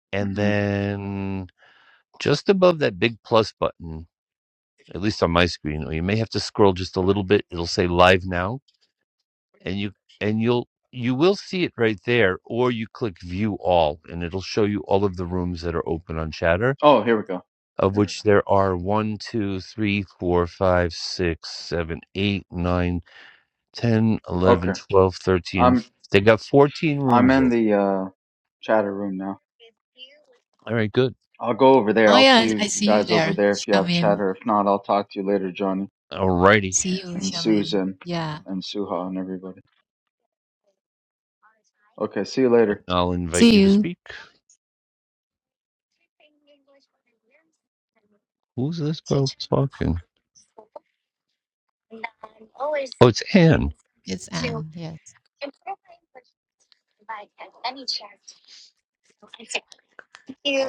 Speaker 11: on.
Speaker 14: And
Speaker 11: hmm
Speaker 14: then just above that big plus button, at least on my screen, or you may have to scroll just a little bit, it'll say live now and you and you'll you will see it right there or you click view all and it'll show you all of the rooms that are open on chatter
Speaker 11: Oh, here we go.
Speaker 14: of
Speaker 11: Here we
Speaker 14: which there are one, two, three, four, five, six, seven, eight, nine, ten,
Speaker 11: go.
Speaker 14: eleven,
Speaker 11: Okay.
Speaker 14: twelve, thirteen.
Speaker 11: I'm,
Speaker 14: they got 14
Speaker 11: I'm
Speaker 14: rooms
Speaker 11: in
Speaker 14: open
Speaker 11: the, uh, chatter room now.
Speaker 14: all right good
Speaker 11: I'll go over there.
Speaker 4: Oh
Speaker 11: I'll
Speaker 4: yeah,
Speaker 11: see
Speaker 4: I I
Speaker 11: you
Speaker 4: see you
Speaker 11: guys over
Speaker 4: there,
Speaker 11: there if you have
Speaker 4: Shamim.
Speaker 11: chatter. If not, I'll talk to you later, Johnny.
Speaker 14: all righty
Speaker 4: See you,
Speaker 11: and
Speaker 4: Shamim.
Speaker 11: Susan
Speaker 4: Yeah,
Speaker 11: and Suha and everybody. Okay, see you later.
Speaker 14: i'll invite
Speaker 4: see
Speaker 14: you to
Speaker 4: you.
Speaker 14: speak who's this girl talking oh it's anne
Speaker 4: It's Anne. Yes.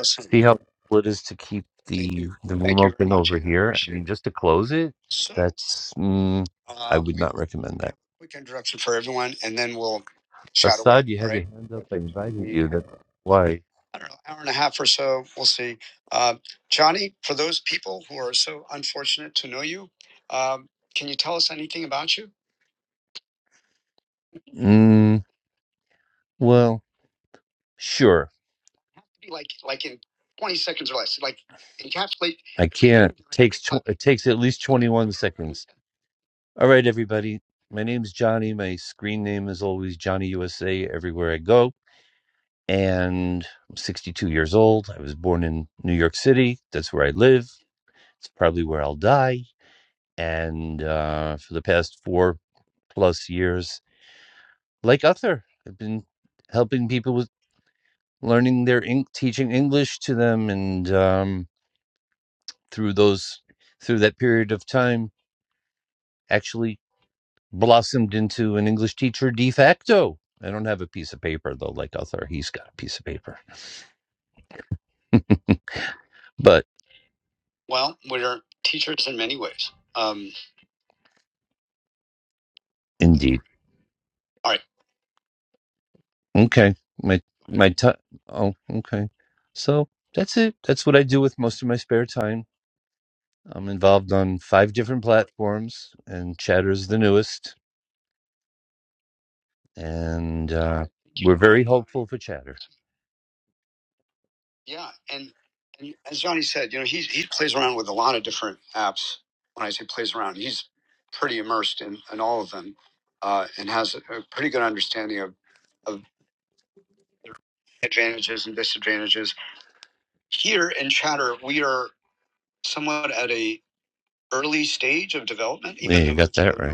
Speaker 14: see how cool it is to keep the the room open over here. I mean, just to close it, that's mm, I would not recommend that. Assad, you had your hand up. I invited you. That's why. Mm, well, sure. I can't. It takes tw- it takes at least twenty one seconds. All right, everybody. My name's Johnny. My screen name is always Johnny USA everywhere I go. And I'm 62 years old. I was born in New York City. That's where I live. It's probably where I'll die and uh, for the past four plus years, like Uther, I've been helping people with learning their Eng- teaching English to them, and um, through those through that period of time, actually blossomed into an English teacher de facto. I don't have a piece of paper though, like Uther. He's got a piece of paper, but indeed, okay, my my time. oh, okay, so that's it. That's what I do with most of my spare time I'm involved on five different platforms, and Chatter's the newest. And uh, we're very hopeful for Chatter. Yeah, you got that been right.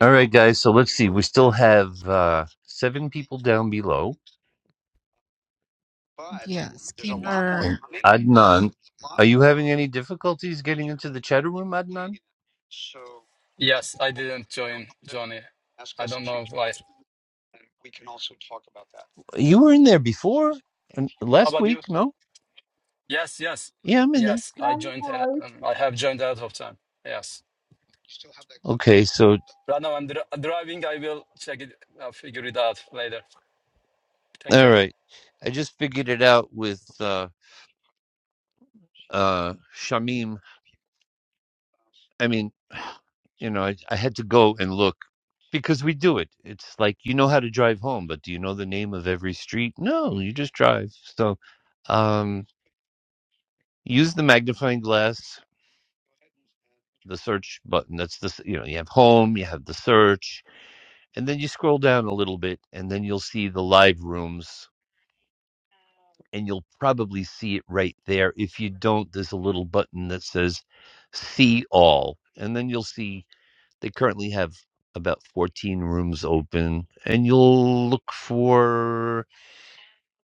Speaker 14: All right, guys. So let's see. We still have uh, seven people down below.
Speaker 4: Yeah, Skinner.
Speaker 14: And Adnan, are you having any difficulties getting into the chatter room, Adnan?
Speaker 6: Yes, I didn't join Johnny. I don't know why.
Speaker 14: You were in there before and
Speaker 6: How
Speaker 14: last
Speaker 6: about
Speaker 14: week,
Speaker 6: you?
Speaker 14: no?
Speaker 6: Yes, yes,
Speaker 14: Yeah, I'm in there.
Speaker 6: yes. I joined. uh,
Speaker 10: Likewise.
Speaker 6: Um, I have joined out of time. Yes.
Speaker 14: Okay, so
Speaker 6: Right now I'm dri driving. I will check it. I'll figure it out later. Thank
Speaker 14: All
Speaker 6: you.
Speaker 14: right. I just figured it out with uh uh Shamim. I mean, you know, I, I had to go and look because we do it. It's like you know how to drive home, but do you know the name of every street? No, you just drive. So um use the magnifying glass, the search button. That's the s- you know, you have home, you have the search, and then you scroll down a little bit and then you'll see the live rooms and you'll probably see it right there. If you don't, there's a little button that says see all. And then you'll see they currently have about 14 rooms open, and you'll look for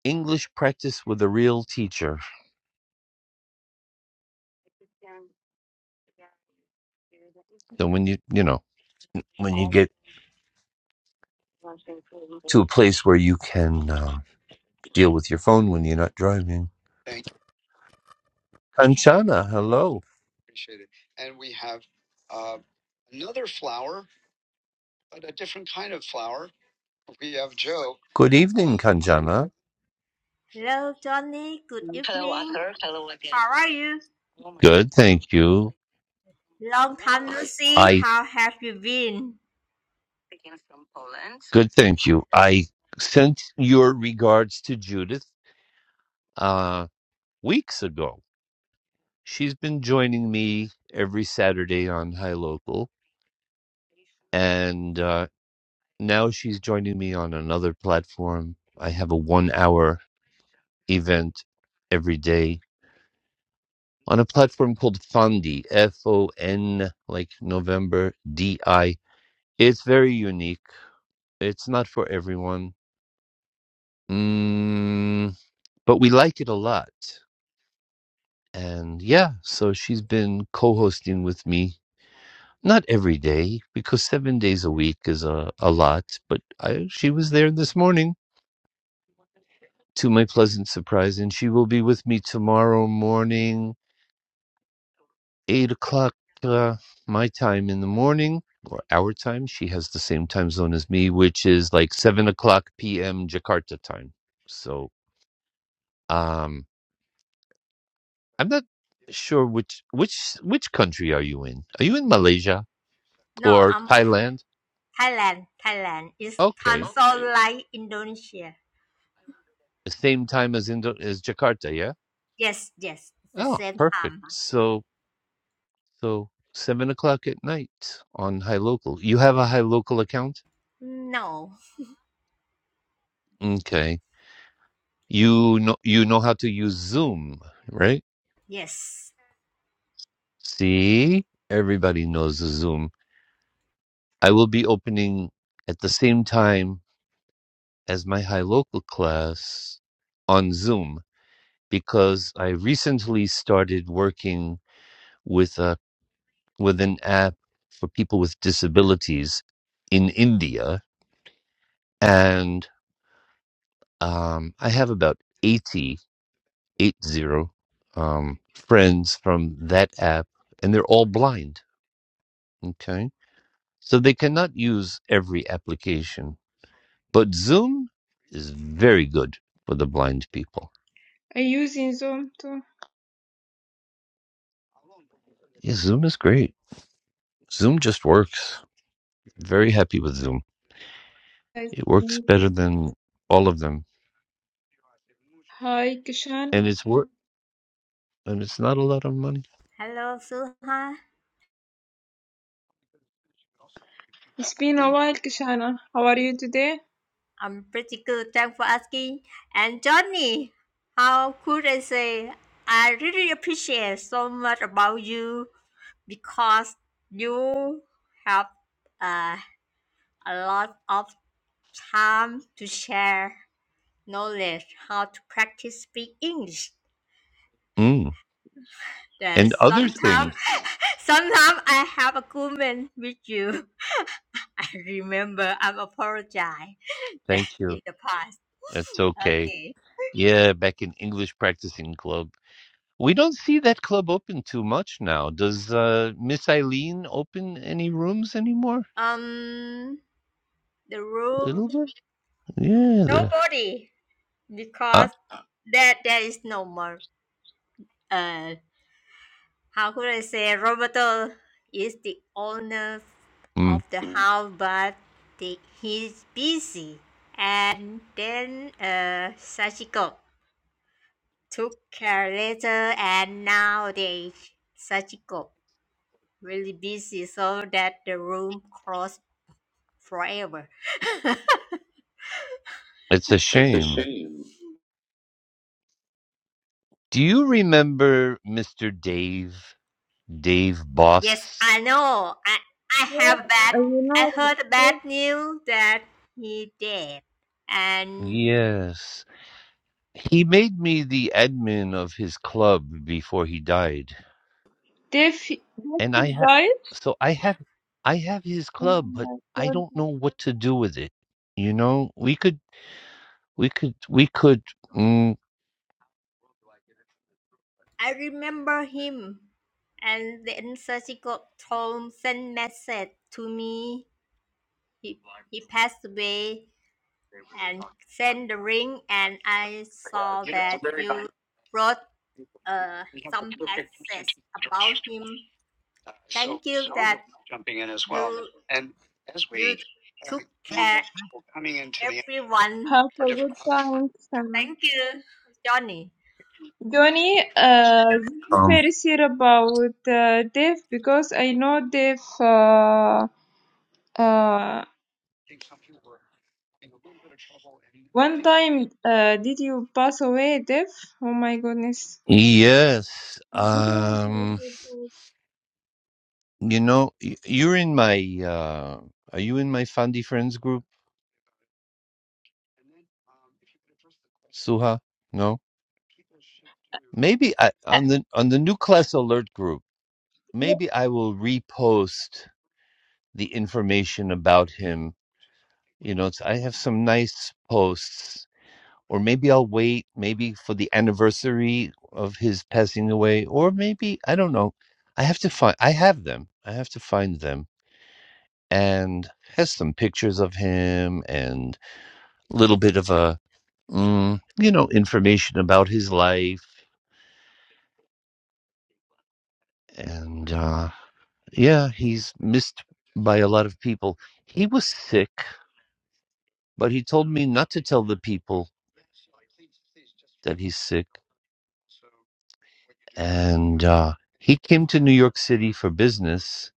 Speaker 14: English practice with a real teacher. So when you, you know, when you get to a place where you can uh, deal with your phone when you're not driving. Kanchana, hello. Good evening, Kanchana.
Speaker 16: Hello, Johnny. Good evening. How are you?
Speaker 14: Good, thank you.
Speaker 16: Long time no see.
Speaker 14: I.
Speaker 16: How have you been?
Speaker 14: Good, thank you. I sent your regards to Judith uh, weeks ago. She's been joining me every Saturday on High Local, and uh, now she's joining me on another platform. I have a one hour event every day on a platform called Fondi, F O N, like November, D I. It's very unique, it's not for everyone. Mm, but we like it a lot. And yeah, so she's been co hosting with me. Not every day, because seven days a week is a, a lot, but I, she was there this morning to my pleasant surprise, and she will be with me tomorrow morning, 8 o'clock uh, my time in the morning, or our time. She has the same time zone as me, which is like 7 o'clock p.m. Jakarta time. So um, I'm not sure which which which country are you in? Are you in Malaysia
Speaker 16: No,
Speaker 14: or
Speaker 16: I'm
Speaker 14: Thailand?
Speaker 16: Thailand. Thailand. It's time
Speaker 14: Okay.
Speaker 16: zone like Indonesia.
Speaker 14: The same time as Indo as Jakarta, yeah?
Speaker 16: Yes, yes. It's the
Speaker 14: Oh,
Speaker 16: same
Speaker 14: perfect.
Speaker 16: time.
Speaker 14: So so seven o'clock at night on High Local. You have a High Local account?
Speaker 16: No.
Speaker 14: Okay. You know you know how to use Zoom, right?
Speaker 16: Yes.
Speaker 14: See? Everybody knows Zoom. I will be opening at the same time as my High Local class on Zoom because I recently started working with a. with an app for people with disabilities in India. And um, I have about eighty-eight zero um, friends from that app, and they're all blind. Okay. So they cannot use every application, but Zoom is very good for the blind people.
Speaker 10: I use in Zoom too.
Speaker 14: Yeah, Zoom is great. Zoom just works. Very happy with Zoom. It works better than all of them,
Speaker 10: Hi, Kishan.
Speaker 14: and it's work and it's not a lot of money.
Speaker 16: Hello, Suha.
Speaker 10: It's been a while, Kishana. How are you today?
Speaker 16: I'm pretty good. Thanks for asking. And Johnny, how could I say? I really appreciate so much about you because you have. uh, a lot of time to share knowledge how to practice speak English.
Speaker 14: Mm.
Speaker 16: Then
Speaker 14: And other
Speaker 16: sometimes
Speaker 14: things.
Speaker 16: sometimes I have a comment with you. I remember I'm apologize that
Speaker 14: Thank you.
Speaker 16: in the past.
Speaker 14: That's okay.
Speaker 16: Okay.
Speaker 14: Yeah, back in English practicing club. We don't see that club open too much now. Does uh, Miss Eileen open any rooms anymore?
Speaker 16: Um the room
Speaker 14: little bit? Yeah. The,
Speaker 16: nobody
Speaker 14: uh,
Speaker 16: because there there is no more uh how could I say Roberto is the owner
Speaker 14: mm,
Speaker 16: of the house, but the, he's busy. And then uh, Sachiko took care later, and nowadays Sachiko really busy, so that the room closed forever.
Speaker 14: it's a
Speaker 16: It's a
Speaker 14: shame.
Speaker 16: shame.
Speaker 14: Do you remember Mr. Dave? Dave
Speaker 16: Yes,
Speaker 14: Boss?
Speaker 16: I know. I I
Speaker 10: Well,
Speaker 16: have bad.
Speaker 10: uh, you
Speaker 16: I
Speaker 10: know,
Speaker 16: heard
Speaker 10: Dave,
Speaker 16: bad news that he dead, and.
Speaker 14: Yes. He made me the admin of his club before he died.
Speaker 10: Dave, Dave he
Speaker 14: and I have
Speaker 10: died.
Speaker 14: so I have I have his
Speaker 10: Uh,
Speaker 14: club, but I
Speaker 10: God
Speaker 14: don't know what to do with it. You know, we could we could we could mm,
Speaker 16: I remember him, and then surgical Tom sent message to me. He he passed away and sent the ring, and I saw that you wrote uh, some passages about him. Thank you that you you took care everyone.
Speaker 10: have a good time, Kishana.
Speaker 16: Thank you, Johnny.
Speaker 10: Johnny, uh, i very serious about uh, Dave because I know Dave. Uh, uh, one time, uh, did you pass away, Dave? Oh my goodness.
Speaker 14: yes.
Speaker 10: didn't.
Speaker 14: Um
Speaker 10: you-
Speaker 14: you know, y- you're in my uh are you in my Fundy Friends group, Suha? No? Maybe I on
Speaker 10: Uh,
Speaker 14: the on the new class alert group, maybe I will repost the information about him You know, it's, I have some nice posts, or maybe I'll wait, maybe for the anniversary of his passing away, or maybe I don't know. I have to find. I have them. I have to find them, and has some pictures of him and a little bit of a, mm, you know, information about his life. And uh, yeah, he's missed by a lot of people. He was sick, but he told me not to tell the people that he's sick. and uh, he came to New York City for business.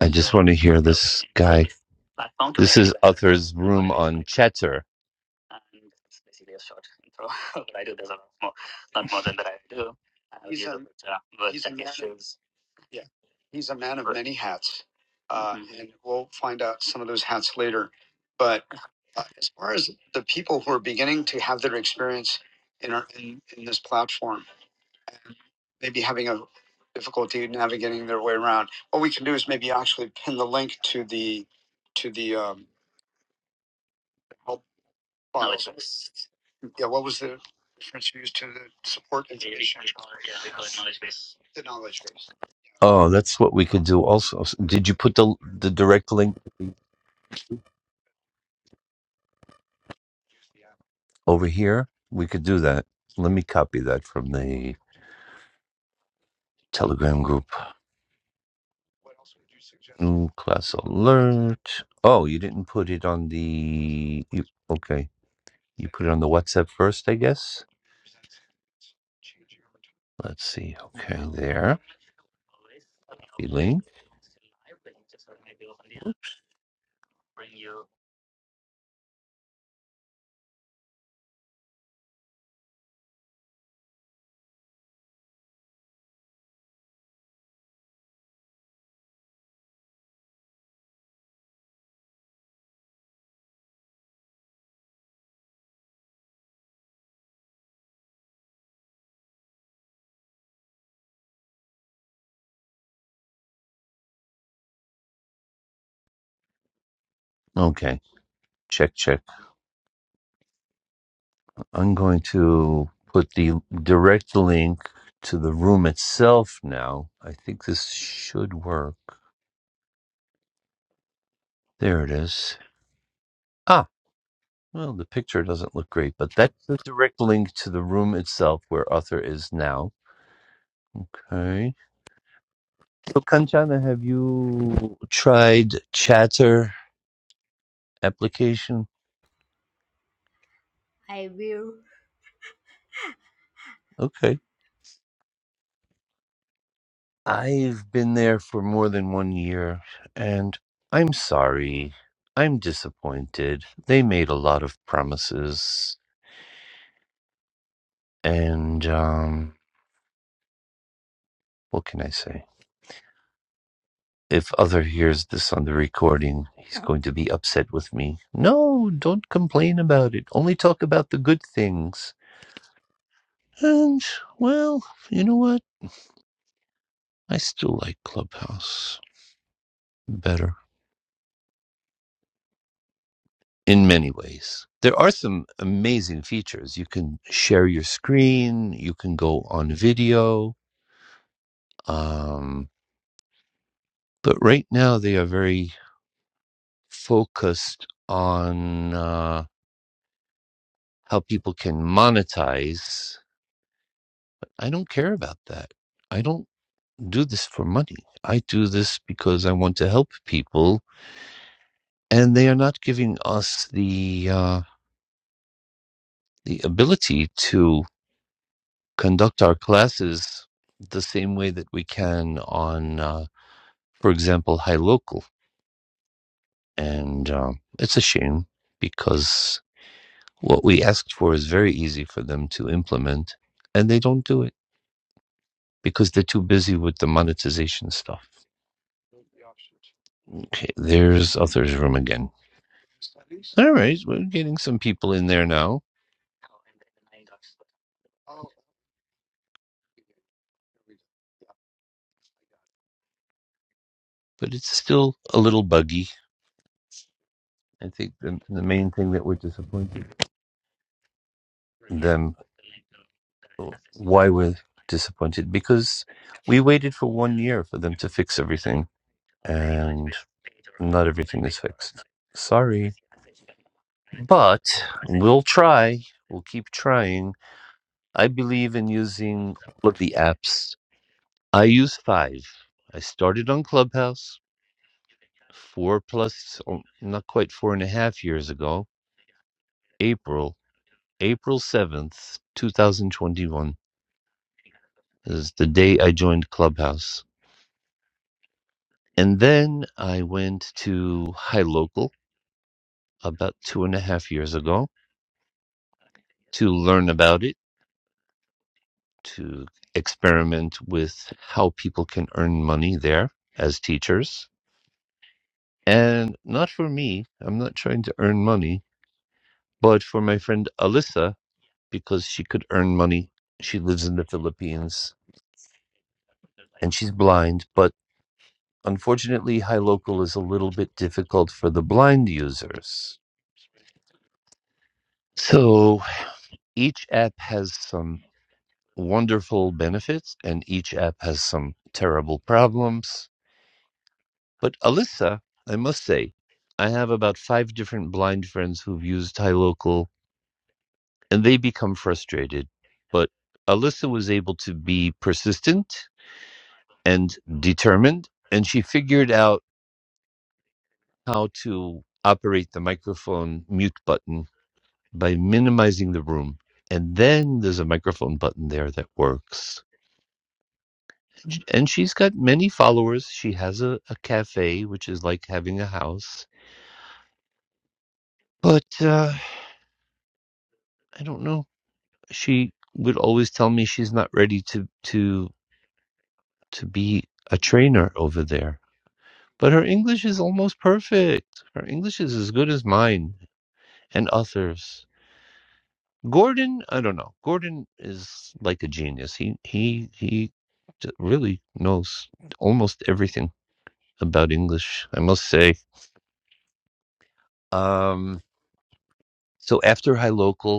Speaker 14: I just want to hear this guy. This is Uther's room on Chatter. Oh, that's what we could do. Also, did you put the the direct link over here? We could do that. Let me copy that from the Telegram group. New class alert. Oh, you didn't put it on the. You, okay, you put it on the WhatsApp first, I guess. Let's see. Okay, there. The link. Okay. Check, check. I'm going to put the direct link to the room itself now. I think this should work. There it is. Ah, well, the picture doesn't look great, but that's the direct link to the room itself where Arthur is now. Okay. So, Kanchana, have you tried Chatter application?
Speaker 16: I will
Speaker 14: Okay. I've been there for more than one year, and I'm sorry. I'm disappointed. They made a lot of promises, and um, what can I say? If other hears this on the recording, he's going to be upset with me. No, don't complain about it. Only talk about the good things. And well, you know what? I still like Clubhouse better. in many ways. There are some amazing features. You can share your screen, you can go on video, um, but right now they are very focused on uh, how people can monetize. I don't care about that. I don't do this for money. I do this because I want to help people, and they are not giving us the uh, the ability to conduct our classes the same way that we can on, uh, for example, High Local. And um, it's a shame because what we asked for is very easy for them to implement, and they don't do it because they're too busy with the monetization stuff. Okay, there's Author's Room again. All right, we're getting some people in there now, but it's still a little buggy. I think the, the main thing that we're disappointed them uh, why we're disappointed because we waited for one year for them to fix everything, and not everything is fixed. Sorry, but we'll try. We'll keep trying. I believe in using all of the apps. I use five. I started on Clubhouse four plus, oh, not quite four and a half years ago. April, April seventh, two thousand twenty-one is the day I joined Clubhouse. And then I went to High Local about two and a half years ago to learn about it, to experiment with how people can earn money there as teachers. And not for me, I'm not trying to earn money, but for my friend Alyssa, because she could earn money. She lives in the Philippines and she's blind, but unfortunately, High Local is a little bit difficult for the blind users. So each app has some wonderful benefits, and each app has some terrible problems. But Alyssa, I must say, I have about five different blind friends who've used HiLocal, and they become frustrated. But Alyssa was able to be persistent and determined, and she figured out how to operate the microphone mute button by minimizing the room. And then there's a microphone button there that works. Sh- and she's got many followers. She has a, a cafe, which is like having a house. But uh, I don't know. She would always tell me she's not ready to to to be a trainer over there. But her English is almost perfect. Her English is as good as mine and others. Gordon, I don't know. Gordon is like a genius. He he he d- really knows almost everything about English. I must say. Um, so after High Local.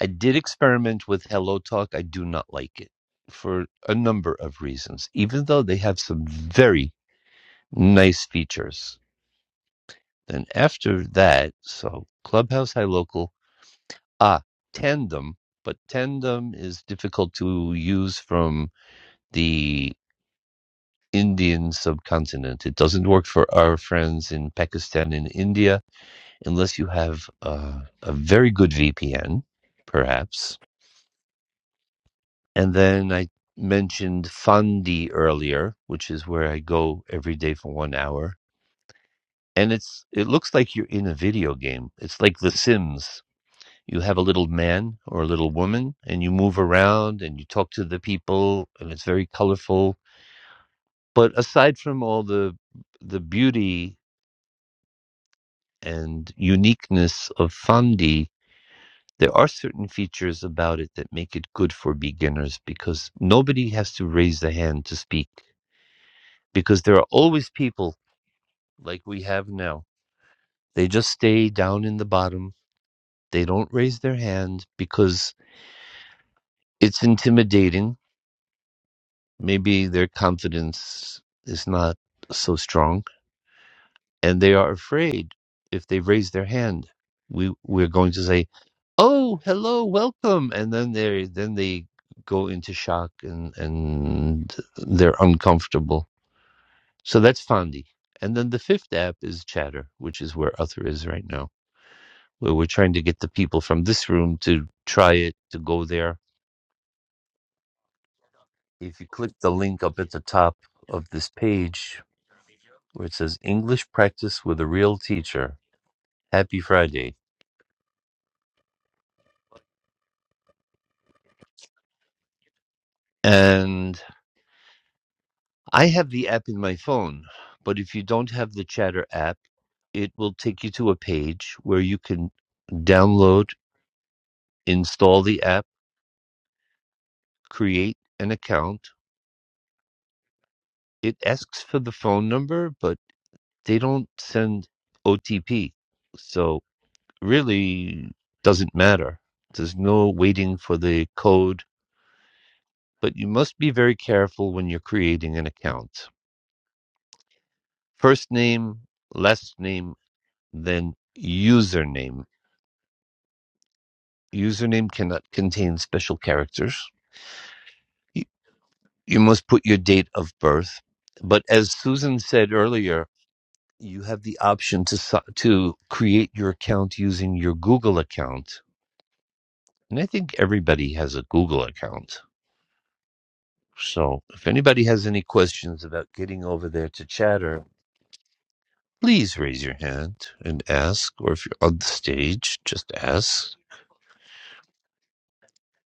Speaker 14: I did experiment with Hello Talk. I do not like it for a number of reasons, even though they have some very nice features. Then after that, so Clubhouse HiLocal, ah, Tandem, but Tandem is difficult to use from the Indian subcontinent. It doesn't work for our friends in Pakistan and India unless you have uh, a very good VPN, perhaps And then I mentioned Fandi earlier, which is where I go every day for one hour. And it's it looks like you're in a video game. It's like The Sims. You have a little man or a little woman and you move around and you talk to the people and it's very colorful. But aside from all the the beauty and uniqueness of Fandi, there are certain features about it that make it good for beginners because nobody has to raise the hand to speak because there are always people like we have now. They just stay down in the bottom. They don't raise their hand because it's intimidating. Maybe their confidence is not so strong and they are afraid if they raise their hand. We we're going to say, "Oh, hello, welcome." And then they then they go into shock and and they're uncomfortable. So that's Fondi. And then the fifth app is Chatter, which is where Uther is right now We were trying to get the people from this room to try it, to go there. If you click the link up at the top of this page where it says English practice with a real teacher, happy Friday. And I have the app in my phone, but if you don't have the chatter app, it will take you to a page where you can download, install the app, create an account. It asks for the phone number, but they don't send OTP. So really doesn't matter. There's no waiting for the code, but you must be very careful when you're creating an account. First name, last name, then username. Username cannot contain special characters. You you must put your date of birth. But as Susan said earlier, you have the option to si- to create your account using your Google account. And I think everybody has a Google account So if anybody has any questions about getting over there to chatter, please raise your hand and ask. Or if you're on the stage, just ask.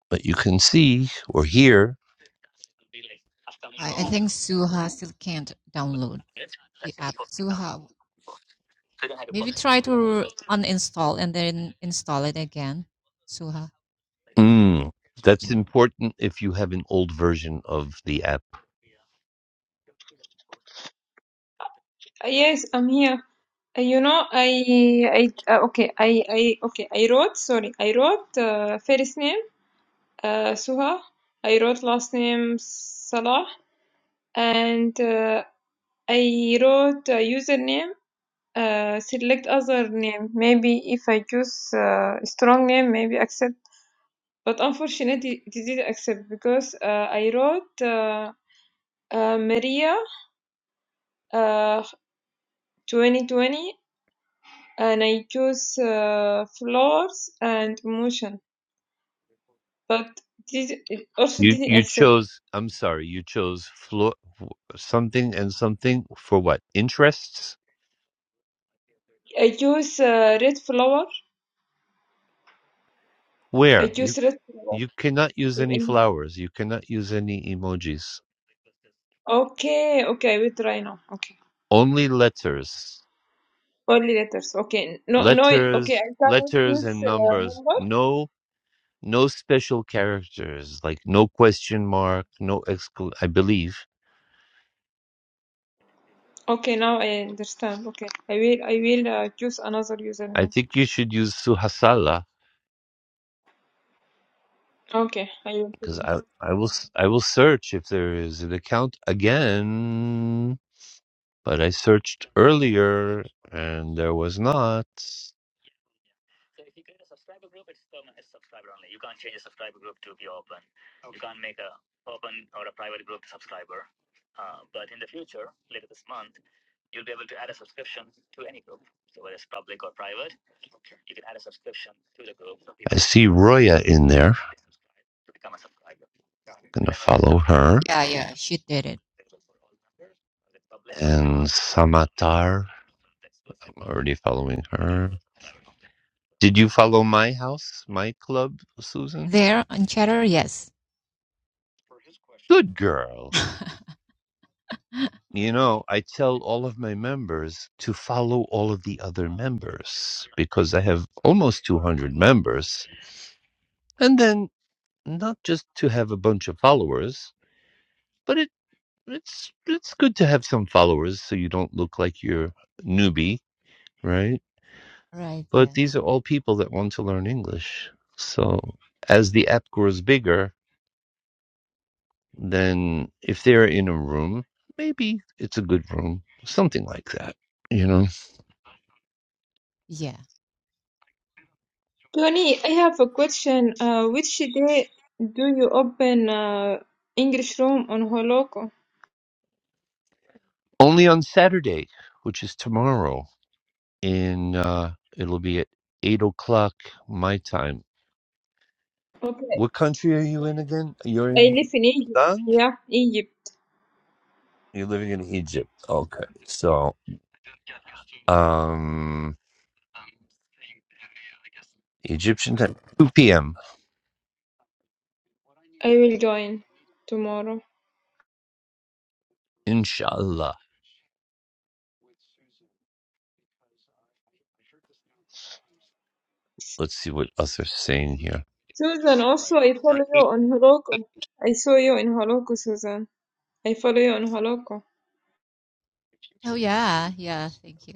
Speaker 14: But you can see or hear.
Speaker 4: I, I think Suha still can't download the app. Suha, maybe try to uninstall and then install it again. Suha.
Speaker 14: Mm, that's important if you have an old version of the app.
Speaker 10: Uh, Yes, I'm here. Uh, You know, I, I, uh, okay, I, I, okay, I wrote, sorry, I wrote uh, first name uh, Suha. I wrote last name Salah, and uh, I wrote a username. Uh, select other name. Maybe if I choose uh, strong name, maybe accept. But unfortunately, it didn't accept because uh, I wrote uh, uh, Maria uh, 2020. and I chose uh, flowers and emotion, but this it also
Speaker 14: You
Speaker 10: didn't
Speaker 14: you
Speaker 10: accept.
Speaker 14: chose. I'm sorry. You chose flo- something and something for what interests?
Speaker 10: I chose uh, red flower. I
Speaker 14: Where you
Speaker 10: chose red flower.
Speaker 14: you cannot use
Speaker 10: in
Speaker 14: any flowers. You cannot use any emojis.
Speaker 10: Okay, okay, we try now. Okay,
Speaker 14: Only letters.
Speaker 10: only letters. Okay, no, no. Okay,
Speaker 14: letters
Speaker 10: I cannot
Speaker 14: letters
Speaker 10: choose
Speaker 14: and
Speaker 10: uh,
Speaker 14: numbers
Speaker 10: number.
Speaker 14: no no special characters like no question mark no excl i believe
Speaker 10: Okay, now I understand. Okay, I will, I will uh, choose another
Speaker 14: i
Speaker 10: username.
Speaker 14: think you should use suhasala
Speaker 10: Okay, I will. do
Speaker 14: because
Speaker 10: Tony,
Speaker 14: i i will s- i will search if there is an account again but i searched earlier and there was not i see roya in there gonna follow her
Speaker 4: Yeah, yeah, she did it.
Speaker 14: and Samatar. I'm already following her. Did you follow my house, my club, Susan?
Speaker 4: There on Chatter, yes.
Speaker 14: Good girl. You know, I tell all of my members to follow all of the other members because I have almost 200 members. And then not just to have a bunch of followers, but it it's it's good to have some followers so you don't look like you're a newbie, right?
Speaker 4: Right,
Speaker 14: But
Speaker 4: yeah.
Speaker 14: these are all people that want to learn English. So as the app grows bigger, then if they're in a room, maybe it's a good room, something like that. You know,
Speaker 4: Yeah.
Speaker 10: I have a question. Uh, which day do you open uh, English room on Holoko?
Speaker 14: only on Saturday, which is tomorrow. In uh, it'll be at eight o'clock my time.
Speaker 10: Okay.
Speaker 14: What country are you in again? You're
Speaker 10: I
Speaker 14: in
Speaker 10: live in Egypt.
Speaker 14: Sudan.
Speaker 10: Yeah, Egypt.
Speaker 14: You're living in Egypt. Okay, so um, Egyptian time, two p.m.
Speaker 10: I will join tomorrow.
Speaker 14: Inshallah. Let's see what Arthur's saying here.
Speaker 10: Susan, also I follow you on Holoko. I saw you in Holoko, Susan. I follow you on Holoko.
Speaker 4: Oh yeah, yeah, thank you.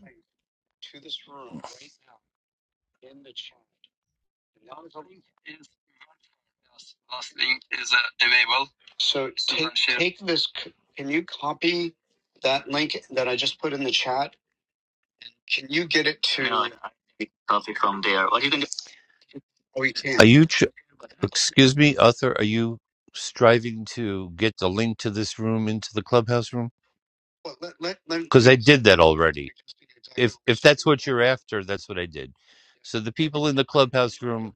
Speaker 14: can Are you, tr- excuse me, Arthur. are you striving to get the link to this room into the clubhouse room? Because I did that already. If if that's what you're after, that's what I did. So the people in the clubhouse room,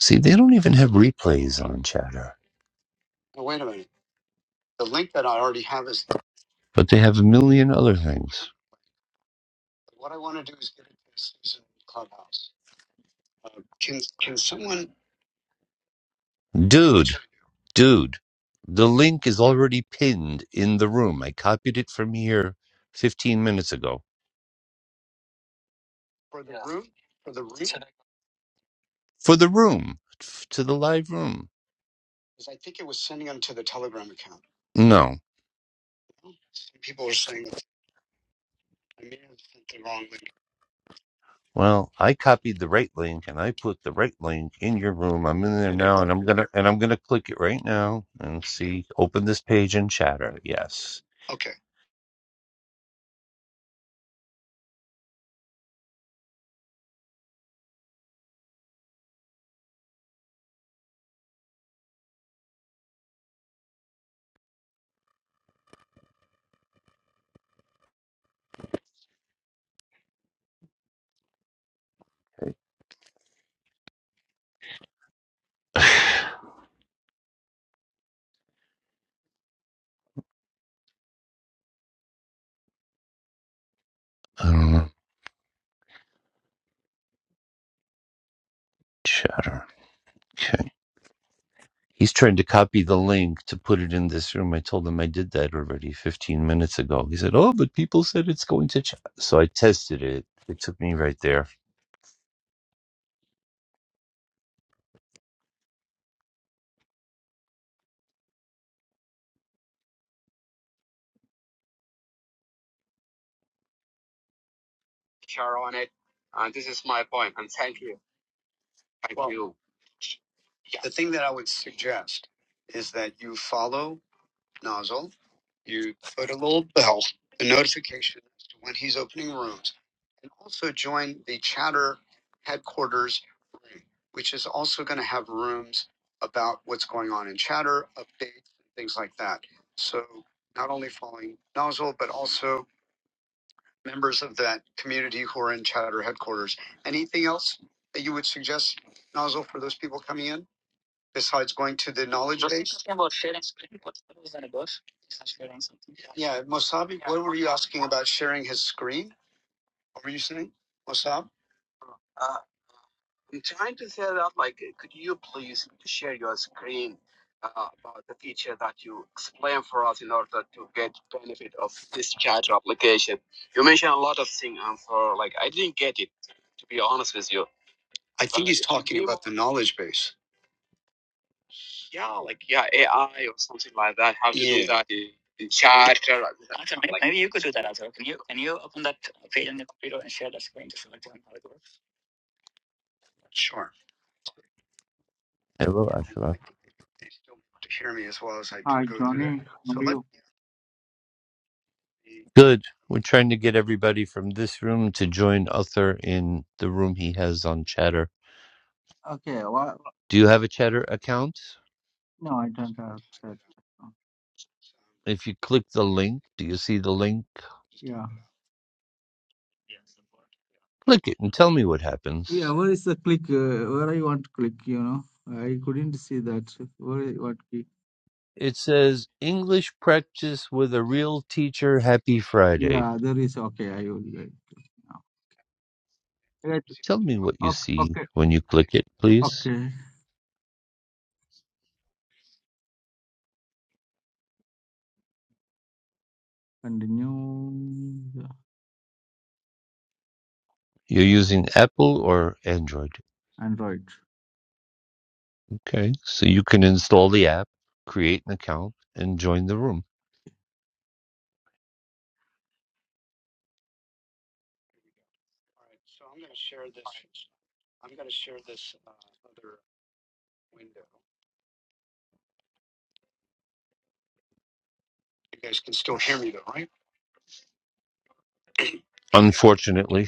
Speaker 14: see, they don't even have replays on Chatter, but they have a million other things. Dude, dude, the link is already pinned in the room. I copied it from here 15 minutes ago. for the room, f- to the live room. No. Well, I copied the right link and I put the right link in your room. I'm in there now and I'm gonna and I'm gonna click it right now and see open this page and chatter. Yes. Um chatter. Okay. He's trying to copy the link to put it in this room. I told him I did that already 15 minutes ago. He said, Oh, but people said it's going to chat. So I tested it. It took me right there. Hello, Ashraf.
Speaker 17: Hi, Johnny. How are you?
Speaker 14: Good. We're trying to get everybody from this room to join Uther in the room he has on Chatter.
Speaker 17: Okay. Well,
Speaker 14: Do you have a Chatter account?
Speaker 17: no, I don't have search.
Speaker 14: If you click the link, do you see the link?
Speaker 17: Yeah.
Speaker 14: Click it and tell me what
Speaker 17: Yeah.
Speaker 14: happens.
Speaker 17: Where is the click? Uh, where I want to click? You know, I couldn't see that. Where? I- What? click?
Speaker 14: It says English practice with a real teacher. Happy Friday.
Speaker 17: Yeah. There is. Okay. I will. Get it now. Right.
Speaker 14: Tell me what you
Speaker 17: Okay.
Speaker 14: see
Speaker 17: Okay.
Speaker 14: when you click it, please.
Speaker 17: Okay. Continue. the
Speaker 14: You're using Apple or Android.
Speaker 17: Android.
Speaker 14: Okay. So you can install the app, create an account, and join the room. Unfortunately,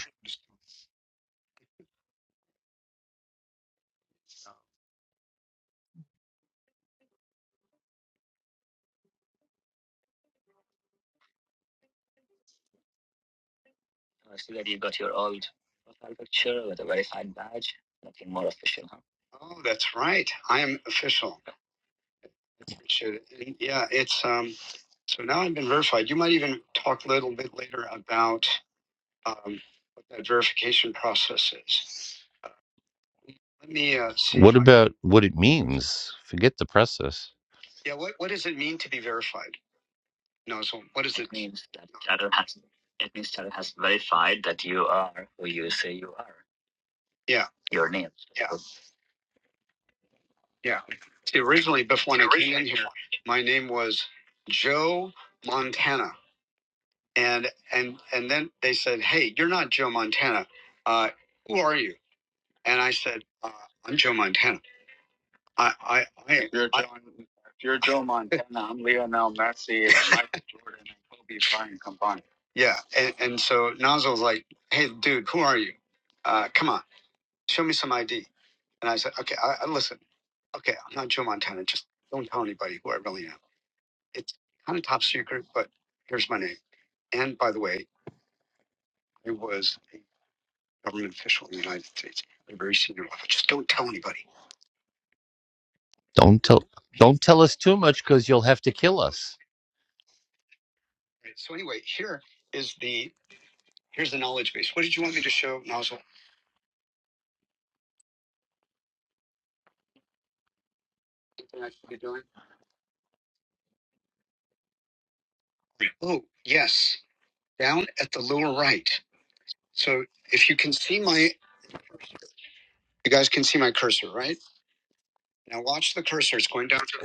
Speaker 14: What about what it means? Forget the process. Don't tell don't tell us too much because you'll have to kill us.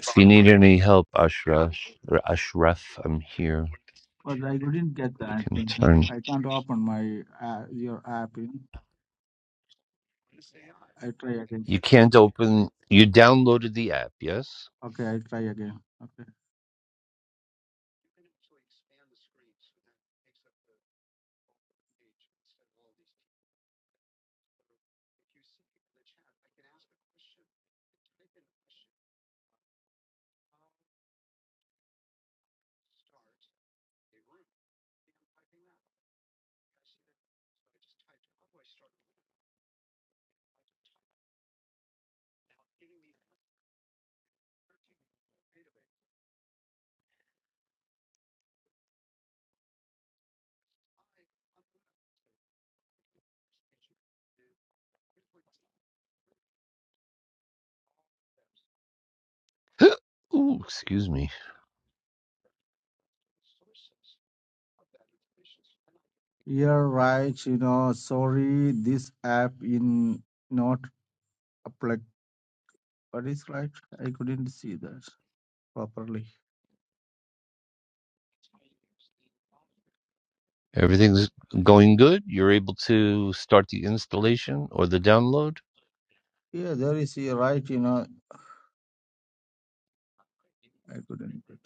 Speaker 14: If you need of any help, Ashraf or Ashraf, I'm here.
Speaker 17: But I couldn't get
Speaker 14: We
Speaker 17: that
Speaker 14: can
Speaker 17: thing.
Speaker 14: turn
Speaker 17: I can't open my uh, your app. You know. I try again.
Speaker 14: you can't open you downloaded the app, yes?
Speaker 17: Okay. I try again. Okay.
Speaker 14: Ooh, excuse me.
Speaker 17: You're right, you know. Sorry, this app in not applicable. What is right? I couldn't see that properly.
Speaker 14: Everything's going good? You're able to start the installation or the download?
Speaker 17: Yeah, there is. You're right, you know. I couldn't. get.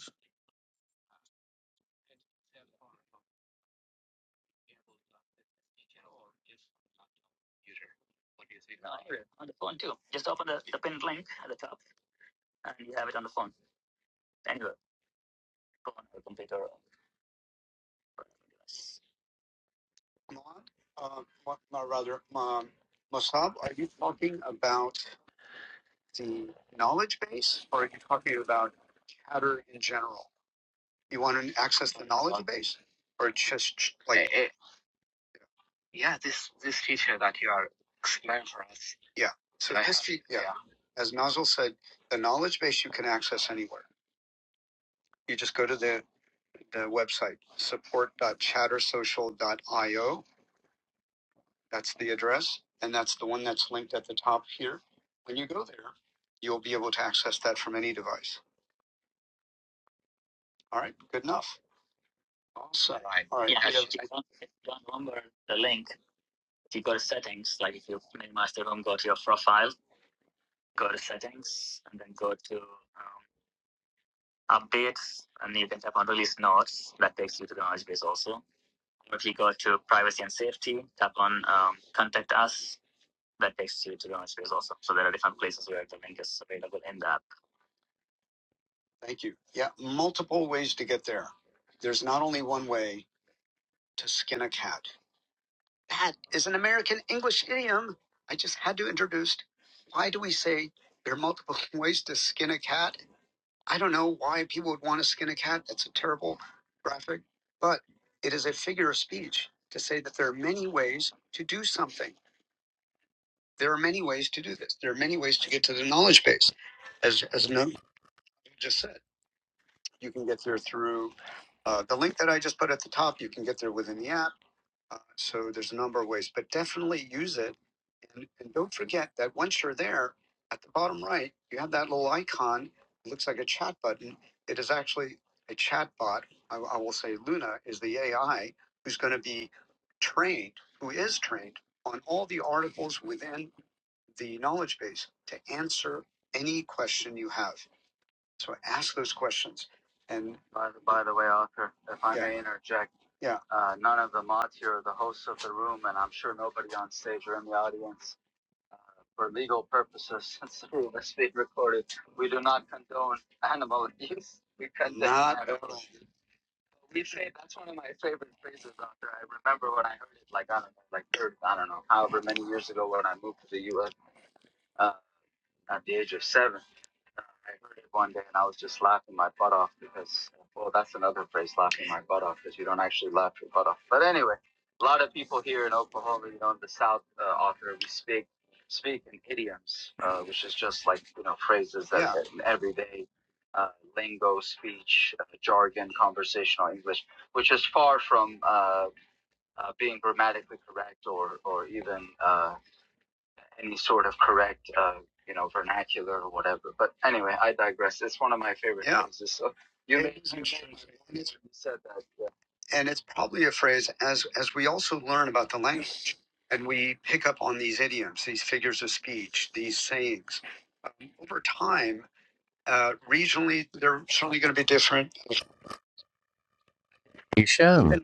Speaker 14: Hisham. Shem.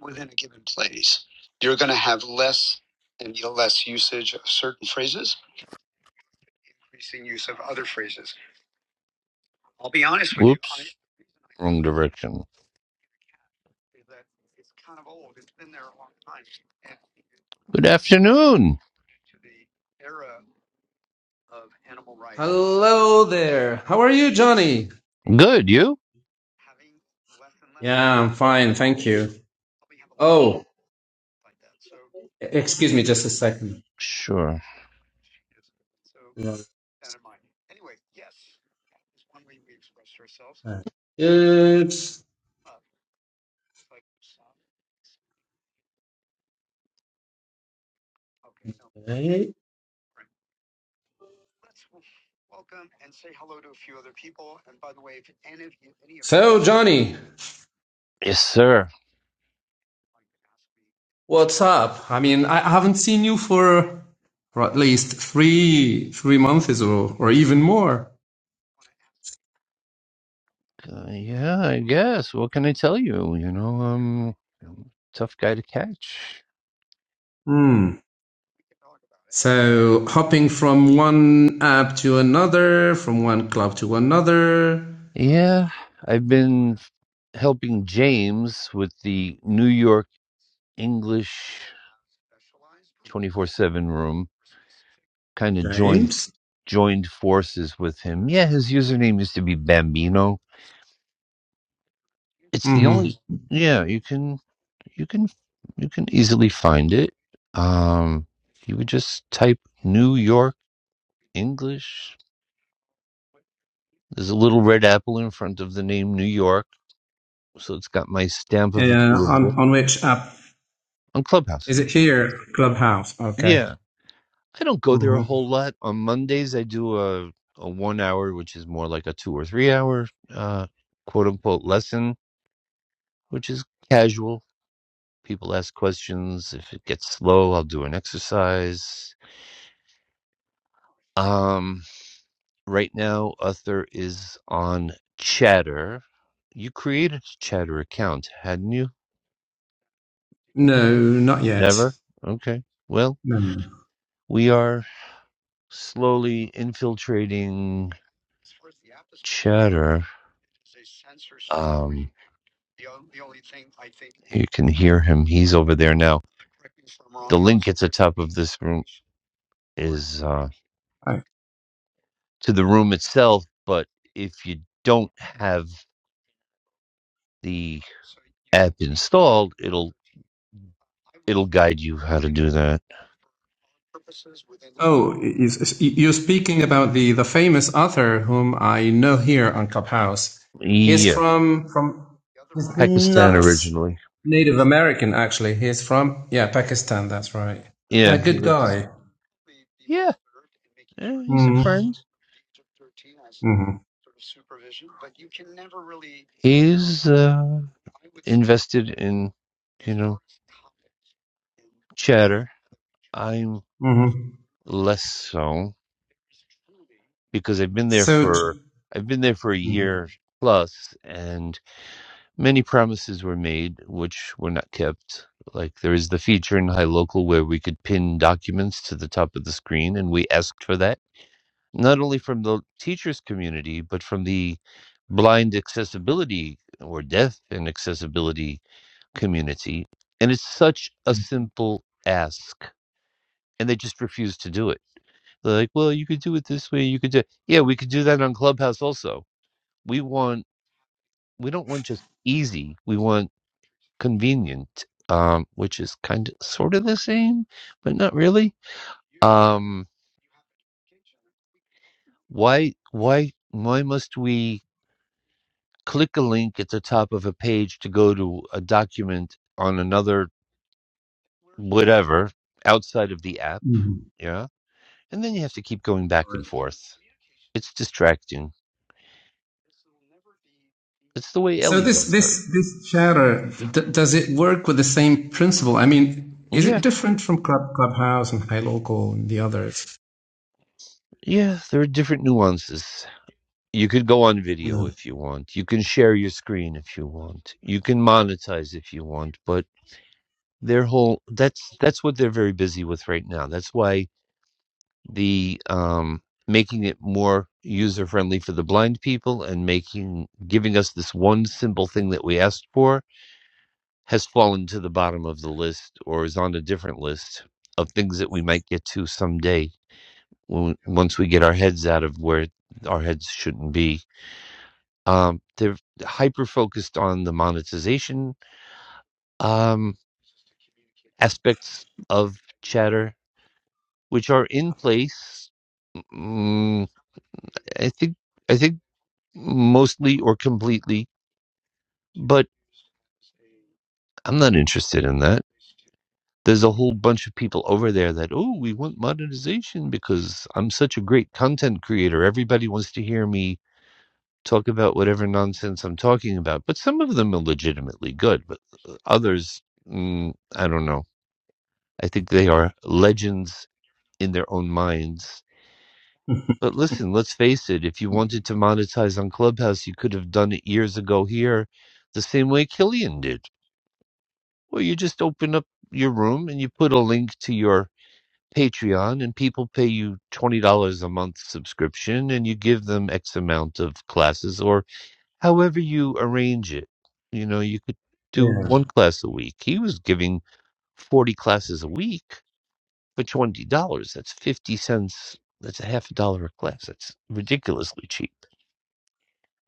Speaker 14: Whoops. Wrong direction. Good afternoon.
Speaker 18: Hello there. How are you, Johnny?
Speaker 14: Good, you?
Speaker 18: Yeah, I'm fine, thank you. Oh, e- excuse me just a second.
Speaker 14: Sure.
Speaker 18: It's So, Johnny,
Speaker 14: Yes, sir.
Speaker 18: what's up? I mean, I haven't seen you for, for at least three three months or or even more.
Speaker 14: Uh, yeah, I guess. What can I tell you? You know, um, tough guy to catch.
Speaker 18: Hmm. So, hopping from one app to another, from one club to another.
Speaker 14: Yeah, I've been f- helping James with the New York English 24/7 room. Kind of joined
Speaker 18: James.
Speaker 14: joined forces with him. Yeah, his username used to be Bambino. It's the
Speaker 18: Mm-hmm.
Speaker 14: only yeah, you can you can you can easily find it. Um you would just type New York English. There's a little red apple in front of the name New York, so it's got my stamp of
Speaker 18: Uh,
Speaker 14: approval
Speaker 18: on on which app
Speaker 14: on Clubhouse.
Speaker 18: Is it here at Clubhouse? Okay.
Speaker 14: Yeah. I don't go there a
Speaker 18: hmm
Speaker 14: whole lot. On Mondays I do a a 1 hour which is more like a 2 or 3 hour uh quote unquote lesson, which is casual. People ask questions. If it gets slow, I'll do an exercise Um, right now, Uther is on Chatter. You created a Chatter account, hadn't you?
Speaker 18: No, not yet.
Speaker 14: Never? Okay. Well,
Speaker 18: No.
Speaker 14: we are slowly infiltrating Chatter. Um, you can hear him. He's over there now. The link at the top of this room is uh,
Speaker 18: I,
Speaker 14: to the room itself, but if you don't have the app installed, it'll It'll guide you how to do that.
Speaker 18: oh, is, is- you're speaking about the, the famous author whom I know here on Clubhouse. He's
Speaker 14: Yeah.
Speaker 18: from from he's
Speaker 14: Pakistan
Speaker 18: not
Speaker 14: originally.
Speaker 18: Native American actually. He's from yeah Pakistan. That's right. Yeah,
Speaker 14: Yeah, he
Speaker 18: good
Speaker 14: was.
Speaker 18: guy.
Speaker 14: Yeah. Yeah, he's a
Speaker 18: Mm-hmm.
Speaker 14: friend.
Speaker 18: Mm-hmm.
Speaker 14: He's uh, invested in, you know, chatter. I'm
Speaker 18: Mm-hmm.
Speaker 14: less so because I've been there
Speaker 18: So.
Speaker 14: for
Speaker 18: t-
Speaker 14: I've been there for a
Speaker 18: Mhm.
Speaker 14: year plus, and many promises were made which were not kept. Like there is the feature in High Local where we could pin documents to the top of the screen, and we asked for that not only from the teachers community but from the blind accessibility or deaf and accessibility community and it's such a simple ask and they just refuse to do it they're like well you could do it this way you could do yeah we could do that on clubhouse also we want we don't want just easy we want convenient um which is kind of sort of the same but not really um why why why must we click a link at the top of a page to go to a document on another whatever outside of the app.
Speaker 18: Mhm.
Speaker 14: Yeah. And then you have to keep going back and forth. It's distracting. It's the way
Speaker 18: So
Speaker 14: Ellie
Speaker 18: this
Speaker 14: does hers.
Speaker 18: this this chatter d- does it work with the same principle? I mean, is
Speaker 14: Yeah.
Speaker 18: it different from Club Clubhouse and Hi Local and the others?
Speaker 14: Yeah. There are different nuances. You could go on video
Speaker 18: No.
Speaker 14: if you want. You can share your screen if you want. You can monetize if you want, but their whole that's that's what they're very busy with right now. That's why the um, making it more user friendly for the blind people and making giving us this one simple thing that we asked for has fallen to the bottom of the list or is on a different list of things that we might get to someday when once we get our heads out of where our heads shouldn't be um, they're hyper focused on the monetization um, aspects of chatter which are in place mm, i think I think mostly or completely, but I'm not interested in that. There's a whole bunch of people over there that, oh, we want monetization because I'm such a great content creator. Everybody wants to hear me talk about whatever nonsense I'm talking about. But some of them are legitimately good, but uh, others, mm, I don't know. I think they are legends in their own minds. But listen, let's face it, if you wanted to monetize on Clubhouse, you could have done it years ago here, the same way Killian did Well, you just open up your room and you put a link to your Patreon, and people pay you $20 a month subscription, and you give them X amount of classes or however you arrange it. You know, you could do
Speaker 18: Yeah.
Speaker 14: one class a week. He was giving 40 classes a week for $20. That's 50 cents. That's a half a dollar a class. That's ridiculously cheap.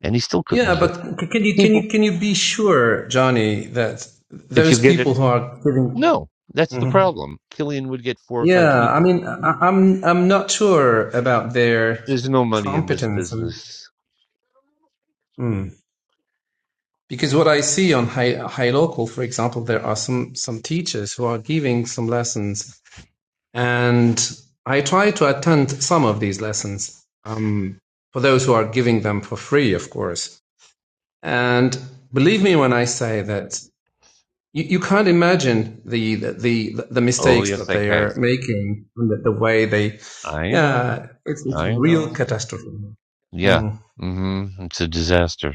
Speaker 14: And he still
Speaker 18: Yeah,
Speaker 14: couldn't get
Speaker 18: but can you can you
Speaker 14: people.
Speaker 18: can you be sure, Johnny, that
Speaker 14: If you
Speaker 18: those
Speaker 14: get
Speaker 18: people
Speaker 14: it,
Speaker 18: who are giving?
Speaker 14: no, that's the
Speaker 18: Mhm.
Speaker 14: problem. Killian would get four or five
Speaker 18: Yeah, I
Speaker 14: people.
Speaker 18: mean, I, I'm I'm not sure about their
Speaker 14: There's no money in this
Speaker 18: competence and.
Speaker 14: business.
Speaker 18: Mm. Because what I see on high, high local, for example, there are some, some teachers who are giving some lessons And I try to attend some of these lessons um, for those who are giving them for free, of course. And believe me when I say that you, you can't imagine the, the the
Speaker 14: Oh,
Speaker 18: mistakes
Speaker 14: yes,
Speaker 18: that
Speaker 14: I
Speaker 18: they
Speaker 14: can.
Speaker 18: are making and the, the way they,
Speaker 14: I know.
Speaker 18: yeah, it's it's
Speaker 14: I
Speaker 18: real
Speaker 14: know.
Speaker 18: catastrophe.
Speaker 14: Yeah.
Speaker 18: Mm.
Speaker 14: hmm It's a disaster.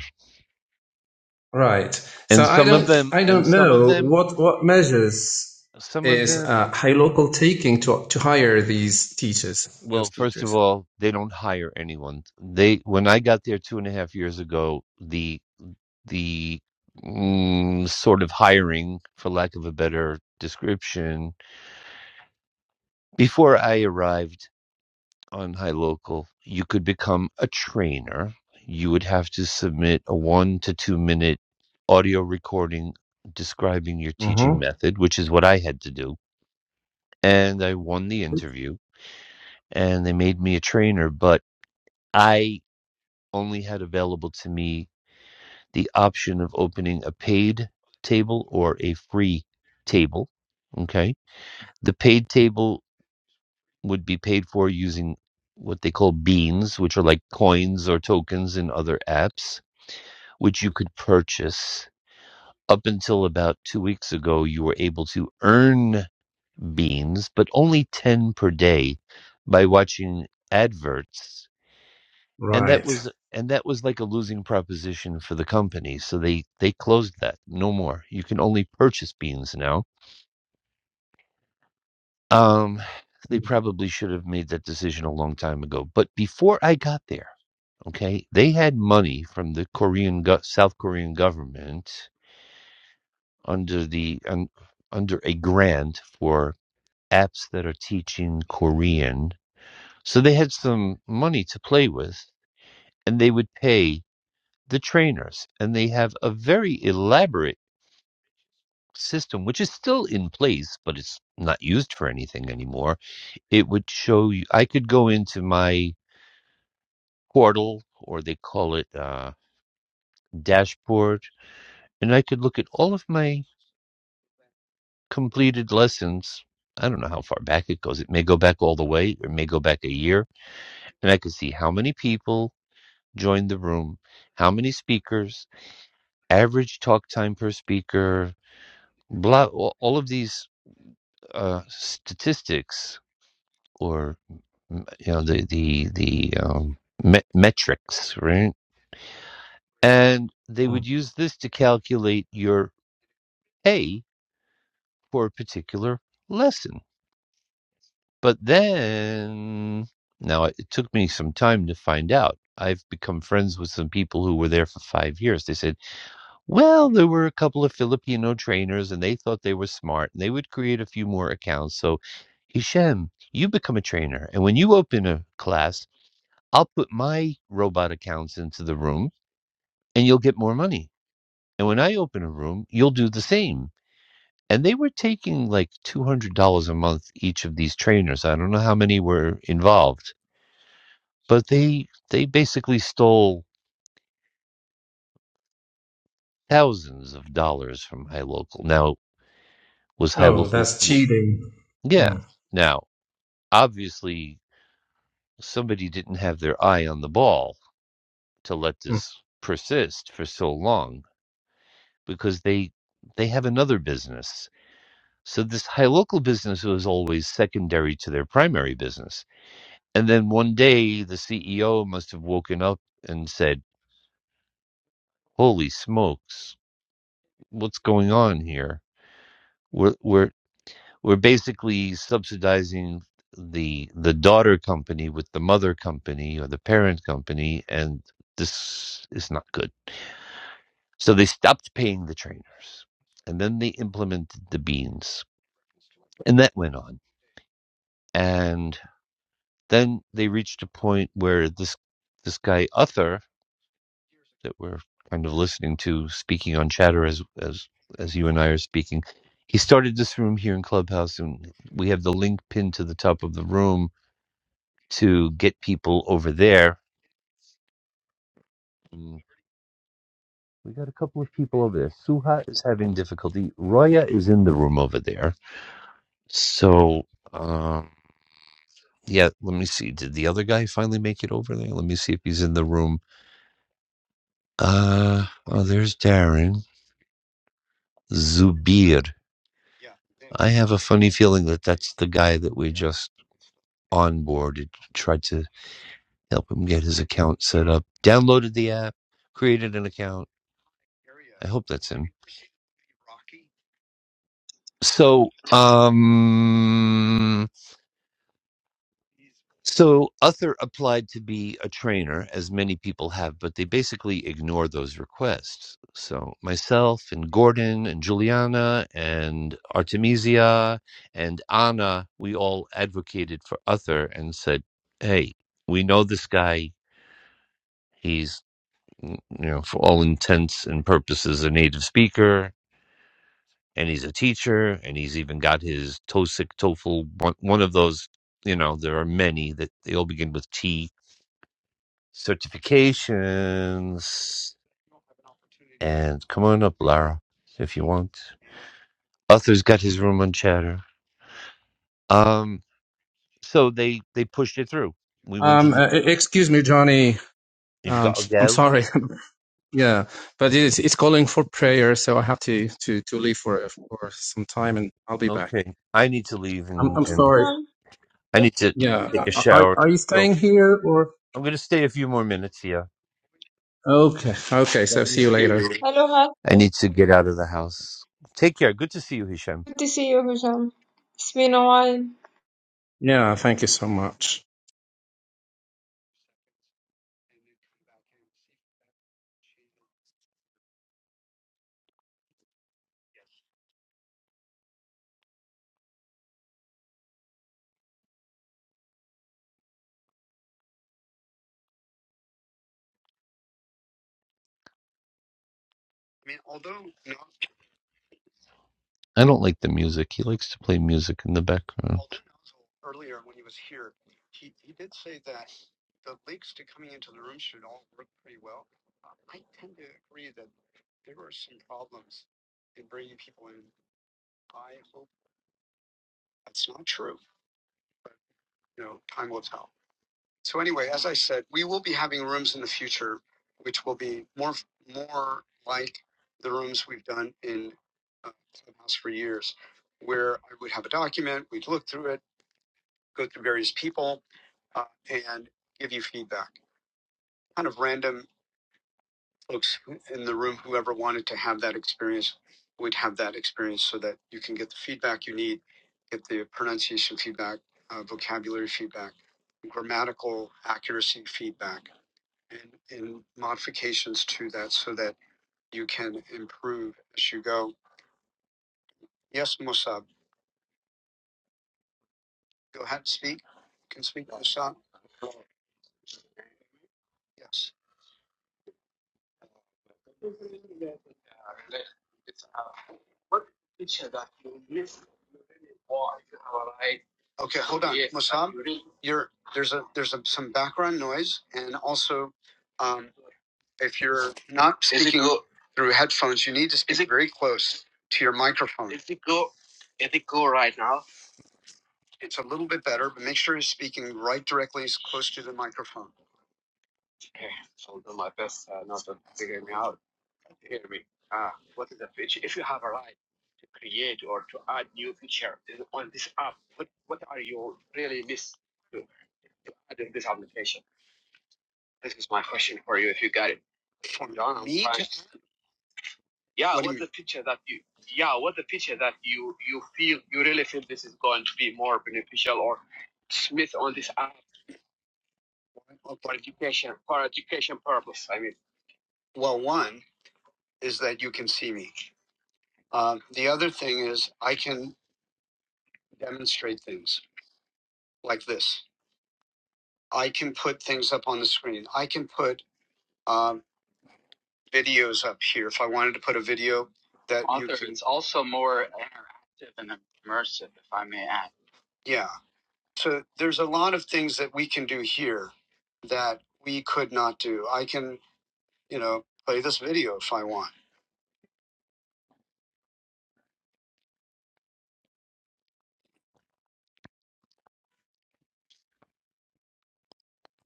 Speaker 18: Right.
Speaker 14: And
Speaker 18: So I
Speaker 14: some of
Speaker 18: don't
Speaker 14: them,
Speaker 18: I
Speaker 14: and
Speaker 18: don't
Speaker 14: some of
Speaker 18: know
Speaker 14: them,
Speaker 18: what what measures
Speaker 14: some of
Speaker 18: is
Speaker 14: them,
Speaker 18: uh, high local taking to to hire these teachers,
Speaker 14: well,
Speaker 18: those
Speaker 14: first of
Speaker 18: teachers.
Speaker 14: all, they don't hire anyone. They, when I got there two and a half years ago, the, the mm, sort of hiring, for lack of a better description, before I arrived. on High Local, you could become a trainer. You would have to submit a one to two minute audio recording describing your teaching
Speaker 18: hmm
Speaker 14: method, which is what I had to do. And I won the interview and they made me a trainer, but I only had available to me the option of opening a paid table or a free table. Okay. The paid table would be paid for using what they call beans, which are like coins or tokens in other apps, which you could purchase. Up until about two weeks ago, you were able to earn beans, but only 10 per day by watching adverts. And that
Speaker 18: Right.
Speaker 14: was and that was like a losing proposition for the company. So they, they closed that. No more. You can only purchase beans now. Um, they
Speaker 18: Mm.
Speaker 14: probably should have made that decision a long time ago. But before I got there, Okay, they had money from the Korean go- South Korean government under the un, under a grant for apps that are teaching Korean. So they had some money to play with, and they would pay the trainers, and they have a very elaborate system which is still in place but it's not used for anything anymore it would show you i could go into my portal or they call it uh dashboard and i could look at all of my completed lessons. I don't know how far back it goes. It may go back all the way, or it may go back a year. And I could see how many people joined the room, how many speakers, average talk time per speaker, blah, all of these uh, statistics or mm, you know the the the um, me- metrics, right? And they
Speaker 18: mm.
Speaker 14: would use this to calculate your pay for a particular lesson But then, now it it took me some time to find out. I've become friends with some people who were there for five years. They said, well, there were a couple of Filipino trainers and they thought they were smart and they would create a few more accounts. So, Hisham, you become a trainer. And when you open a class, I'll put my robot accounts into the room and you'll get more money. And when I open a room, you'll do the same. And they were taking like $200 a month each of these trainers. I don't know how many were involved But they they basically stole thousands of dollars from High Local. Now, was
Speaker 18: Oh,
Speaker 14: HiLocal
Speaker 18: that's
Speaker 14: w-
Speaker 18: cheating.
Speaker 14: Yeah.
Speaker 18: Mm.
Speaker 14: Now, obviously somebody didn't have their eye on the ball to let
Speaker 18: Mm.
Speaker 14: this persist for so long because they they have another business. So this High Local business was always secondary to their primary business. And then one day the CEO must have woken up and said, "Holy smokes, what's going on here? We're we're we're basically subsidizing the the daughter company with the mother company or the parent company and this is not good so they stopped paying the trainers and then they implemented the beans and that went on and then they reached a point where this this guy Uther that we're kind of listening to speaking on chatter as as as you and I are speaking he started this room here in clubhouse and we have the link pinned to the top of the room to get people over there. Mm, We got a couple of people over there. Suha is having difficulty. Roya is in the room over there. So, um, yeah, let me see. Did the other guy finally make it over there? Let me see if he's in the room. Uh, oh, there's Darren. Zubir. I have a funny feeling that that's the guy that we just onboarded, tried to help him get his account set up, downloaded the app, created an account. I hope that's him. So, um, so Uther applied to be a trainer, as many people have, but they basically ignore those requests. So, myself and Gordon and Juliana and Artemisia and Anna, we all advocated for Uther and said, "Hey, we know this guy. He's, you know, for all intents and purposes, a native speaker and he's a teacher, and he's even got his TOSIC, TOEFL, one, one of those. You know, there are many that they all begin with T certifications. And come on up, Lara, if you want. Arthur's got his room on Chatter. Um, so they they pushed it through. We went to
Speaker 18: Um,
Speaker 14: the.
Speaker 18: uh, e- excuse me, Johnny.
Speaker 14: You've
Speaker 18: Um,
Speaker 14: got to
Speaker 18: I'm
Speaker 14: go.
Speaker 18: sorry. yeah, but it's it's calling for prayer, so I have to to to leave for for some time, and I'll be back.
Speaker 14: Okay, I need to leave
Speaker 18: I'm
Speaker 14: and
Speaker 18: I'm
Speaker 14: and
Speaker 18: sorry.
Speaker 10: Hisham,
Speaker 14: I
Speaker 10: good
Speaker 14: need
Speaker 10: to
Speaker 14: to
Speaker 10: see
Speaker 18: Yeah,
Speaker 14: take a
Speaker 10: you.
Speaker 18: are are
Speaker 14: shower.
Speaker 18: are you
Speaker 14: So
Speaker 18: staying here or?
Speaker 14: I'm gonna stay a few more minutes here.
Speaker 18: Okay, okay. So see you later.
Speaker 10: Hello,
Speaker 14: I
Speaker 10: Hassan.
Speaker 14: need to get out of the house. Take care. Good to see you, Hisham.
Speaker 10: Good to see you, Hisham. It's been a while.
Speaker 18: Yeah, thank you so much.
Speaker 14: I don't like the music. He likes to play music in the background. Earlier when he was here.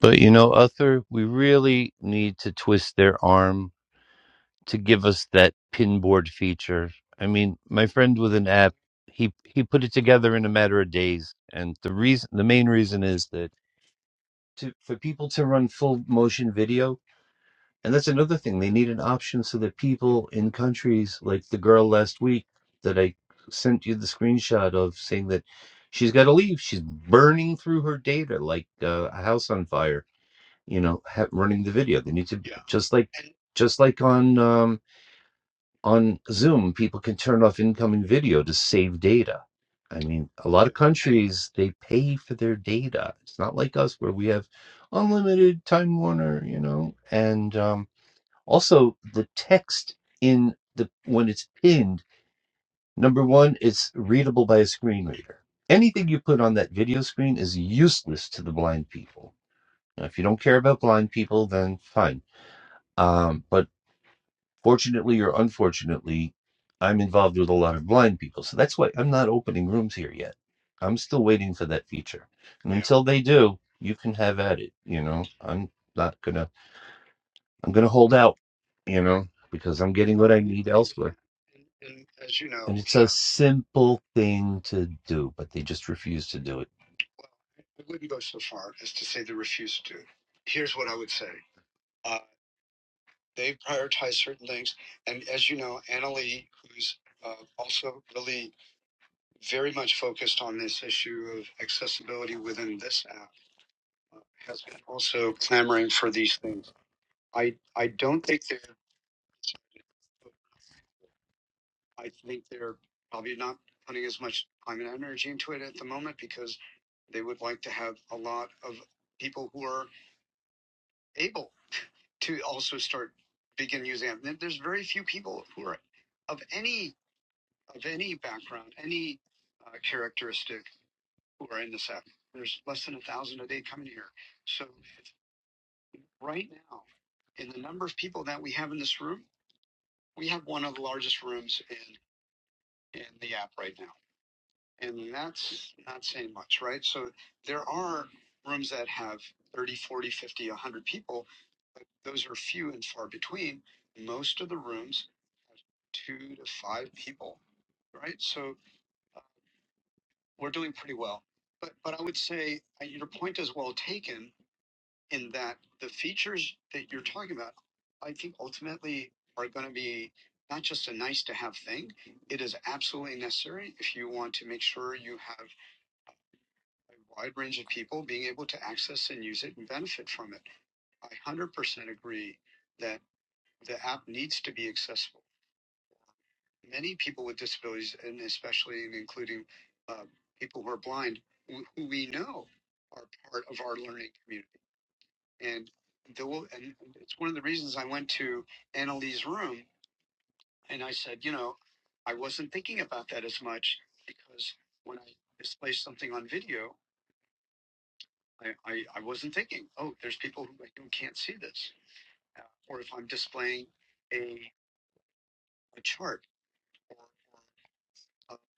Speaker 14: But you know, Uther, we really need to twist their arm to give us that pinboard feature. I mean, my friend with an app, he he put it together in a matter of days, and the reason, the main reason, is that to, for people to run full motion video, And that's another thing. They need an option so that people in countries like the girl last week that I sent you the screenshot of saying that she's got to leave. She's burning through her data like uh, a house on fire, you know, ha- running the video. They need to just like just like on um, on Zoom, people can turn off incoming video to save data. I mean, a lot of countries they pay for their data. It's not like us where we have unlimited Time Warner, you know, and um, also, the text in the when it's pinned, number one, it's readable by a screen reader. Anything you put on that video screen is useless to the blind people. Now, if you don't care about blind people, then fine. Um, but fortunately or unfortunately, I'm involved with a lot of blind people, so that's why I'm not opening rooms here yet. I'm still waiting for that feature, and until they do, you can have at it. You know, I'm not gonna I'm going to hold out, you know, because I'm getting what I need elsewhere. And and as you know, And it's a simple thing to do, but they just refuse to do it.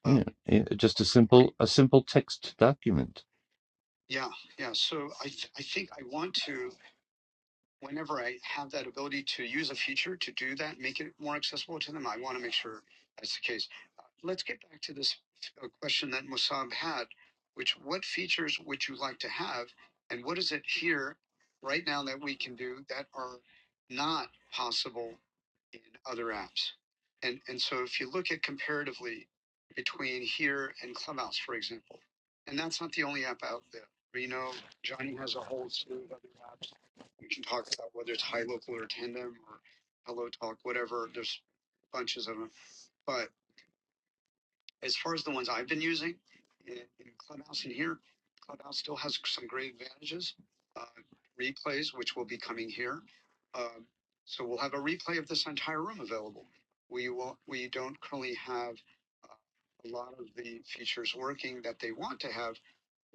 Speaker 14: Yeah, yeah, just a simple, a simple text document.